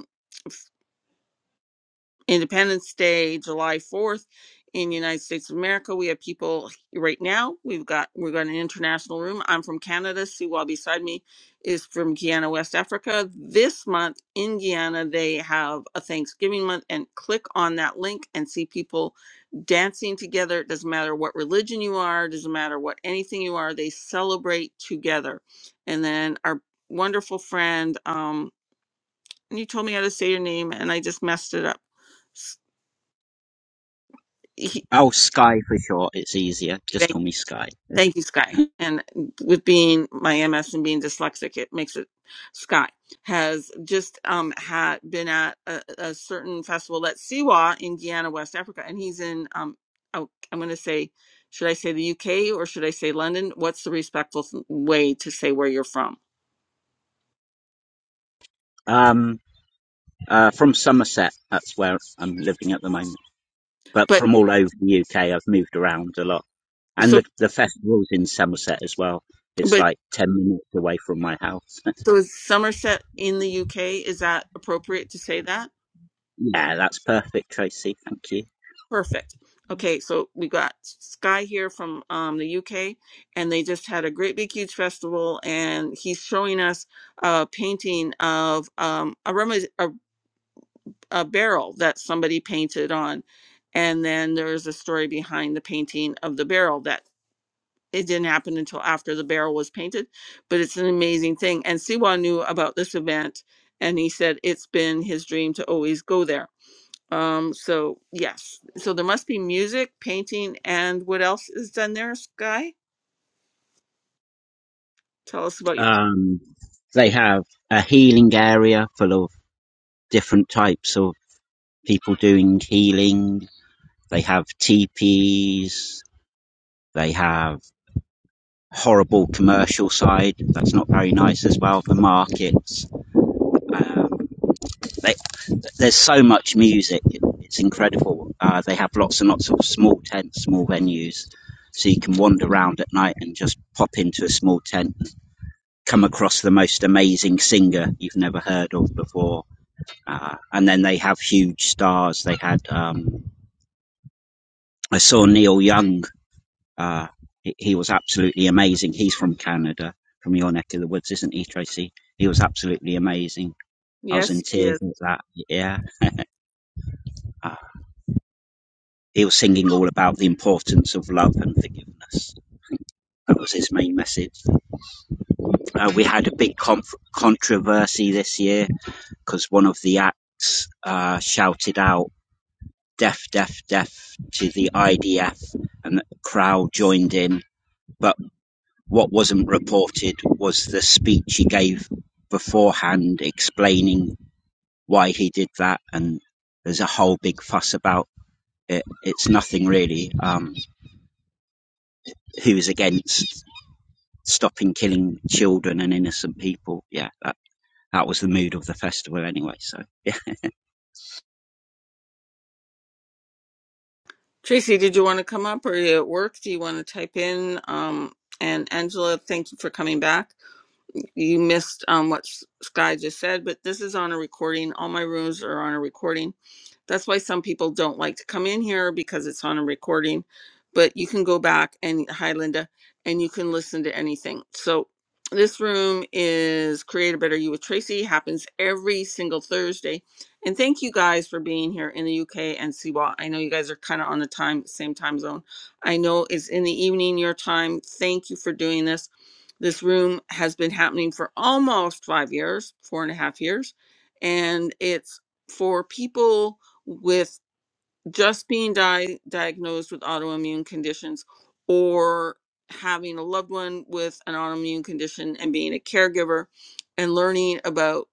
[SPEAKER 1] Independence Day, July 4th in the United States of America. We have people right now. We've got we've got an international room. I'm from Canada. Siwa beside me is from Guyana, West Africa. This month in Guyana, they have a Thanksgiving month and click on that link and see people dancing together. It doesn't matter what religion you are, it doesn't matter what anything you are, they celebrate together. And then our wonderful friend, um, and you told me how to say your name and I just messed it up he,
[SPEAKER 5] Oh, Sky for short. It's easier. Just
[SPEAKER 1] thank,
[SPEAKER 5] call me Sky.
[SPEAKER 1] thank you, Sky.
[SPEAKER 5] *laughs*
[SPEAKER 1] And with being my MS and being dyslexic, it makes it. Sky has just um had been at a, a certain festival at Siwa in Guyana, West Africa, and he's in um. oh, I'm going to say, should I say the UK or should I say London? What's the respectful th- way to say where you're from?
[SPEAKER 5] Um, uh, from Somerset. That's where I'm living at the moment. But
[SPEAKER 1] But
[SPEAKER 5] from all over the UK, I've moved around a lot. And
[SPEAKER 1] so,
[SPEAKER 5] the, the festival's in Somerset as well. It's
[SPEAKER 1] but
[SPEAKER 5] like 10 minutes away from my house.
[SPEAKER 1] so is Somerset in the UK? Is that appropriate to say that?
[SPEAKER 5] *laughs* yeah, that's perfect, Tracy. Thank you.
[SPEAKER 1] Perfect. Okay, so we got Sky here from um, the UK, and they just had a great big huge festival, and he's showing us a painting of um, a, rem- a a barrel that somebody painted on, and then there's a story behind the painting of the barrel that it didn't happen until after the barrel was painted, but it's an amazing thing. And Siwa knew about this event, and he said it's been his dream to always go there um, so yes, so there must be music, painting, and what else is done there, Sky? Tell us about your.
[SPEAKER 5] Um, they have a healing area full of different types of people doing healing. They have teepees. They have horrible commercial side. That's not very nice as well. The markets. Um, they, there's so much music. It, It's incredible. Uh, they have lots and lots of small tents, small venues. So you can wander around at night and just pop into a small tent and come across the most amazing singer you've never heard of before. Uh, and then they have huge stars. They had um, I saw Neil Young. Uh, he, he was absolutely amazing. He's from Canada, from your neck of the woods, isn't he, Tracy? He was absolutely amazing. I was in
[SPEAKER 1] Yes, he is.
[SPEAKER 5] tears at that. Yeah. *laughs* Uh, he was singing all about the importance of love and forgiveness. That was his main message. Uh, we had a big conf- controversy this year because one of the acts uh, shouted out "Deaf, deaf, deaf" to the IDF, and the crowd joined in. But What wasn't reported was the speech he gave beforehand explaining why he did that, and there's a whole big fuss about it. It's nothing really. Um, he was against stopping killing children and innocent people. Yeah, that, that was the mood of the festival anyway. So, yeah.
[SPEAKER 1] Tracy, did you want to come up or are you at work? Do you want to type in? Um, and Angela, thank you for coming back. You missed um, what S- Sky just said, but this is on a recording. All my rooms are on a recording. That's why some people don't like to come in here because it's on a recording, but you can go back and hi, Linda, and you can listen to anything. So this room is Create a Better You with Tracy, happens every single Thursday. And thank you guys for being here in the UK and CWA. I know you guys are kind of on the time, same time zone. I know it's in the evening your time. Thank you for doing this. This room has been happening for almost five years, four and a half years, and it's for people with just being di- diagnosed with autoimmune conditions or having a loved one with an autoimmune condition and being a caregiver and learning about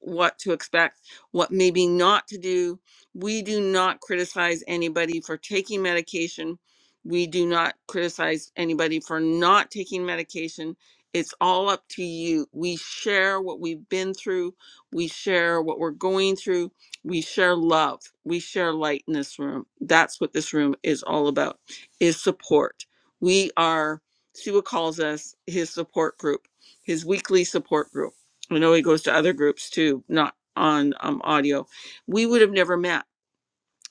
[SPEAKER 1] what to expect, what maybe not to do. We do not criticize anybody for taking medication. We do not criticize anybody for not taking medication. It's all up to you. We share what we've been through. We share what we're going through. We share love. We share light in this room. That's what this room is all about is support. We are Siwa calls us his support group, his weekly support group I know he goes to other groups too, not on um, audio. We would have never met.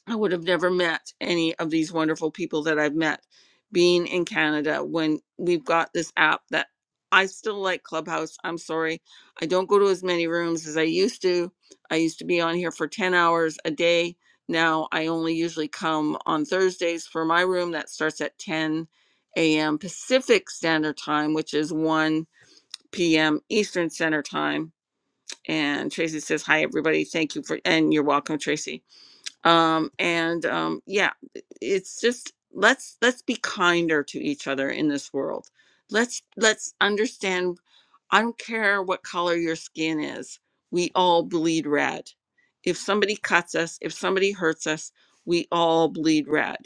[SPEAKER 1] I would have never met any of these wonderful people that I've met being in Canada when we've got this app that I still like Clubhouse. I'm sorry. I don't go to as many rooms as I used to. I used to be on here for 10 hours a day. Now I only usually come on Thursdays for my room that starts at 10 a.m. Pacific Standard Time, which is 1 p.m. Eastern Standard Time and Tracy says, "Hi, everybody. Thank you for and you're welcome, Tracy." Um, and um, yeah, it's just let's let's be kinder to each other in this world. Let's let's understand. I don't care what color your skin is. We all bleed red. If somebody cuts us, if somebody hurts us, we all bleed red.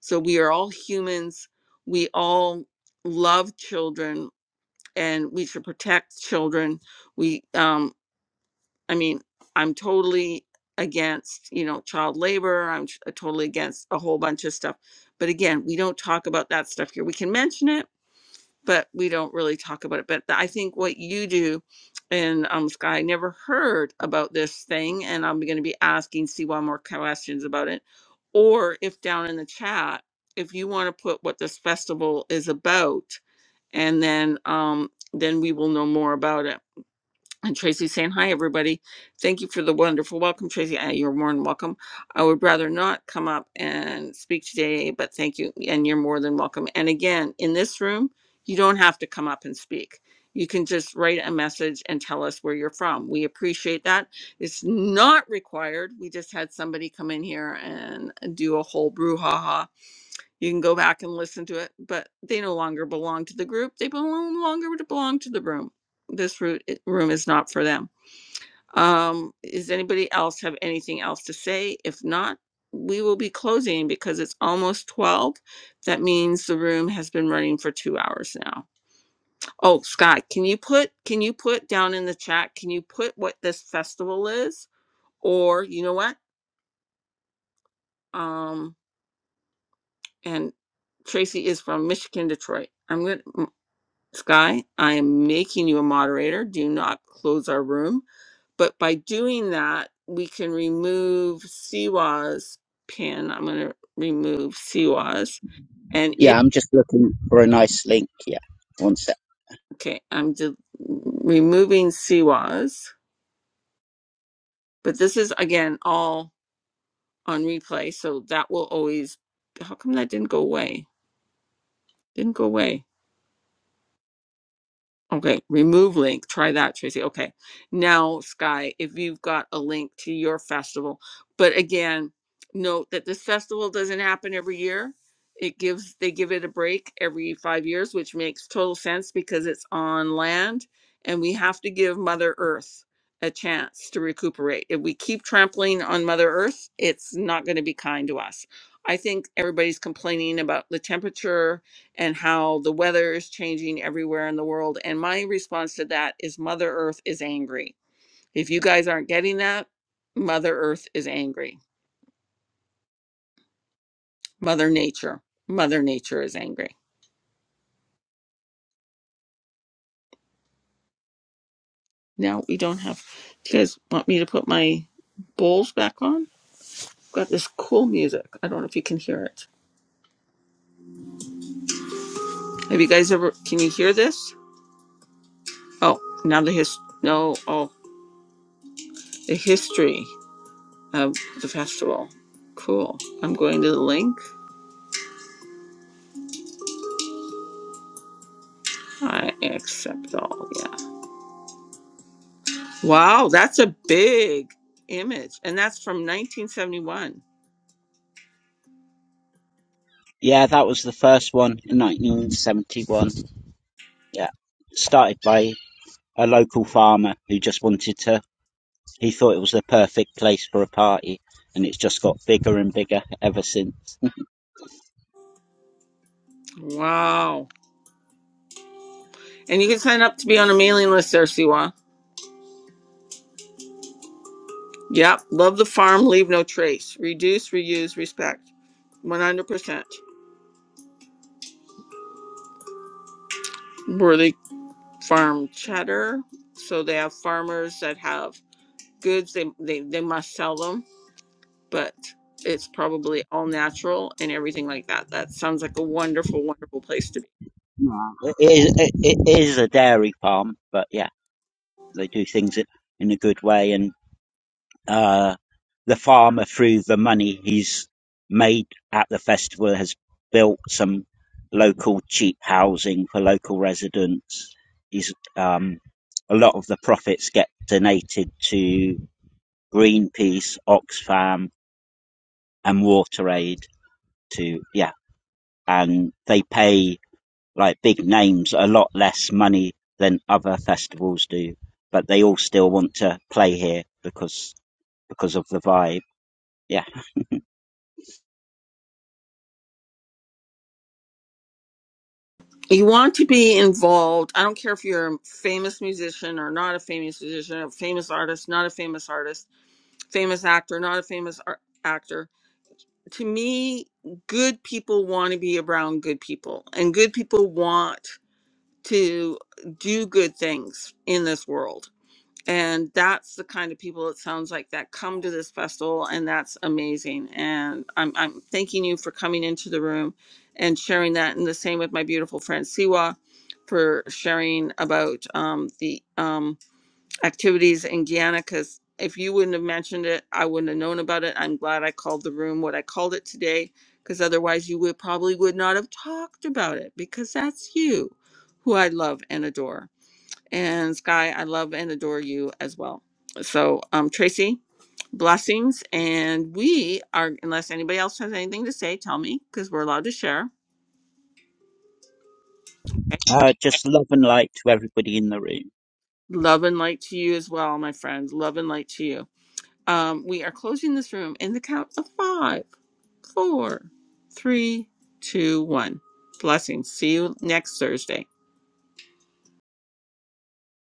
[SPEAKER 1] So we are all humans. We all love children, and we should protect children we um, I mean, I'm totally against, you know, child labor. I'm t- totally against a whole bunch of stuff. But again, we don't talk about that stuff here. We can mention it, but we don't really talk about it. But I think what you do, and um, Sky, I never heard about this thing, and I'm going to be asking C1 more questions about it. Or if down in the chat, if you want to put what this festival is about, and then um, then we will know more about it and Tracy saying, Hi, everybody. Thank you for the wonderful welcome, Tracy. Uh, You're more than welcome. I would rather not come up and speak today, but thank you. And you're more than welcome. And again, in this room, you don't have to come up and speak. You can just write a message and tell us where you're from. We appreciate that. It's not required. We just had somebody come in here and do a whole brouhaha you can go back and listen to it, but they no longer belong to the group. They no longer belong to the room. This room is not for them. Um, is anybody else have anything else to say? If not, we will be closing because it's almost 12. That means the room has been running for two hours now. Oh, Scott, can you put can you put down in the chat? Can you put what this festival is? Or you know what? Um, and Tracy is from Michigan, Detroit. I'm gonna Sky, I am making you a moderator. Do not close our room. But by doing that, we can remove Siwa's pin. I'm going to remove Siwa's. And if,
[SPEAKER 5] Yeah, I'm just looking for a nice link. Yeah, one sec.
[SPEAKER 1] okay, I'm de- removing Siwa's. But this is, again, all on replay. So that will always, how come that didn't go away? Didn't go away. Okay, remove link. Try that, Tracy. Okay, now Sky, if you've got a link to your festival, but again, note that this festival doesn't happen every year. It gives they give it a break every five years, which makes total sense because it's on land, and we have to give Mother Earth a chance to recuperate. If we keep trampling on Mother Earth, it's not going to be kind to us. I think everybody's complaining about the temperature and how the weather is changing everywhere in the world. And my response to that is Mother Earth is angry. If you guys aren't getting that, Mother Earth is angry. Mother Nature. Mother Nature is angry. Now we don't have. Do you guys want me to put my bowls back on? Got this cool music. I don't know if you can hear it. Have you guys ever? Can you hear this? Oh, now the his. No, oh, the history of the festival. Cool. I'm going to the link. I accept all. Yeah. Wow, that's a big image. And that's from 1971.
[SPEAKER 5] Yeah, that was the first one in 1971. Yeah, started by a local farmer who just wanted to He thought it was the perfect place for a party, and it's just got bigger and bigger ever since.
[SPEAKER 1] Wow. And you can sign up to be on a mailing list there, Siwa. Yep. Love the farm, leave no trace. Reduce, reuse, respect. 100%. Worthy farm cheddar. So they have farmers that have goods, they, they, they must sell them, but it's probably all natural and everything like that. That sounds like a wonderful, wonderful place to be.
[SPEAKER 5] Nah. It is, it, it is a dairy farm, but yeah, they do things in in a good way, and uh, the farmer, through the money he's made at the festival, has built some local cheap housing for local residents. He's um, a lot of the profits get donated to Greenpeace, Oxfam, and WaterAid to yeah and they pay like big names a lot less money than other festivals do, but they all still want to play here because because of the vibe. Yeah,
[SPEAKER 1] you want to be involved. I don't care if you're a famous musician or not a famous musician, a famous artist, not a famous artist, famous actor, not a famous ar- actor. To me, good people want to be around good people, and good people want to do good things in this world and that's the kind of people it sounds like that come to this festival and that's amazing and i'm, I'm thanking you for coming into the room and sharing that and the same with my beautiful friend siwa for sharing about um, the um, activities in guyana because if you wouldn't have mentioned it i wouldn't have known about it i'm glad i called the room what i called it today because otherwise you would probably would not have talked about it because that's you who i love and adore and Sky, I love and adore you as well. So, um, Tracy, blessings. And we are, unless anybody else has anything to say, tell me because we're allowed to share. Okay.
[SPEAKER 5] uh, just love and light to everybody in the room.
[SPEAKER 1] Love and light to you as well, my friends. Love and light to you. Um, we are closing this room in the count of five, four, three, two, one. Blessings. See you next Thursday.